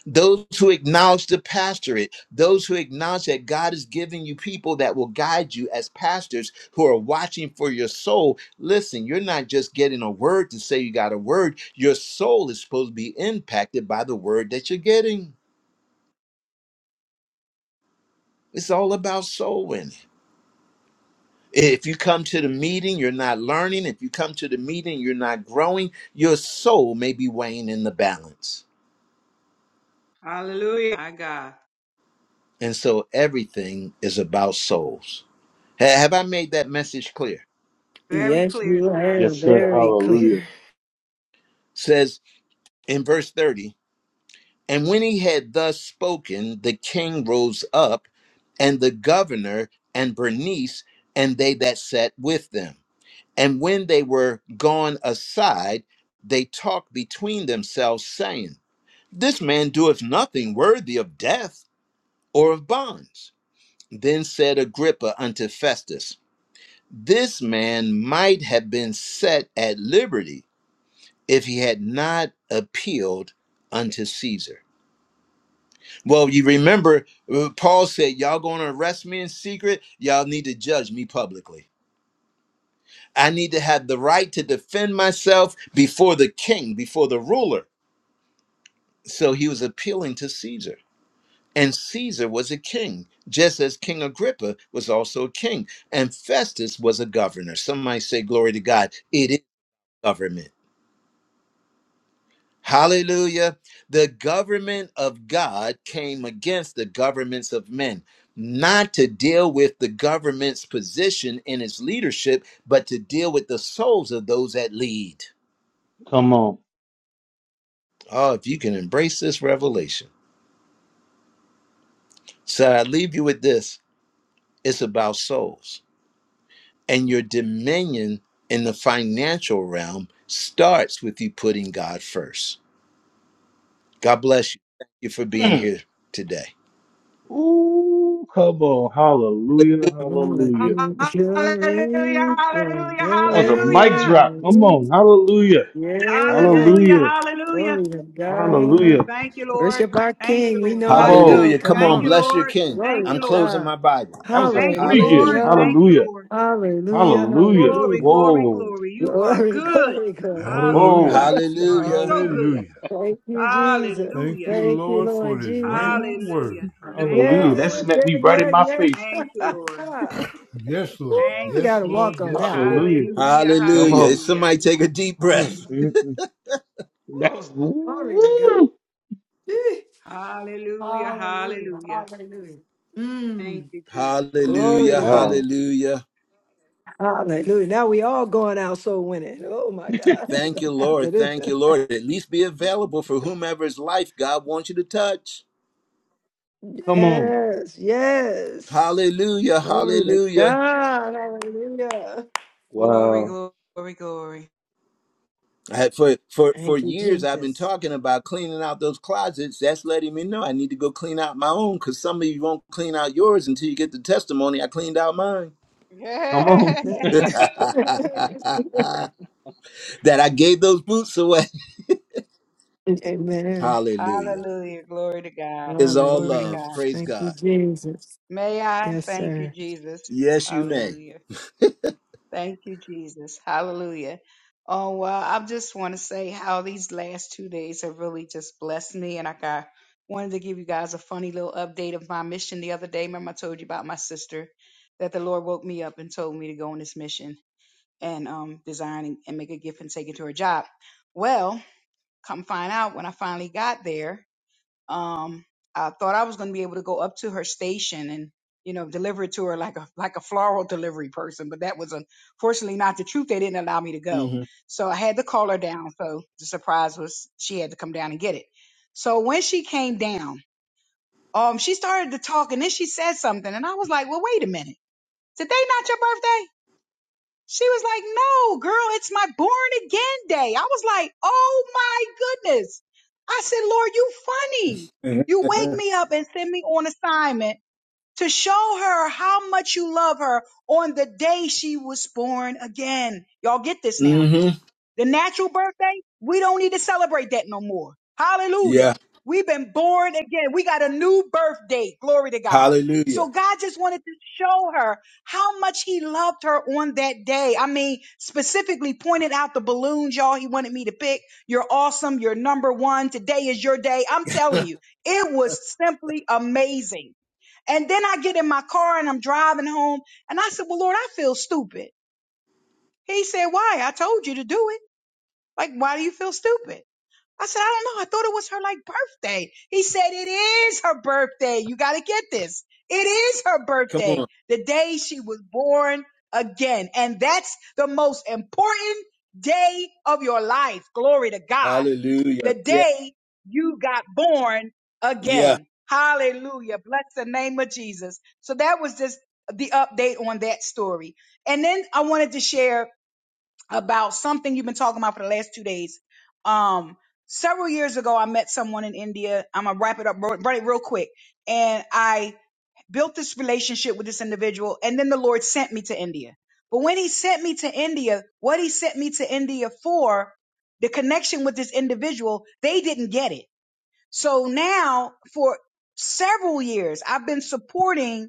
S1: Those who acknowledge the pastorate, those who acknowledge that God is giving you people that will guide you as pastors who are watching for your soul. Listen, you're not just getting a word to say you got a word, your soul is supposed to be impacted by the word that you're getting. It's all about soul winning. If you come to the meeting, you're not learning. If you come to the meeting, you're not growing. Your soul may be weighing in the balance.
S6: Hallelujah. My God.
S1: And so everything is about souls. Ha- Have I made that message clear?
S6: Very
S3: Yes,
S6: clear,
S3: you
S6: sir.
S3: are
S2: Yes, sir.
S3: very clear.
S2: Hallelujah.
S1: Says in verse 30 And when he had thus spoken, the king rose up, and the governor, and Bernice, and they that sat with them. And when they were gone aside, they talked between themselves, saying, This man doeth nothing worthy of death or of bonds. Then said Agrippa unto Festus, This man might have been set at liberty if he had not appealed unto Caesar. Well, you remember uh, Paul said, Y'all going to arrest me in secret? Y'all need to judge me publicly. I need to have the right to defend myself before the king, before the ruler. So he was appealing to Caesar. And Caesar was a king, just as King Agrippa was also a king. And Festus was a governor. Some might say, Glory to God, it is government. Hallelujah. The government of God came against the governments of men, not to deal with the government's position in its leadership, but to deal with the souls of those that lead.
S2: Come on.
S1: Oh, if you can embrace this revelation. So I leave you with this it's about souls. And your dominion in the financial realm starts with you putting God first. God bless you. Thank you for being
S2: Mm.
S1: here today.
S2: Ooh, come on. Hallelujah.
S3: I'm gonna
S2: Hallelujah.
S3: you the
S6: Hallelujah.
S3: glory, glory,
S6: Hallelujah.
S2: That was a mic
S3: glory.
S6: Hallelujah.
S2: drop. Come on.
S3: Hallelujah.
S2: Hallelujah.
S3: Yeah, yeah.
S6: Hallelujah.
S2: Hallelujah.
S6: Hallelujah.
S3: Glory to God.
S2: Hallelujah.
S6: Thank you, Lord.
S3: Worship our
S6: Thank you,
S3: King. We
S6: Lord.
S3: know
S2: Come
S3: how it
S2: on.
S3: goes.
S1: Hallelujah. Come
S3: Come
S6: Thank
S1: on,
S6: you,
S3: on.
S1: bless your
S6: Lord.
S1: King.
S6: Thank
S3: Glory
S1: I'm
S6: you,
S3: to
S6: Lord.
S1: closing
S3: God.
S1: my Bible.
S2: That was a
S6: Thank you,
S2: free gift.
S6: Lord.
S1: Hallelujah.
S3: Hallelujah.
S6: Thank you,
S2: Hallelujah.
S6: Lord.
S3: Hallelujah.
S2: Hallelujah.
S6: Glory,
S3: Hallelujah.
S6: glory,
S2: Whoa.
S6: glory. You are
S3: Glory,
S6: good.
S3: glory, glory.
S6: Hallelujah.
S5: Hallelujah.
S2: Whoa.
S6: You are
S1: Hallelujah.
S6: so good.
S5: Hallelujah.
S3: Thank you, Jesus.
S5: Thank
S6: Hallelujah.
S5: you,
S3: Thank you,
S5: Lord, for
S3: Lord
S5: this
S3: Jesus.
S5: Rhema word.
S6: Hallelujah. Thank
S3: Yeah,
S2: Hallelujah.
S6: you,
S2: That
S5: Hallelujah.
S6: Lord.
S2: smacked
S3: yeah,
S2: me right in
S3: yeah,
S2: my face.
S6: Thank you, Lord.
S3: yeah.
S5: Yes,
S3: Ooh,
S5: Lord.
S6: Thank
S3: we
S5: Yes,
S6: you,
S3: got to
S5: Lord.
S3: walk on
S6: Jesus.
S5: Yes,
S3: that one.
S5: Lord.
S2: Hallelujah.
S3: Ooh,
S6: Hallelujah.
S2: Come
S1: Hallelujah.
S2: on.
S1: Is
S6: Hallelujah.
S1: somebody take a deep
S2: Mm,
S1: breath?
S2: mm, mm. That was
S3: Glory to God.
S2: woo!
S3: Gee.
S6: Hallelujah.
S3: Hallelujah.
S6: Hallelujah.
S3: Hallelujah.
S6: Thank
S3: Mm,
S6: you, Jesus. Glory to
S3: glory
S1: Hallelujah.
S3: to
S6: God.
S3: God.
S2: Wow.
S1: Hallelujah.
S3: Hallelujah. Now we all going out so winning. Oh my God.
S1: Thank you,
S3: After
S1: Lord. Thank you,
S3: this.
S1: Lord. At least be available for whomever's life God wants you to touch.
S2: Come on.
S3: Yes, yes.
S1: Hallelujah.
S3: Glory to
S1: Hallelujah.
S3: God. Hallelujah.
S6: Glory,
S2: Wow.
S6: glory, glory.
S1: I had- for for for
S3: Thank you,
S1: years I've been
S3: Jesus.
S1: talking about cleaning out those closets. That's letting me know I need to go clean out my own because some of you won't clean out yours until you get the testimony. I cleaned out mine.
S2: Come on.
S1: that I gave those boots away.
S3: Amen.
S1: Hallelujah.
S6: Hallelujah. Glory to God.
S1: It's all
S6: Glory to
S1: love.
S3: Hallelujah.
S6: God.
S1: Praise
S3: Thank you,
S1: God.
S3: Jesus.
S6: May I
S3: Yes,
S6: thank you,
S3: sir.
S6: Jesus.
S1: Yes, you may.
S6: Hallelujah. Thank you, Jesus. Hallelujah. Oh, well, I just want to say how these last two days have really just blessed me. And like I wanted to give you guys a funny little update of my mission the other day. Remember, I told you about my sister that the Lord woke me up and told me to go on this mission and um, design and and make a gift and take it to her job. Well, come find out when I finally got there um I thought I was going to be able to go up to her station and you know deliver it to her like a like a floral delivery person but that was unfortunately not the truth they didn't allow me to go
S1: Mm-hmm.
S6: so I had to call her down so the surprise was she had to come down and get it so when she came down um she started to talk and then she said something and I was like well wait a minute today not your birthday she was like, no, girl, it's my born again day. I was like, oh my goodness. I said, Lord, you funny. You wake me up and send me on assignment to show her how much you love her on the day she was born again. Y'all get this now.
S1: mm-hmm.
S6: The natural birthday, we don't need to celebrate that no more.
S1: Yeah.
S6: Hallelujah. We've been born again. We got a new birth date. Glory to God.
S1: Hallelujah.
S6: So God just wanted to show her how much he loved her on that day. I mean, specifically pointed out the balloons, y'all. He wanted me to pick. You're awesome. You're number one. Today is your day. I'm telling you, it was simply amazing. And then I get in my car and I'm driving home and I said, well, Lord, I feel stupid. He said, why? I told you to do it. Like, why do you feel stupid? I said, I don't know. I thought it was her like birthday. He said, it is her birthday. You got to get this. It is her
S1: Come
S6: birthday.
S1: on.
S6: The day she was born again. And that's the most important day of your life. Glory to God. The
S1: Hallelujah. Yeah.
S6: day you got born
S1: Yeah.
S6: again. Hallelujah. Bless the name of Jesus. So that was just the update on that story. And then I wanted to share about something you've been talking about for the last two days. Um, several years ago, I met someone in India. I'm gonna wrap it up, bro- run it real quick. And I built this relationship with this individual, and then the Lord sent me to India. But when He sent me to India, what He sent me to India for, the connection with this individual, they didn't get it. So now, for several years, I've been supporting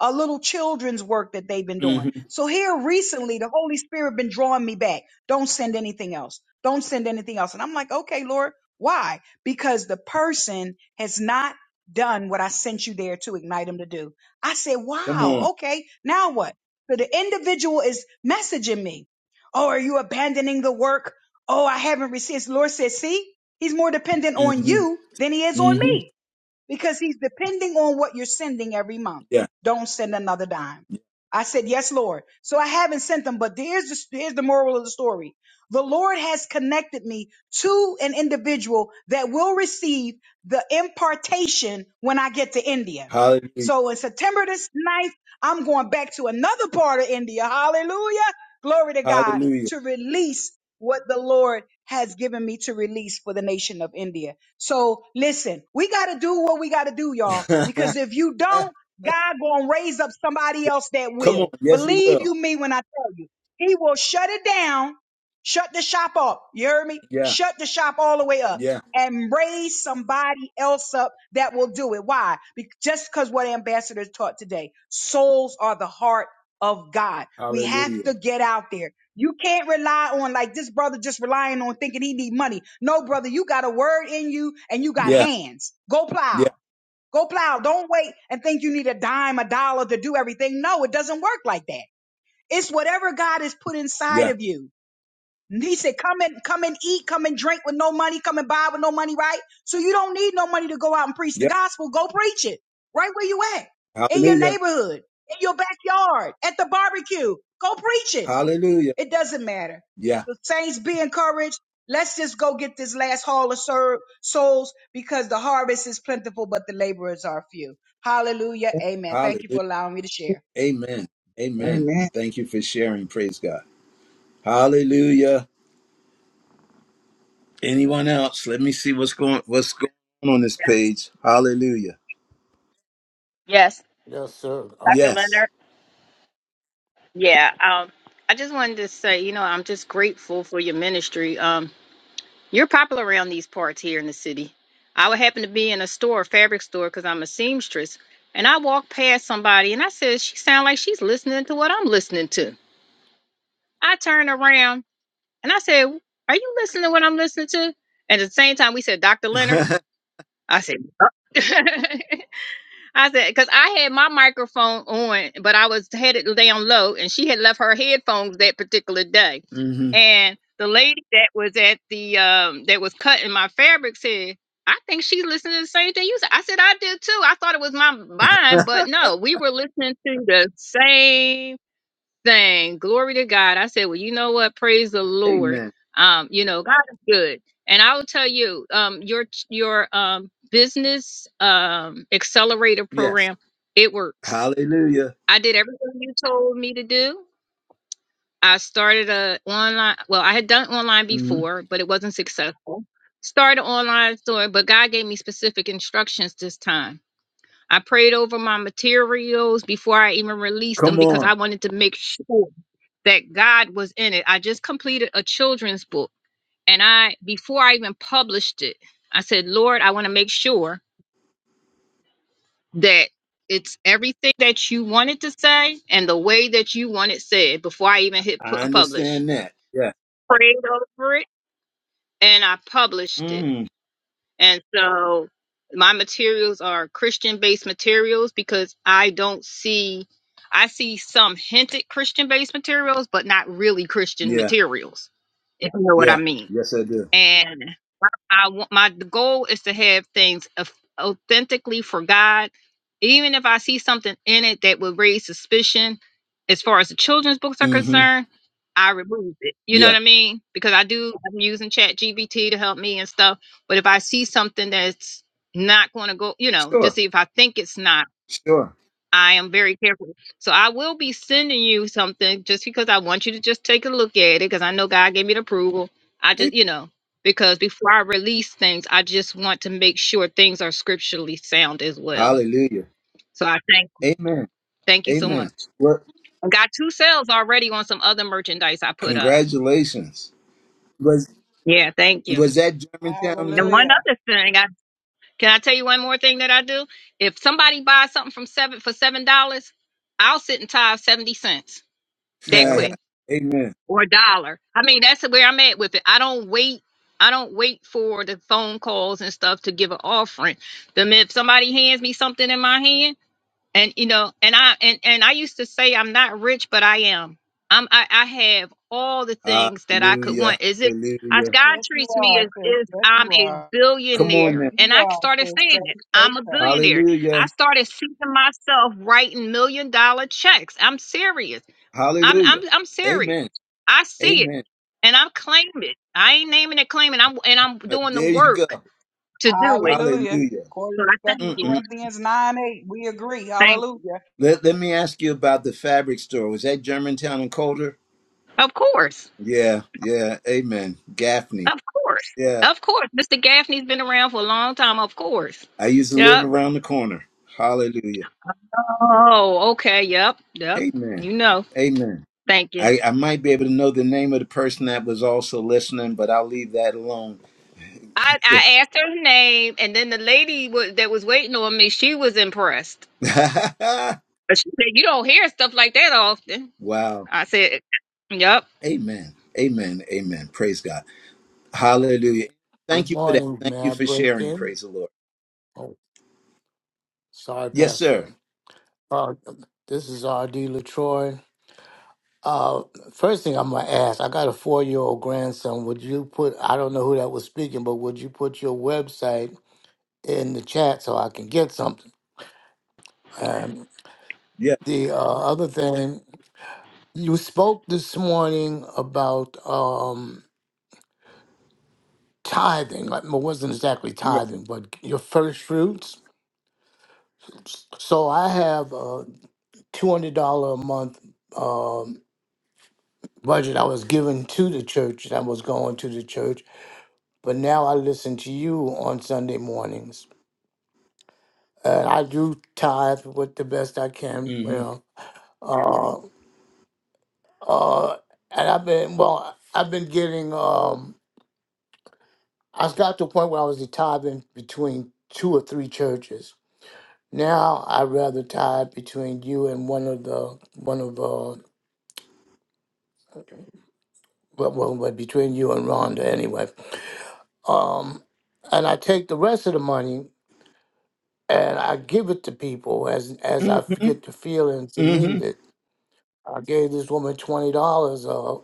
S6: a little children's work that they've been doing.
S1: Mm-hmm.
S6: So here recently, the Holy Spirit been drawing me back. Don't send anything else. Don't send anything else. And I'm like, okay, Lord, why? Because the person has not done what I sent you there to ignite them to do. I said,
S1: Come
S6: wow,
S1: on.
S6: okay, now what? So the individual is messaging me. Oh, are you abandoning the work? Oh, I haven't received. Lord says, see, he's more dependent on
S1: Mm-hmm.
S6: you than he is on
S1: Mm-hmm.
S6: me because he's depending on what you're sending every month.
S1: Yeah.
S6: Don't send another dime. I said, Yes, Lord. So I haven't sent them, but there's the, here's the moral of the story. The Lord has connected me to an individual that will receive the impartation when I get to India.
S1: Hallelujah.
S6: So in September this 9th, I'm going back to another part of India. Hallelujah. Glory to God
S1: Hallelujah.
S6: to release what the Lord has given me to release for the nation of India. So listen, we got to do what we got to do, y'all, because if you don't, God going to raise up somebody else that
S1: Come on.
S6: will.
S1: Yes, he
S6: Believe
S1: will.
S6: you me when I tell you, he will shut it down, shut the shop up. You heard me?
S1: Yeah.
S6: Shut the shop all the way up
S1: Yeah.
S6: and raise somebody else up that will do it. Why? Be- just because what ambassadors taught today, souls are the heart of God. We have
S1: Hallelujah.
S6: to get out there. You can't rely on like this brother just relying on thinking he need money. No, brother, you got a word in you and you got
S1: Yeah.
S6: hands. Go
S1: Yeah.
S6: plow. Go plow. Don't wait and think you need a dime, a dollar to do everything. No, it doesn't work like that. It's whatever God has put inside
S1: Yeah.
S6: of you. And He said, come and come and eat, come and drink with no money, come and buy with no money, right? So you don't need no money to go out and preach the
S1: Yeah.
S6: gospel. Go preach it right where you at in your
S1: Hallelujah.
S6: neighborhood, in your backyard, at the barbecue. Go preach it.
S1: Hallelujah.
S6: It doesn't matter.
S1: Yeah.
S6: The saints be encouraged. Let's just go get this last haul of ser- souls because the harvest is plentiful, but the laborers are few. Hallelujah. Amen. Thank you
S1: Hallelujah.
S6: for allowing me to share.
S1: Amen. Amen.
S8: Amen.
S1: Thank you for sharing. Praise God. Hallelujah. Anyone else? Let me see what's going what's going on on this page. Hallelujah.
S9: Yes,
S10: Yes, sir. Oh,
S9: Dr.
S1: Yes.
S9: Leonard. Yeah, um, I just wanted to say, you know, I'm just grateful for your ministry. Um, you're popular around these parts here in the city. I would happen to be in a store, a fabric store, because I'm a seamstress, and I walked past somebody, and I said, "She sound like she's listening to what I'm listening to." I turned around and I said, "Are you listening to what I'm listening to?" And at the same time, we said, "Dr. Leonard." I said, "Yup." I said, because I had my microphone on, but I was headed down low, and she had left her headphones that particular day.
S1: hmm
S9: And the lady that was at the um that was cutting my fabric said, I think she's listening to the same thing you said. I said, I did too. I thought it was my mind, but no, we were listening to the same thing. Glory to God. I said, well, you know what? Praise the Lord.
S1: Amen.
S9: Um, you know, God is good. And I will tell you, um, your your um business um accelerator
S1: Yes.
S9: program, it works.
S1: Hallelujah.
S9: I did everything you told me to do. I started a online. Well, I had done online
S1: hmm
S9: before, but it wasn't successful. Started online store, but God gave me specific instructions this time. I prayed over my materials before I even released them
S1: Come
S9: because I
S1: on.
S9: wanted to make sure that God was in it. I just completed a children's book and I before I even published it, I said, "Lord, I want to make sure that it's everything that you wanted to say and the way that you want it said before I even hit pu-
S1: I
S9: publish."
S1: understand that. Yeah.
S9: Prayed over it and I published it.
S1: Mm.
S9: And so my materials are Christian-based materials because I don't see I see some hinted Christian-based materials, but not really Christian materials. If you know what I
S1: Yeah.
S9: mean.
S1: Yes, I do.
S9: and I want my the goal is to have things au- authentically for God. Even if I see something in it that would raise suspicion, as far as the children's books are
S1: Mm-hmm.
S9: concerned, I remove it. You know what
S1: Yeah.
S9: I mean? Because I do I'm using Chat GBT to help me and stuff. But if I see something that's not going to go, you know, just
S1: Sure.
S9: see if I think it's not
S1: Sure.
S9: I am very careful. So I will be sending you something just because I want you to just take a look at it because I know God gave me the approval. I
S1: Amen.
S9: just, you know, because before I release things, I just want to make sure things are scripturally sound as well.
S1: Hallelujah.
S9: So I thank you.
S1: Amen.
S9: Thank you so
S1: Amen.
S9: much.
S1: Well,
S9: I got two sales already on some other merchandise I put up.
S1: congratulations. Was
S9: Yeah, thank you.
S1: was that Germantown?
S9: And one
S6: Hallelujah.
S9: other thing, I can I tell you one more thing that I do? If somebody buys something from seven for seven dollars, I'll sit and tithe seventy cents that quick.
S1: Amen.
S9: or a dollar. I mean, that's where I'm at with it. I don't wait. I don't wait for the phone calls and stuff to give an offering. Them if somebody hands me something in my hand, and you know, and I and and I used to say I'm not rich, but I am. I'm I, I have all the things that I could
S1: Hallelujah.
S9: want. As if as
S1: Hallelujah.
S9: God
S6: Yes, you
S9: treats me
S6: are,
S9: as
S6: sis.
S9: if
S6: Yes,
S9: I'm
S6: you
S9: a
S6: are.
S1: Come on
S6: Yes,
S9: billionaire,
S1: now.
S9: and
S6: you
S9: I
S6: are,
S9: started
S6: sis. Say,
S9: saying it.
S6: say
S9: I'm a
S6: so.
S9: billionaire. I
S1: Hallelujah.
S9: started seeing myself writing million dollar checks. I'm serious I'm I'm
S1: Hallelujah.
S9: I'm serious.
S1: Amen.
S9: I see it
S1: Amen.
S9: and I'm claiming it. I ain't naming it claiming. I'm and I'm
S1: Uh,
S9: doing the
S1: There you go.
S9: work to do it.
S6: Hallelujah.
S1: Hallelujah.
S6: According
S9: So
S6: to
S9: I thank
S6: Second
S9: you.
S1: Mm-mm.
S6: Corinthians 9 8, we agree.
S9: Thank
S6: Hallelujah.
S1: Let, let me ask you about the fabric store. Was that Germantown and Colder?
S9: you. Of course.
S1: Yeah, yeah. Amen. Gaffney.
S9: Of course.
S1: Yeah.
S9: Of course. Mr. Gaffney's been around for a long time, of course.
S1: I used to live
S9: Yep.
S1: around the corner. Hallelujah.
S9: Oh, okay. Yep. Yep.
S1: Amen.
S9: You know.
S1: Amen.
S9: Thank you.
S1: I, I might be able to know the name of the person that was also listening, but I'll leave that alone.
S9: I, I asked her name, and then the lady was, that was waiting on me, she was impressed. But She said, "You don't hear stuff like that often."
S1: wow.
S9: I said, "Yep."
S1: Amen. Amen. Amen. Praise God. Hallelujah. Thank
S10: good
S1: you for that.
S10: morning. May
S1: Thank you
S10: I
S1: for
S10: break
S1: sharing.
S10: in?
S1: Praise the Lord.
S10: Oh, sorry,
S1: Yes,
S10: Pastor.
S1: sir.
S10: Uh, this is R.D. Latroy. Uh, first thing I'm gonna ask, I got a four-year-old grandson. Would you put? I don't know who that was speaking, but would you put your website in the chat so I can get something? And
S1: Yeah.
S10: the uh, other thing, you spoke this morning about um, tithing. Like, well, it wasn't exactly
S1: Right.
S10: tithing, but your first fruits. So I have. uh. two hundred dollar a month um, budget I was given to the church that was going to the church, but now I listen to you on Sunday mornings, and I do tithe with the best I can.
S1: Mm-hmm.
S10: Well, uh, uh, and I've been well, I've been getting. Um, I got to a point where I was tithing between two or three churches. Now I rather tithe between you and one of the one of uh, well, well, well, between you and Rhonda anyway um, and I take the rest of the money and I give it to people as as I f-
S1: Mm-hmm.
S10: get the feeling to
S1: Mm-hmm.
S10: need it. I gave this woman twenty dollars uh,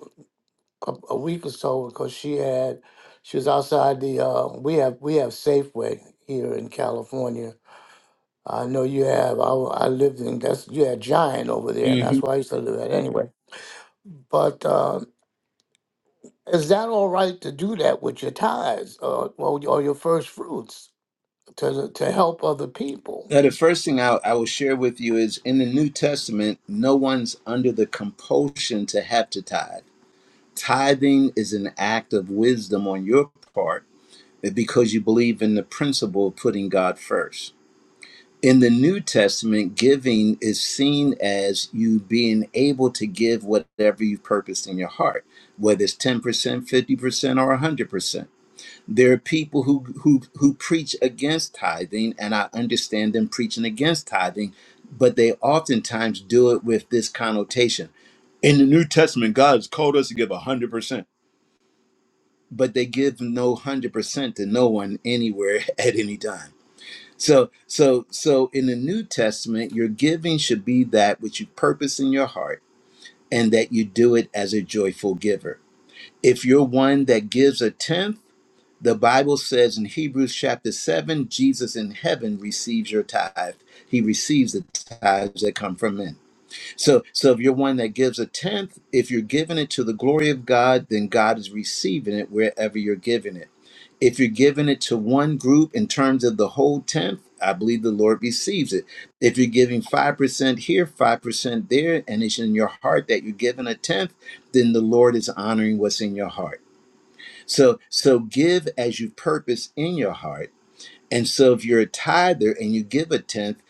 S10: a a week or so because she had she was outside the uh, we have we have Safeway here in California. I know you have. I, w- I lived in that's you had Giant over there.
S1: Mm-hmm.
S10: That's where I used to live at anyway. But um, is that all right to do that with your tithes or, or or your first fruits to to help other people?
S1: Now, the first thing I, I will share with you is in the New Testament, no one's under the compulsion to have to tithe. Tithing is an act of wisdom on your part because you believe in the principle of putting God first. In the New Testament, giving is seen as you being able to give whatever you've purposed in your heart, whether it's 10%, 50%, or 100%. There are people who, who, who preach against tithing, and I understand them preaching against tithing, but they oftentimes do it with this connotation. In the New Testament, God has called us to give 100% but they give no 100% to no one anywhere at any time so so so in the new testament your giving should be that which you purpose in your heart and that you do it as a joyful giver if you're one that gives a tenth the bible says in hebrews chapter 7 jesus in heaven receives your tithe he receives the tithes that come from men so, so if you're one that gives a tenth, if you're giving it to the glory of God, then God is receiving it wherever you're giving it. If you're giving it to one group in terms of the whole tenth, I believe the Lord receives it. If you're giving 5% here, 5% there, and it's in your heart that you're giving a tenth, then the Lord is honoring what's in your heart. So, so give as you purpose in your heart and so if you're a tither and you give a tenth,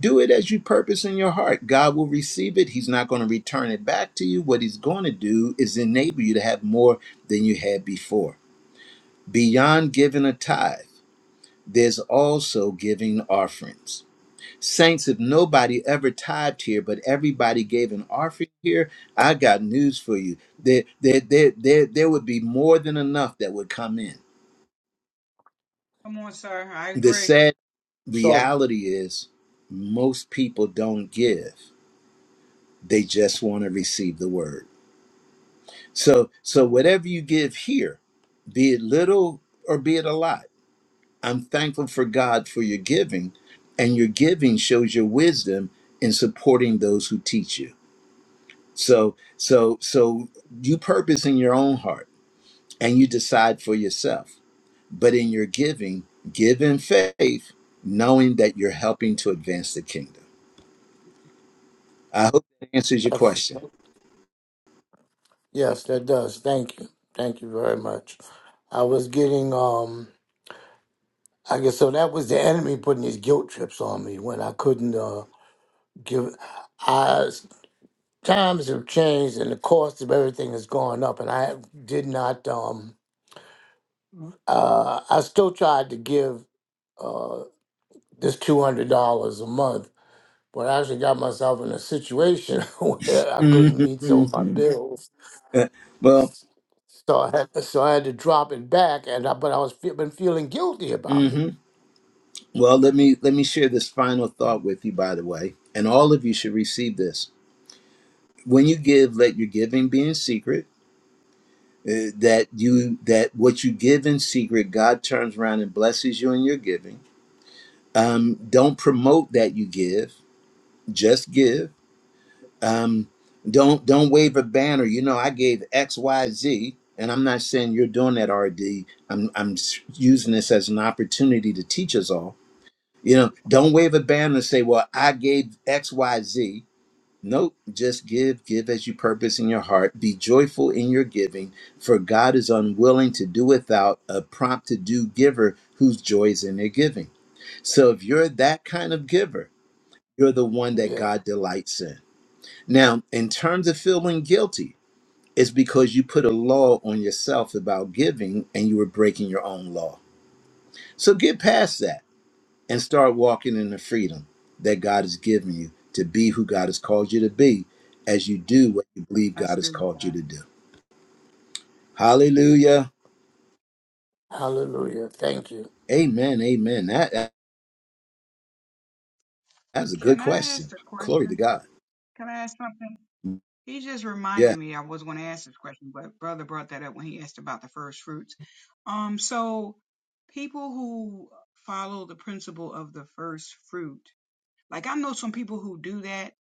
S1: do it as you purpose in your heart. God will receive it. He's not going to return it back to you. What he's going to do is enable you to have more than you had before. Beyond giving a tithe, there's also giving offerings. Saints, if nobody ever tithed here, but everybody gave an offering here, I got news for you. There, there, there, there, there would be more than enough that would come in
S6: Come on, sir. I
S1: The
S6: agree.
S1: sad
S10: So
S1: reality is most people don't give they just want to receive the word so so whatever you give here be it little or be it a lot i'm thankful for god for your giving and your giving shows your wisdom in supporting those who teach you so so so you purpose in your own heart and you decide for yourself but in your giving give in faith knowing that you're helping to advance the kingdom I hope that answers your
S10: that's
S1: question.
S10: yes, that does. Thank you. Thank you very much. I was getting um I guess so that was the enemy putting these guilt trips on me when I couldn't uh give I times have changed and the cost of everything has gone up and I did not um uh I still tried to give uh this two hundred dollars a month, but I actually got myself in a situation where I couldn't meet some of my bills
S1: Well,
S10: So I had, so I had to drop it back, and I, but I was fe- been feeling guilty about it.
S1: hmm well, let me let me share this final thought with you, by the way, and all of you should receive this. When you give, let your giving be in secret. uh, that you that what you give in secret, God turns around and blesses you in your giving. Um, don't promote that you give; just give. um, don't don't wave a banner. You know, I gave X, Y, Z, and I'm not saying you're doing that, R am I'm I'm s- using this as an opportunity to teach us all. You know, don't wave a banner and say, "Well, I gave X, Y, Z." Nope, just give, give as you purpose in your heart. Be joyful in your giving, for God is unwilling to do without a prompt to do giver whose joy is in their giving. So if you're that kind of giver, you're the one that
S10: Yeah.
S1: God delights in. Now, in terms of feeling guilty, it's because you put a law on yourself about giving and you were breaking your own law. So get past that and start walking in the freedom that God has given you to be who God has called you to be as you do what you believe
S6: That's
S1: God has
S6: good,
S1: called you
S6: sir.
S1: to do. Hallelujah.
S10: Hallelujah. Thank you.
S1: Amen. Amen. That, that that's a good
S6: Can I ask
S1: question.
S6: a
S1: Glory to
S6: question?
S1: God.
S6: Can I ask something? He just
S1: Yeah.
S6: reminded me I was going to ask this question, but brother brought that up when he asked about the first fruits. Um, so people who follow the principle of the first fruit, like I know some people who do that,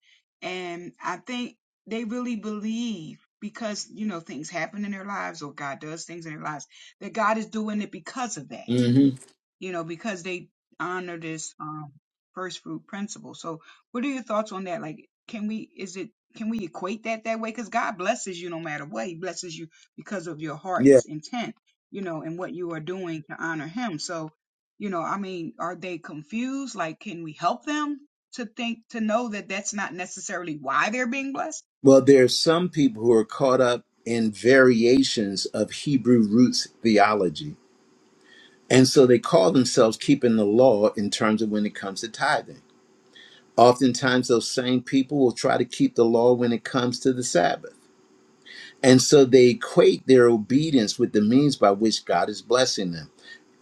S6: and I think they really believe because you know things happen in their lives or God does things in their lives that God is doing it because of that
S1: hmm
S6: you know, because they honor this um, first fruit principle. So, what are your thoughts on that? Like, can we, is it, can we equate that that way? Because God blesses you no matter what. He blesses you because of your
S1: Yeah.
S6: heart's intent, you know, and what you are doing to honor Him. So, you know, I mean, are they confused? Like, can we help them to think, to know that that's not necessarily why they're being blessed?
S1: Well, there are some people who are caught up in variations of Hebrew roots theology And so they call themselves keeping the law in terms of when it comes to tithing. Oftentimes, those same people will try to keep the law when it comes to the Sabbath. And so they equate their obedience with the means by which God is blessing them.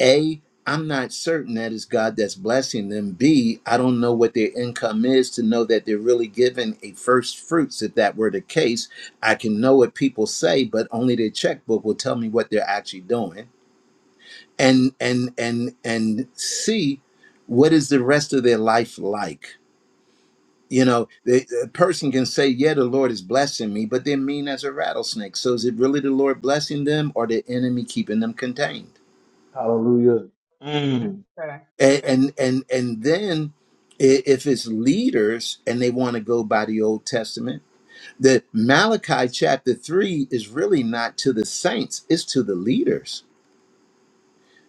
S1: A, I'm not certain that it's God that's blessing them. B, I don't know what their income is to know that they're really giving a first fruits. If that were the case, I can know what people say, but only their checkbook will tell me what they're actually doing and and and and see what is the rest of their life like you know the, the person can say yeah the lord is blessing me but they're mean as a rattlesnake so is it really the lord blessing them or the enemy keeping them contained
S2: Hallelujah. Mm,
S6: Okay.
S1: and
S6: Okay.
S1: and and, and then i- if it's leaders and they want to go by the old testament the malachi chapter 3 is really not to the saints it's to the leaders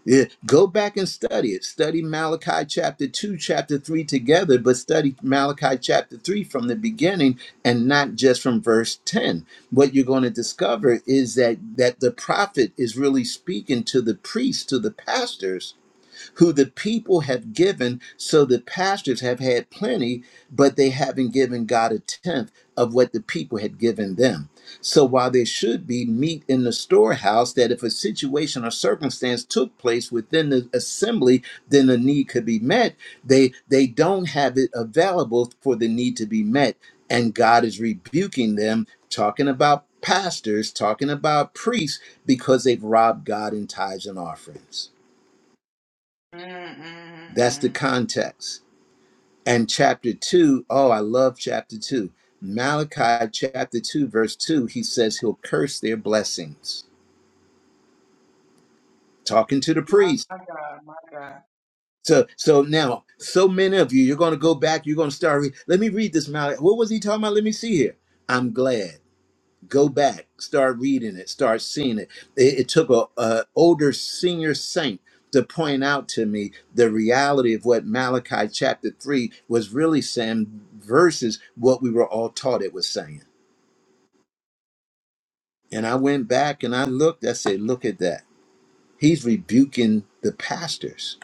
S1: Yeah, go back and study it. Study Malachi chapter 2, chapter 3 together, but study Malachi chapter 3 from the beginning and not just from verse 10. What you're going to discover is that that the prophet is really speaking to the priests, to the pastors who the people have given, so the pastors have had plenty, but they haven't given God a tenth of what the people had given them. So while there should be meat in the storehouse, that if a situation or circumstance took place within the assembly, then the need could be met. They they don't have it available for the need to be met, and God is rebuking them, talking about pastors, talking about priests, because they've robbed God in tithes and offerings. That's the
S6: Mm-mm-mm.
S1: context. And chapter 2, oh, I love chapter 2. Malachi chapter 2 verse 2, he says he'll curse their blessings. Talking to the
S6: My
S1: priest.
S6: God, my God,
S1: So so now, so many of you, you're going to go back, you're going to start re- Let me read this Malachi. What was he talking about? Let me see here. I'm glad. go back start reading it start seeing it it, it took a, a older senior saint to point out to me the reality of what malachi chapter 3 was really saying versus what we were all taught it was saying and i went back and i looked i said look at that he's rebuking the pastors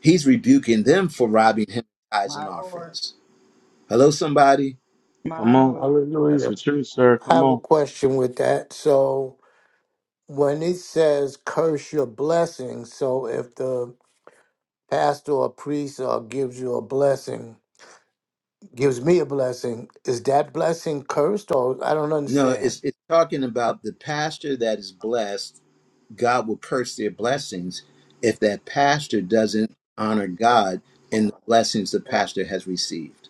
S1: he's rebuking them for robbing him of tithes and
S6: my Lord,
S1: offerings hello somebody
S2: come
S6: my
S2: on.
S6: Lord.
S2: That's
S10: Hallelujah.
S2: the truth, sir.
S10: I
S2: Come
S10: have a
S2: on.
S10: question with that. So when it says curse your blessing, so if the pastor or priest uh, gives you a blessing, gives me a blessing. Is that blessing cursed or I don't
S1: no
S10: understand?
S1: it's, it's talking about the pastor that is blessed God will curse their blessings if that pastor doesn't honor God in the blessings the pastor has received.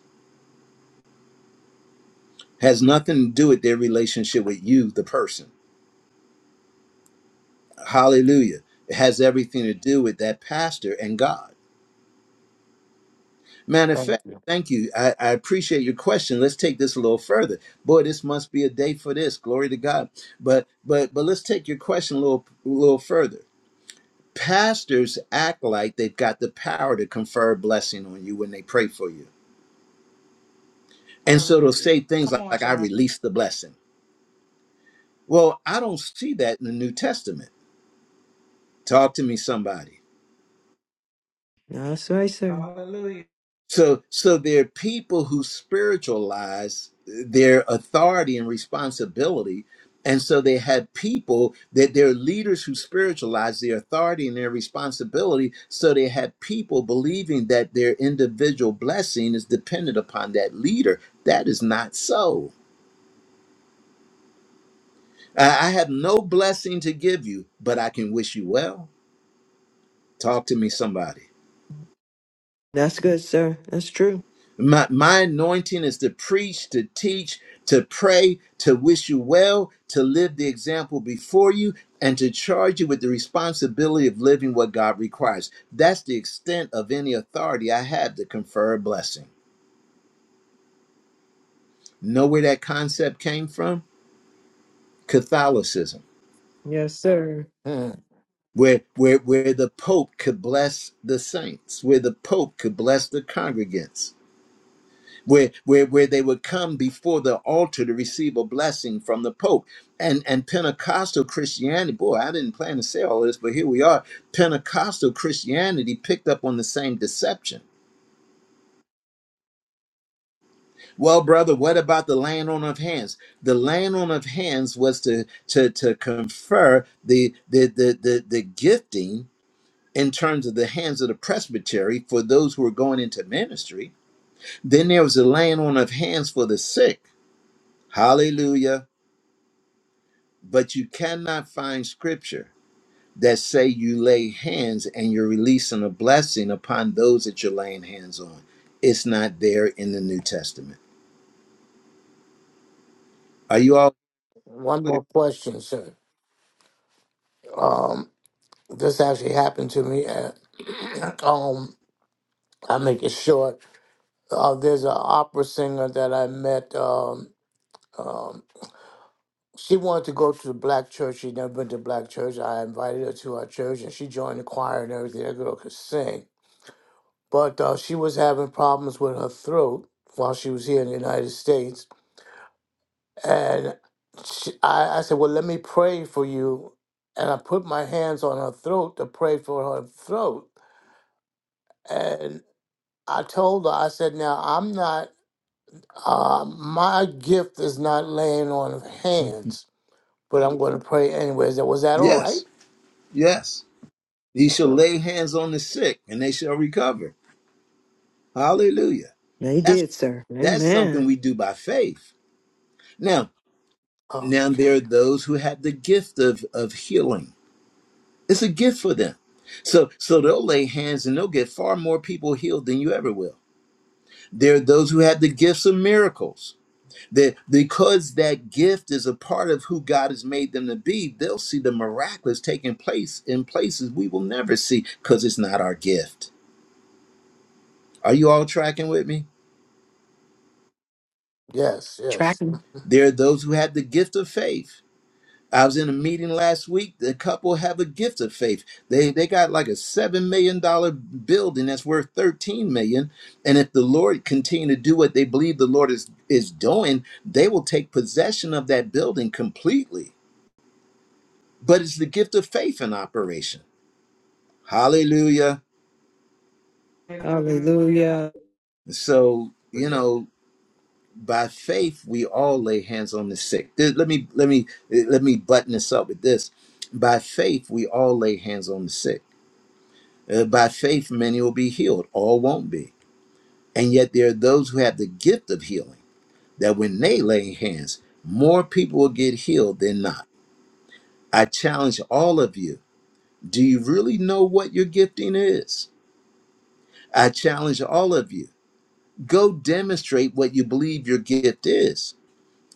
S1: Has nothing to do with their relationship with you, the person. Hallelujah. It has everything to do with that pastor and God. Matter of
S10: Thank
S1: fact,
S10: you.
S1: thank you. I, I appreciate your question. Let's take this a little further. Boy, this must be a day for this. Glory to God. But but but let's take your question a little a little further pastors act like they've got the power to confer a blessing on you when they pray for you. And so they'll
S6: Hallelujah.
S1: say things
S6: Come
S1: like,
S6: on,
S1: like, I
S6: sir.
S1: release the blessing. Well, I don't see that in the New Testament. Talk to me, somebody.
S3: That's right, sir.
S6: Hallelujah.
S1: So so there are people who spiritualize their authority and responsibility. And so they had people that their leaders who spiritualize their authority and their responsibility. So they had people believing that their individual blessing is dependent upon that leader. That is not so. I I have no blessing to give you, but I can wish you well. Talk to me, somebody.
S3: That's good, sir. That's true.
S1: My, my anointing is to preach, to teach, to pray, to wish you well, to live the example before you, and to charge you with the responsibility of living what God requires. That's the extent of any authority I have to confer a blessing. Know where that concept came from? Catholicism.
S3: Yes, sir.
S10: Hmm.
S1: Where, where, where the Pope could bless the saints, where the Pope could bless the congregants where where where they would come before the altar to receive a blessing from the pope and and pentecostal christianity boy i didn't plan to say all this but here we are pentecostal christianity picked up on the same deception well brother what about the laying on of hands the laying on of hands was to to to confer the the the the, the gifting in terms of the hands of the presbytery for those who were going into ministry then there was the laying on of hands for the sick hallelujah but you cannot find scripture that say you lay hands and you're releasing a blessing upon those that you're laying hands on. It's not there in the New Testament. Are you all
S10: One
S1: clear?
S10: more question, sir. Um, this actually happened to me. At, um, I make it short. Uh, there's an opera singer that I met. Um, um, she wanted to go to the black church. She'd never been to black church. I invited her to our church, and she joined the choir and everything. That girl could sing, but uh, she was having problems with her throat while she was here in the United States And she, I, I said, Well, let me pray for you. And I put my hands on her throat to pray for her throat. And I told her, I said, Now, I'm not, uh, my gift is not laying on hands, but I'm going to pray anyways. I said, Was that all right?
S1: Yes, yes. He shall
S10: Yep.
S1: lay hands on the sick and they shall recover. Hallelujah.
S3: They
S1: That's
S3: did, sir.
S1: that's something
S3: Amen.
S1: we do by faith. Now, now there
S10: Okay.
S1: are those who have the gift of, of healing. It's a gift for them. So so they'll lay hands and they'll get far more people healed than you ever will. There are those who have the gifts of miracles. That because that gift is a part of who God has made them to be, they'll see the miraculous taking place in places we will never see because it's not our gift. Are you all tracking with me?
S10: Yes, yes.
S3: Tracking.
S1: There are those who have the gift of faith I was in a meeting last week. The couple have a gift of faith. They they got like a seven million dollar building that's worth thirteen million. And if the Lord continue to do what they believe the Lord is is doing, they will take possession of that building completely. But it's the gift of faith in operation. Hallelujah.
S6: Hallelujah.
S3: Hallelujah.
S1: So you
S10: Hallelujah.
S1: know, by faith we all lay hands on the sick. Th- Let me let me let me button this up with this. By faith we all lay hands on the sick Uh, by faith, many will be healed, all won't be. And yet, there are those who have the gift of healing that when they lay hands, more people will get healed than not. I challenge all of you do you really know what your gifting is? I challenge all of you go demonstrate what you believe your gift is,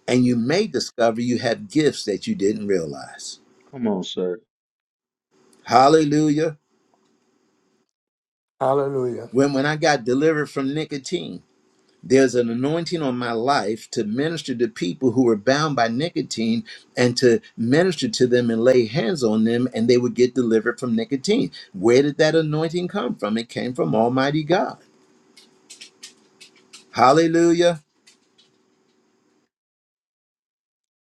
S1: and you may discover you have gifts that you didn't realize.
S2: Come on, sir.
S1: Hallelujah.
S10: Hallelujah.
S1: When, when I got delivered from nicotine, There's an anointing on my life to minister to people who are bound by nicotine and to minister to them and lay hands on them and they would get delivered from nicotine. Where did that anointing come from? It came from Almighty God. Hallelujah.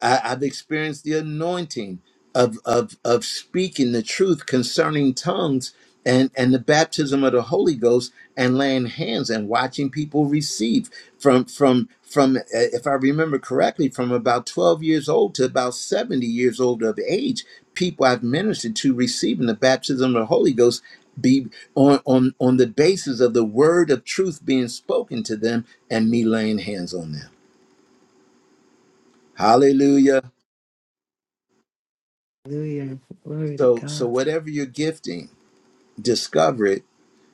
S1: I, I've experienced the anointing of, of, of speaking the truth concerning tongues and, and the baptism of the Holy Ghost and laying hands and watching people receive from, from, from, uh, if I remember correctly, from about 12 years old to about 70 years old of age, people I've ministered to receiving the baptism of the Holy Ghost be on, on, on the basis of the word of truth being spoken to them and me laying hands on them. Hallelujah.
S3: Hallelujah. Glory to
S1: So so
S3: God.
S1: whatever you're gifting, discover it.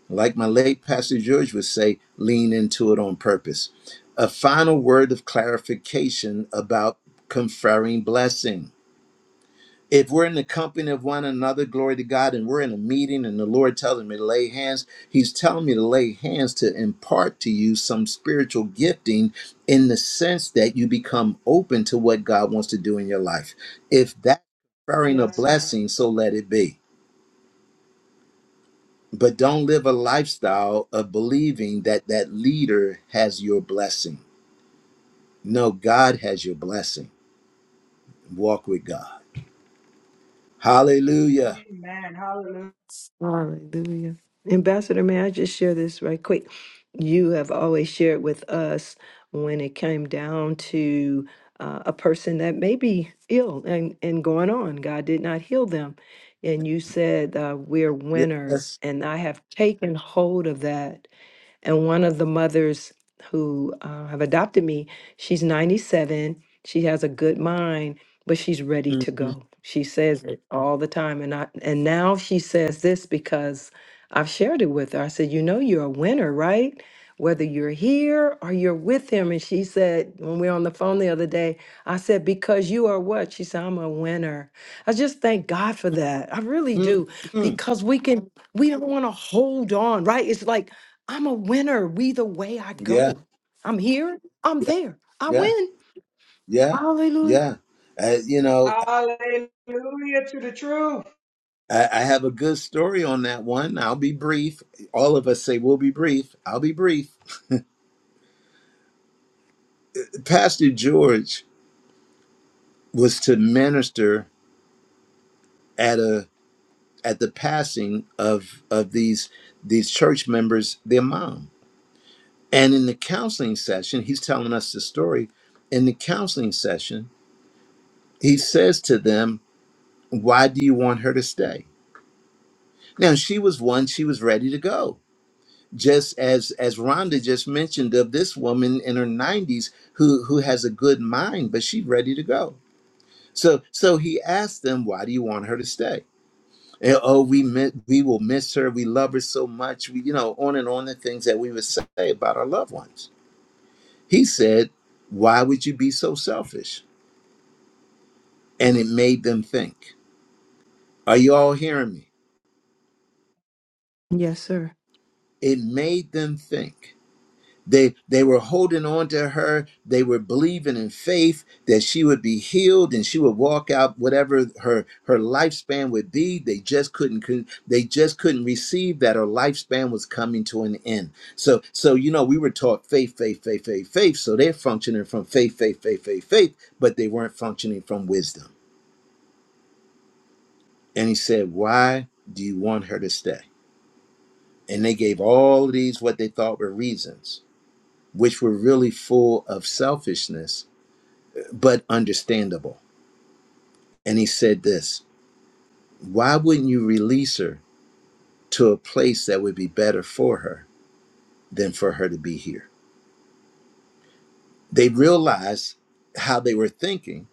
S1: Like my late Pastor George would say, lean into it on purpose. A final word of clarification about conferring blessing. If we're in the company of one another, glory to God, and we're in a meeting and the Lord telling me to lay hands, He's telling me to lay hands to impart to you some spiritual gifting in the sense that you become open to what God wants to do in your life. If that conferring a
S6: Yes, sir.
S1: blessing, so let it be. but don't live a lifestyle of believing that that leader has your blessing. No, God has your blessing. Walk with God. Hallelujah.
S6: Amen. Hallelujah.
S3: Hallelujah. Ambassador, may I just share this right quick? You have always shared with us when it came down to uh, a person that may be ill and, and going on, God did not heal them. And you said, uh, We're winners.
S1: Yes.
S3: And I have taken hold of that and one of the mothers who uh, have adopted me, she's 97. She has a good mind, but she's ready to
S1: Mhm.
S3: go. She says it all the time. And, I, and now she says this because I've shared it with her. I said, You know, you're a winner, right? Whether you're here or you're with him. And she said, when we were on the phone the other day, I said, Because you are what? She said, I'm a winner. I just thank God for that. I really
S1: mm
S3: do.
S1: mm
S3: Because we can, we don't want to hold on, right? It's like I'm a winner. We the way I
S1: Yeah.
S3: go. I'm here. I'm
S1: Yeah.
S3: there. I
S1: Yeah.
S3: win.
S1: Yeah.
S3: Hallelujah.
S1: Yeah. Uh, you know,
S6: Hallelujah to the truth.
S1: I, I have a good story on that one. I'll be brief. All of us say we'll be brief. I'll be brief. Pastor George was to minister at a. at the passing of of these these church members their mom and in the counseling session he's telling us the story in the counseling session he says to them why do you want her to stay now she was one she was ready to go just as as rhonda just mentioned of this woman in her 90s who who has a good mind but she's ready to go so so he asked them why do you want her to stay And, oh, we miss, we will miss her. We love her so much. We, you know, on and on the things that we would say about our loved ones. He said, "Why would you be so selfish?" And it made them think. Are you all hearing me?
S3: Yes, sir.
S1: It made them think. They they were holding on to her. They were believing in faith that she would be healed and she would walk out whatever her her lifespan would be. They just couldn't con- they just couldn't receive that her lifespan was coming to an end. So so you know we were taught faith faith faith faith faith. So they're functioning from faith faith faith faith faith, but they weren't functioning from wisdom. And he said, "Why do you want her to stay?" And they gave all of these what they thought were reasons, which were really full of selfishness but understandable. And he said this Why wouldn't you release her to a place that would be better for her than for her to be here? They realized how they were thinking.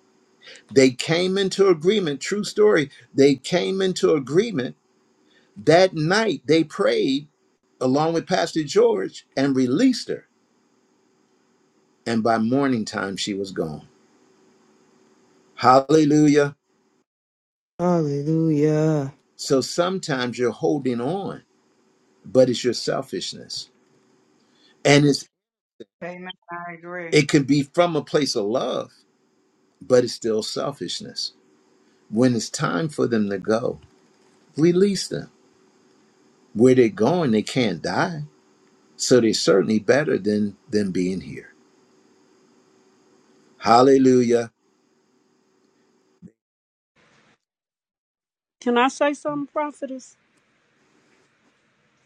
S1: They came into agreement, true story. They came into agreement that night. They prayed along with Pastor George and released her. And by morning time, she was gone. Hallelujah.
S3: Hallelujah.
S1: So sometimes you're holding on, but it's your selfishness. and it's.
S6: Amen. I agree.
S1: It can be from a place of love, but it's still selfishness. When it's time for them to go, release them. Where they're going, they can't die. So they're certainly better than than being here. Hallelujah.
S11: Can I say something, prophetess?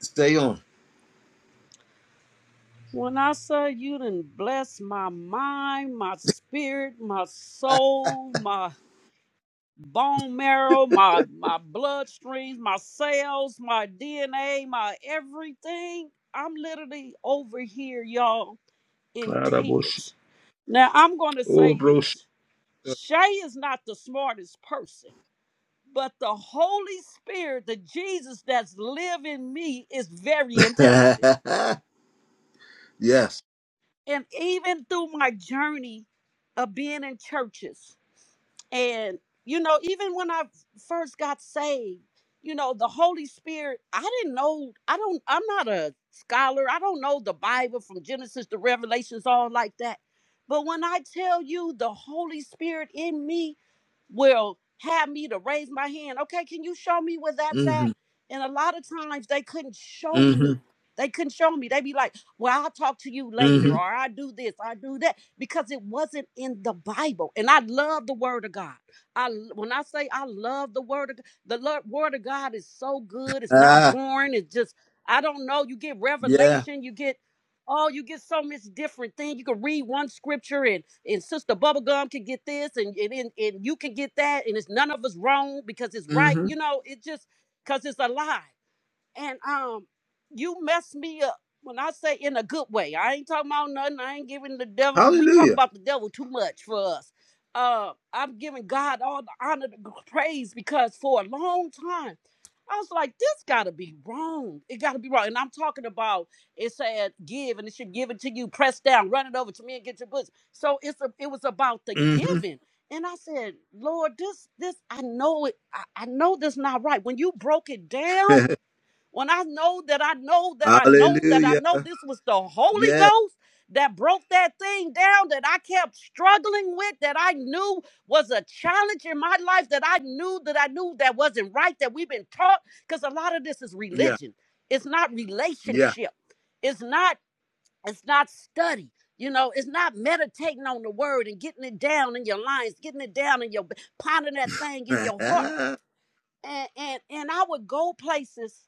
S1: Stay on.
S11: When I say you done bless my mind, my spirit, my soul, my bone marrow, my my bloodstreams, my cells, my DNA, my everything, I'm literally over here, y'all, in
S1: Laraboshi.
S11: tears. Now I'm gonna
S1: Oh,
S11: say
S1: bro.
S11: this. Shay is not the smartest person, but the Holy Spirit, the Jesus that's living in me, is very intelligent.
S1: yes.
S11: and even through my journey of being in churches and you know even when i first got saved you know the holy spirit i didn't know i don't i'm not a scholar i don't know the bible from genesis to revelations all like that but when i tell you the holy spirit in me will have me to raise my hand okay can you show me where that's at
S1: Mm-hmm.
S11: and a lot of times they couldn't show me
S1: Mm-hmm.
S11: they couldn't show me. They would be like, well, I'll talk to you later,
S1: Mm-hmm.
S11: or I do this, I do that, because it wasn't in the Bible. And I love the Word of God. I when I say I love the Word of God, the Lord, Word of God is so good. It's not
S1: Ah,
S11: boring. It's just I don't know. You get
S1: yeah.
S11: revelation. You get oh, you get so much different thing. You can read one scripture and and Sister Bubblegum can get this and and, and and you can get that, and it's none of us wrong because it's right.
S1: Mm-hmm.
S11: You know, it just because it's alive and um, you messed me up. When I say in a good way, I ain't talking about nothing. I ain't giving the devil. We talk
S1: Hallelujah.
S11: about the devil too much for us. Uh, I'm giving God all the honor, the praise, because for a long time, I was like, this gotta be wrong. It gotta be wrong. And I'm talking about it said give and it should give it to you, press down, run it over to me and get your books. So it's a, it was about the
S1: Mm-hmm.
S11: giving. And I said, Lord, this, this, I know it, I, I know this not right. When you broke it down, when I know that I know that I know that I
S1: Hallelujah.
S11: know this was the Holy
S1: Yeah.
S11: Ghost that broke that thing down that I kept struggling with, that I knew was a challenge in my life, that I knew that I knew that wasn't right, that we've been taught, because a lot of this is
S1: Yeah.
S11: religion. It's not
S1: Yeah.
S11: relationship. It's not, it's not study. You know, it's not meditating on the word and getting it down in your lines, getting it down in your pondering that thing in your heart.
S1: ah,
S11: And and and I would go places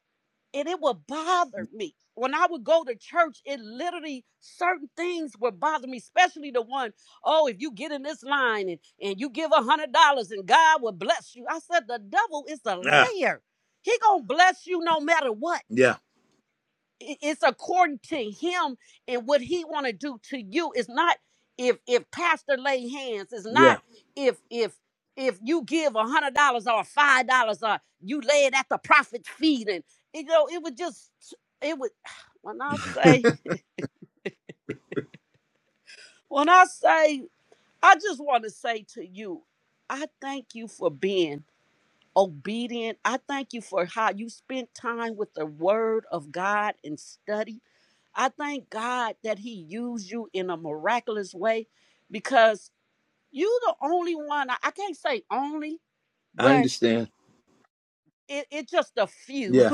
S11: and it would bother me when I would go to church. It literally certain things would bother me, especially the one, oh, if you get in this line and and you give a hundred dollars and God will bless you. I said the devil is a
S1: yeah.
S11: liar. He gonna bless you no matter what it's according to him and what he want to do to you it's not if if pastor lay hands it's
S1: Yeah.
S11: not if if if you give a hundred dollars or five dollars or you lay it at the prophet's feet and you know it would just it would when i say when i say i just want to say to you i thank you for being obedient i thank you for how you spent time with the word of god and study I thank God that He used you in a miraculous way because you the only one, I I can't say only,
S1: I
S11: but
S1: understand.
S11: it, it just a few.
S1: Yeah.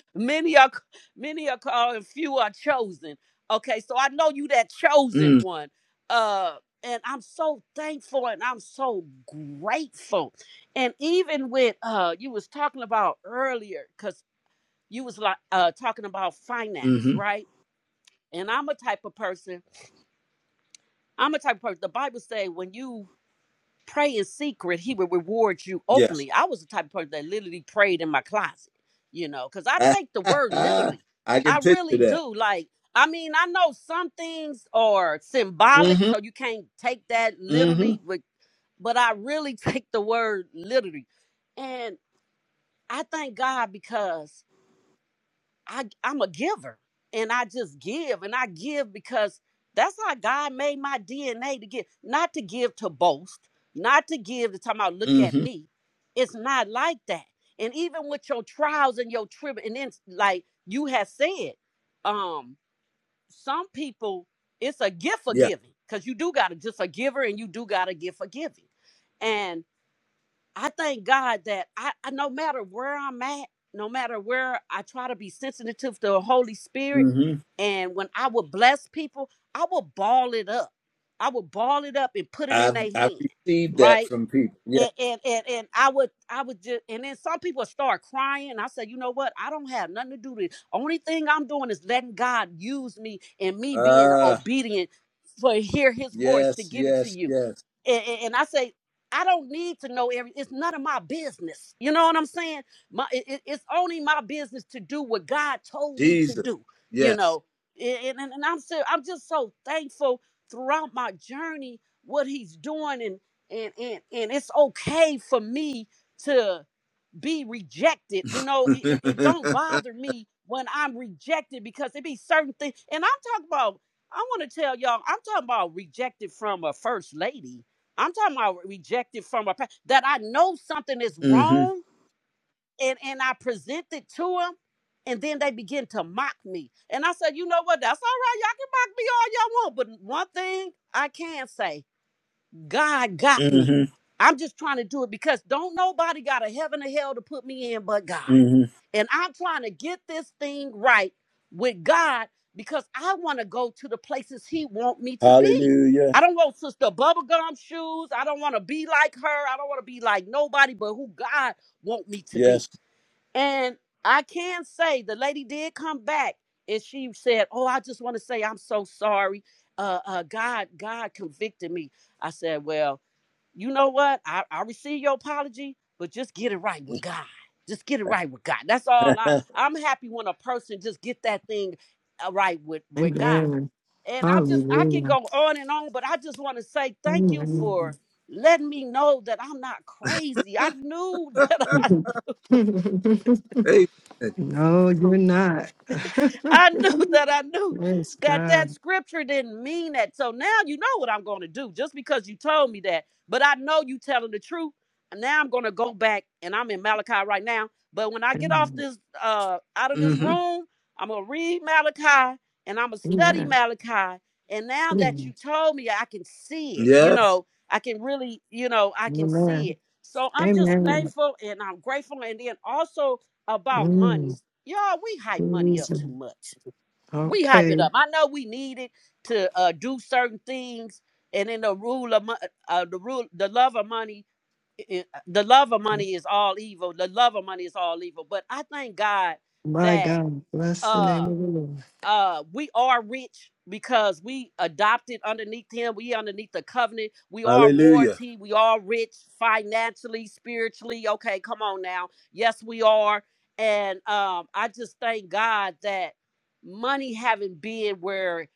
S11: many are many are called and few are chosen. Okay, so I know you that chosen
S1: Mm,
S11: one. Uh and I'm so thankful and I'm so grateful. And even with uh you was talking about earlier, because you was like uh talking about finance,
S1: mm-hmm.
S11: right? And I'm a type of person I'm a type of person. The Bible say when you pray in secret, He will reward you
S1: Yes.
S11: openly. I was the type of person that literally prayed in my closet, you know, because I
S1: I
S11: take the word literally.
S1: can
S11: I
S1: picture
S11: really
S1: that.
S11: do. Like, I mean, I know some things are symbolic,
S1: Mm-hmm.
S11: so you can't take that
S1: Mm-hmm.
S11: literally, but but I really take the word literally, and I thank God because I I'm a giver and I just give and I give because that's how God made my DNA to give, not to give to boast, not to give to talk about look at
S1: Mm-hmm.
S11: me. It's not like that. And even with your trials and your trib, and then like you have said, um, some people it's a gift for
S1: Yeah.
S11: giving because you do got to just a giver and you do got to give for giving. And I thank God that I, I no matter where I'm at, no matter where I try to be sensitive to the Holy Spirit,
S1: Mm-hmm.
S11: and when I would bless people, I would ball it up. I would ball it up and put it in
S1: I've
S11: their
S1: I've
S11: hand,
S1: received that
S11: right?
S1: from people. Yeah.
S11: And, and and and I would I would just and then some people start crying. I said, you know what? I don't have nothing to do with it. Only thing I'm doing is letting God use me and me being
S1: Ah.
S11: obedient for hear His voice to
S1: yes.
S11: give it to
S1: Yes.
S11: you
S1: Yes.
S11: and, and- I say, I don't need to know every. It's none of my business. You know what I'm saying? My, it- it's only my business to do what God told me to
S1: Jesus.
S11: do. You
S1: Yes.
S11: know, and, and, and I'm so, I'm just so thankful throughout my journey what He's doing, and and and and it's okay for me to be rejected. You know, it, it, it don't bother
S1: mm-hmm.
S11: me when I'm rejected because it be certain things. And I'm talking about, I want to tell y'all, I'm talking about rejected from a first lady. I'm talking about rejected from a that I know something is wrong and, and I present it to them. And then they begin to mock me. And I said, you know what? That's all right. Y'all can mock me all y'all want. But one thing I can say God got me.
S1: Mm-hmm.
S11: I'm just trying to do it because don't nobody got a heaven or hell to put me in but God.
S1: Mm-hmm.
S11: And I'm trying to get this thing right with God because I want to go to the places He want me to be.
S1: Hallelujah.
S11: I don't want Sister Bubblegum shoes. I don't want to be like her. I don't want to be like nobody but who God want me to be.
S1: Yes.
S11: And I can say the lady did come back and she said, Oh, I just want to say I'm so sorry. Uh, uh, God, God convicted me. I said, Well, you know what? I, I receive your apology, but just get it right with God. Just get it right with God. That's all I, I'm happy when a person just get that thing uh, right with, with God.
S3: Amen.
S11: And I just, I can
S3: Hallelujah.
S11: go on and on, but I just want to say thank you
S3: Amen.
S11: for letting me know that I'm not crazy. I knew that I
S1: Amen.
S3: no, you're not.
S11: I knew that I knew
S3: yes,
S11: that that
S3: God.
S11: scripture didn't mean that. So now you know what I'm going to do just because you told me that. But I know you telling the truth. And now I'm going to go back and I'm in Malachi right now. But when I get off
S3: Amen.
S11: this uh out of this
S1: Mm-hmm.
S11: room, I'm going to read Malachi and I'm going to study
S3: Amen.
S11: Malachi. And now that you told me, I can see it. You
S1: Yes.
S11: know, I can really, you know, I can see it.
S3: Amen.
S11: So I'm just
S3: Amen.
S11: thankful and I'm grateful. And then also about money,
S3: Mm,
S11: Y'all, we hype money up
S3: Jesus.
S11: too much. We hype
S3: Okay.
S11: it up. I know we need it to uh, do certain things, and then the rule of uh, the rule, the love of money, i- the love of money is all evil. The love of money is all evil. But I thank God
S3: My
S11: that.
S3: God. Bless the name
S11: uh
S3: of the
S11: uh we are rich because we adopted underneath him we underneath the covenant we are
S1: Hallelujah.
S11: royalty we are rich financially spiritually okay come on now yes we are and um i just thank god that money haven't been where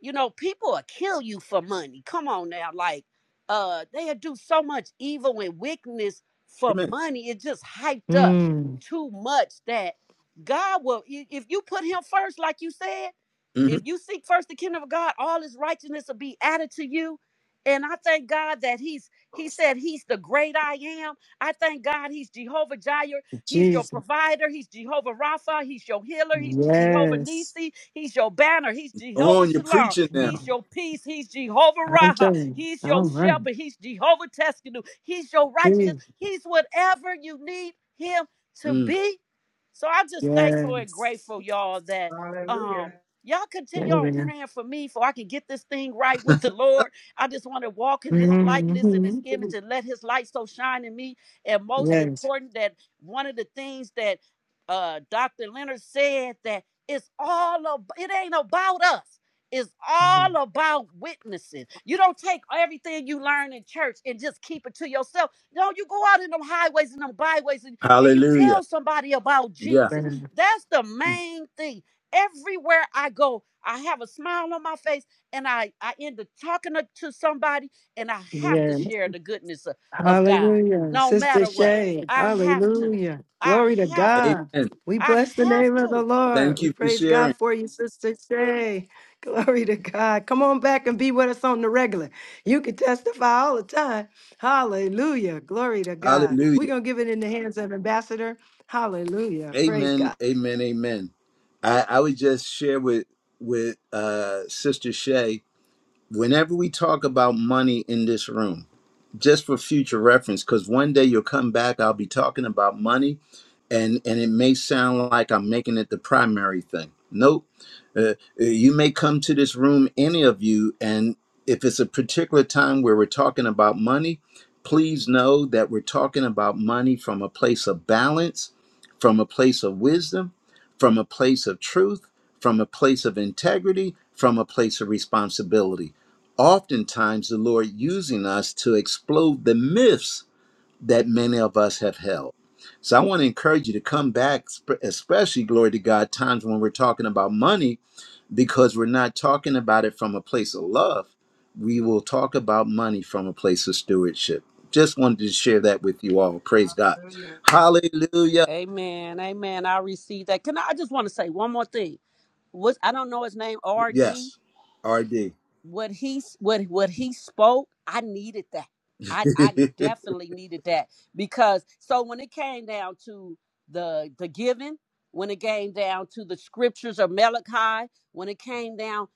S11: you know people will kill you for money come on now like uh they'll do so much evil and wickedness for
S1: Amen.
S11: money it just hyped up
S3: Lord.
S11: too much that God will, if you put him first, like you said,
S1: Mm-hmm.
S11: if you seek first the kingdom of God, all his righteousness will be added to you. And I thank God that he's he said he's the great I am. I thank God he's Jehovah Jireh. He's
S3: Mm,
S11: your provider. He's Jehovah Rapha. He's your healer. He's Jehovah
S3: Yes.
S11: Nisi. He's your banner. He's
S1: Go
S11: Jehovah
S1: On, you're
S11: Shalom.
S1: preaching now.
S11: He's your
S3: I'm
S11: peace. He's Jehovah Raha.
S3: telling. done.
S11: He's your
S3: I'm done.
S11: shepherd. He's Jehovah Teskenu. He's your righteousness.
S3: Yes.
S11: He's whatever you need him to
S1: Mm.
S11: be. So I'm just thankful and
S3: Yes.
S11: grateful, y'all, that um
S6: Hallelujah.
S11: Y'all continue on
S3: Amen.
S11: praying for me for I can get this thing right with the Lord. I just want to walk in his likeness and his
S3: Mhm.
S11: image and let his light so shine in me. And most
S3: Yes.
S11: important, that one of the things that uh, Dr. Leonard said that it's all about, it ain't about us. It's all about witnessing. You don't take everything you learn in church and just keep it to yourself. No, you go out in them highways and them byways and, and you
S1: Hallelujah.
S11: tell somebody about
S1: Yeah.
S11: Jesus. That's the main thing everywhere I go, I have a smile on my face and I, I end up talking to, to somebody and I have to
S3: Amen.
S11: share the goodness of, of God
S3: Hallelujah.
S11: no
S3: Sister
S11: matter what.
S3: Shay.
S11: I have to.
S3: Hallelujah.
S11: I
S3: Glory to
S11: have to.
S3: God.
S1: Amen.
S3: We
S11: I
S3: bless the
S11: have
S3: name of the
S11: to.
S3: Lord.
S1: Thank
S3: We
S1: you for
S3: praise God
S1: sharing.
S3: for you, Sister Shay. Glory to God. Come on back and be with us on the regular. You can testify all the time. Hallelujah. Glory to God. We're
S1: Hallelujah.
S3: going to give it in the hands of Ambassador. Hallelujah. Praise
S1: Amen.
S3: God.
S1: Amen. Amen. I, I would just share with with uh, Sister Shay. Whenever we talk about money in this room, just for future reference, because one day you'll come back, I'll be talking about money, and and it may sound like I'm making it the primary thing. Nope. Uh, uh, you may come to this room, any of you, and if it's a particular time where we're talking about money, please know that we're talking about money from a place of balance, from a place of wisdom, from a place of truth, from a place of integrity, from a place of responsibility oftentimes the Lord using us to explode the myths that many of us have held. So I want to encourage you to come back, sp- especially, glory to God, times when we're talking about money, because we're not talking about it from a place of love. We will talk about money from a place of stewardship. Just wanted to share that with you all. Praise God.
S6: Hallelujah.
S1: Hallelujah.
S11: Amen. Amen. I receive that. Can I, I just want to say one more thing? What I don't know his name, RD.
S1: Yes, RD.
S11: what he what what he spoke i needed that i i definitely needed that because so when it came down to the the giving when it came down to the scriptures of malachi when it came down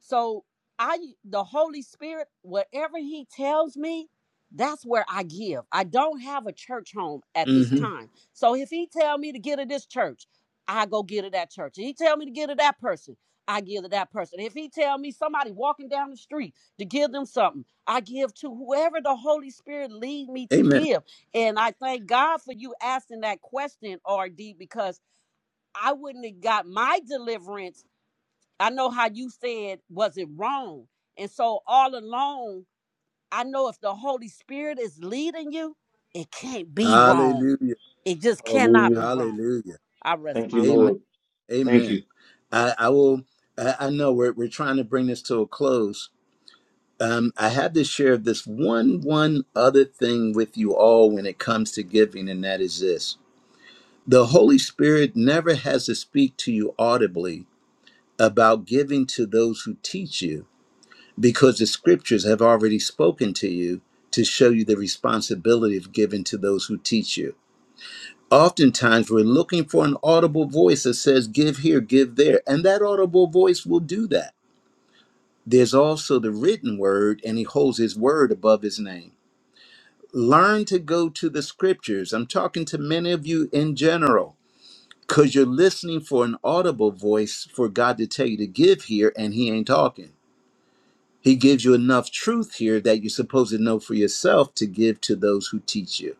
S11: so i the holy spirit whatever he tells me that's where i give i don't have a church home at this
S1: Mhm.
S11: time so if he tell me to get to this church i go get to that church If he tell me to get to that person I give to that person. If he tell me somebody walking down the street to give them something, I give to whoever the Holy Spirit lead me to
S1: Amen.
S11: give. And I thank God for you asking that question, RD, because I wouldn't have got my deliverance. I know how you said, was it wrong? And so all along, I know if the Holy Spirit is leading you, it can't be wrong.
S1: Hallelujah.
S11: It just cannot
S2: Hallelujah.
S11: be wrong.
S1: Hallelujah.
S11: I rest
S2: Thank you,
S11: my
S1: Amen.
S11: life.
S2: Lord. Thank you.
S1: Amen. I, I will. I, I know we're we're trying to bring this to a close. Um, I have to share this one one other thing with you all when it comes to giving, and that is this: the Holy Spirit never has to speak to you audibly about giving to those who teach you, because the Scriptures have already spoken to you to show you the responsibility of giving to those who teach you Oftentimes, we're looking for an audible voice that says, Give here, give there. And that audible voice will do that. There's also the written word, and he holds his word above his name. Learn to go to the scriptures. I'm talking to many of you in general, because you're listening for an audible voice for God to tell you to give here, and he ain't talking. He gives you enough truth here that you're supposed to know for yourself to give to those who teach you.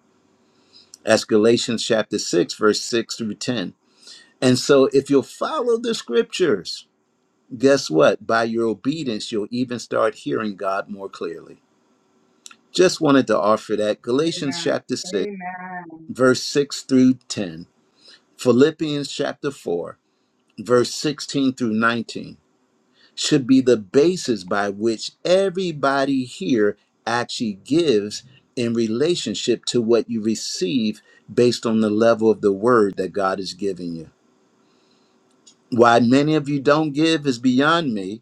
S1: That's Galatians chapter 6, verse 6 through 10. And so, if you'll follow the scriptures, guess what? By your obedience, you'll even start hearing God more clearly. Just wanted to offer that. Galatians
S6: Amen.
S1: chapter 6,
S6: Amen.
S1: verse 6 through 10, Philippians chapter 4, verse 16 through 19 should be the basis by which everybody here actually gives in relationship to what you receive based on the level of the word that God has given you. Why many of you don't give is beyond me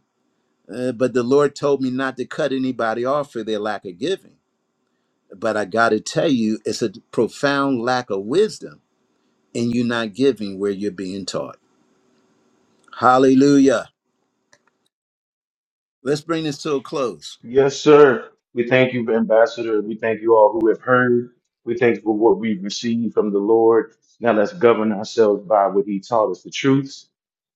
S1: Uh, but the Lord told me not to cut anybody off for their lack of giving. But I got to tell you, it's a profound lack of wisdom in you not giving where you're being taught. Hallelujah. Let's bring this to a close.
S2: Yes, sir. We thank you, Ambassador. We thank you all who have heard. We thank you for what we've received from the Lord. Now let's govern ourselves by what He taught us, the truths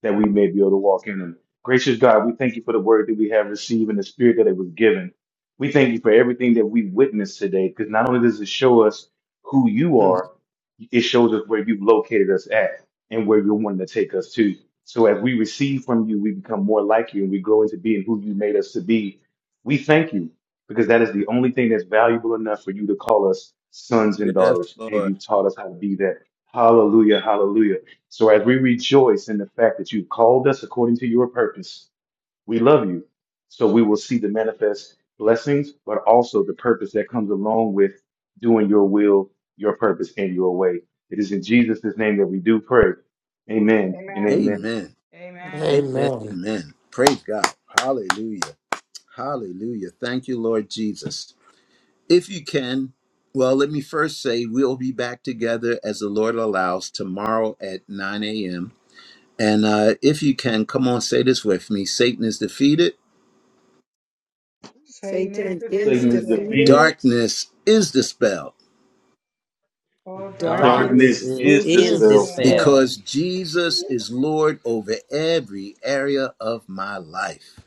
S2: that we may be able to walk in them. Gracious God, we thank you for the word that we have received and the spirit that it was given. We thank you for everything that we witnessed today, because not only does it show us who you are, it shows us where you've located us at and where you're wanting to take us to. So as we receive from you, we become more like you and we grow into being who you made us to be we thank you because that is the only thing that's valuable enough for you to call us sons and
S1: yes,
S2: daughters, and
S1: Lord.
S2: you've taught us how to be that. Hallelujah, hallelujah. So as we rejoice in the fact that you've called us according to your purpose, we love you. So we will see the manifest blessings, but also the purpose that comes along with doing your will, your purpose, and your way. It is in Jesus' name that we do pray. Amen
S6: Amen.
S2: and amen.
S1: Amen.
S6: Amen.
S1: Amen.
S10: Amen.
S1: Amen. Praise God. Hallelujah. Hallelujah. Thank you, Lord Jesus. If you can, well, let me first say we'll be back together as the Lord allows tomorrow at 9 a.m. And uh, if you can, come on, say this with me Satan is defeated,
S6: Satan is
S3: Satan is
S2: Satan is
S6: defeated.
S2: defeated.
S3: defeated.
S1: darkness is dispelled
S6: All darkness
S11: Darkness
S6: is
S2: Darkness
S3: Darkness
S10: Darkness
S11: is,
S2: is
S3: is
S10: is
S11: is
S2: dispelled
S11: dispelled
S6: dispelled
S10: dispelled
S3: dispelled
S1: because Jesus is Lord over every area of my life.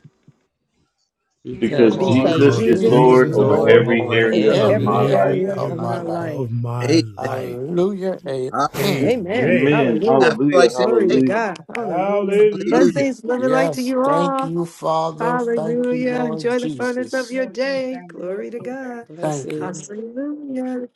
S11: because
S2: because
S6: because
S10: because
S3: because
S2: Jesus
S6: Jesus
S5: Because
S2: is
S11: Jesus
S3: Jesus
S11: is
S10: Jesus
S3: is
S6: is
S2: Lord
S5: Jesus
S10: is
S2: over
S5: is
S11: Lord
S3: Lord
S10: Lord
S6: Lord
S2: every
S11: over
S5: Lord
S10: over
S2: area
S3: over
S2: of
S6: over
S11: every
S10: every
S2: my
S3: every
S5: in
S11: area
S6: every
S10: area
S2: life.
S5: every
S3: area
S6: area
S10: of
S11: of
S6: of
S3: of
S10: my
S3: my
S5: area
S11: life.
S6: my life.
S10: life.
S3: life.
S5: of my
S1: Amen.
S5: life.
S10: Hallelujah. Amen.
S1: Hallelujah.
S3: Amen.
S5: Amen.
S2: Amen.
S1: I feel
S3: Hallelujah.
S2: Hallelujah.
S1: like saying,
S3: Glory to
S1: take
S2: Hallelujah.
S3: God. Hallelujah.
S5: Hallelujah.
S1: hallelujah.
S3: Blessings, love and light to
S10: Yes.
S3: you
S10: Thank
S3: all.
S10: you, Father.
S6: Amen.
S10: Thank you,
S3: Hallelujah.
S10: Lord
S3: Enjoy the furtherance of
S10: Jesus.
S3: your
S6: Blessings.
S3: day.
S6: and
S3: Glory to God.
S10: Thank you.
S11: Blessings.
S3: Hallelujah.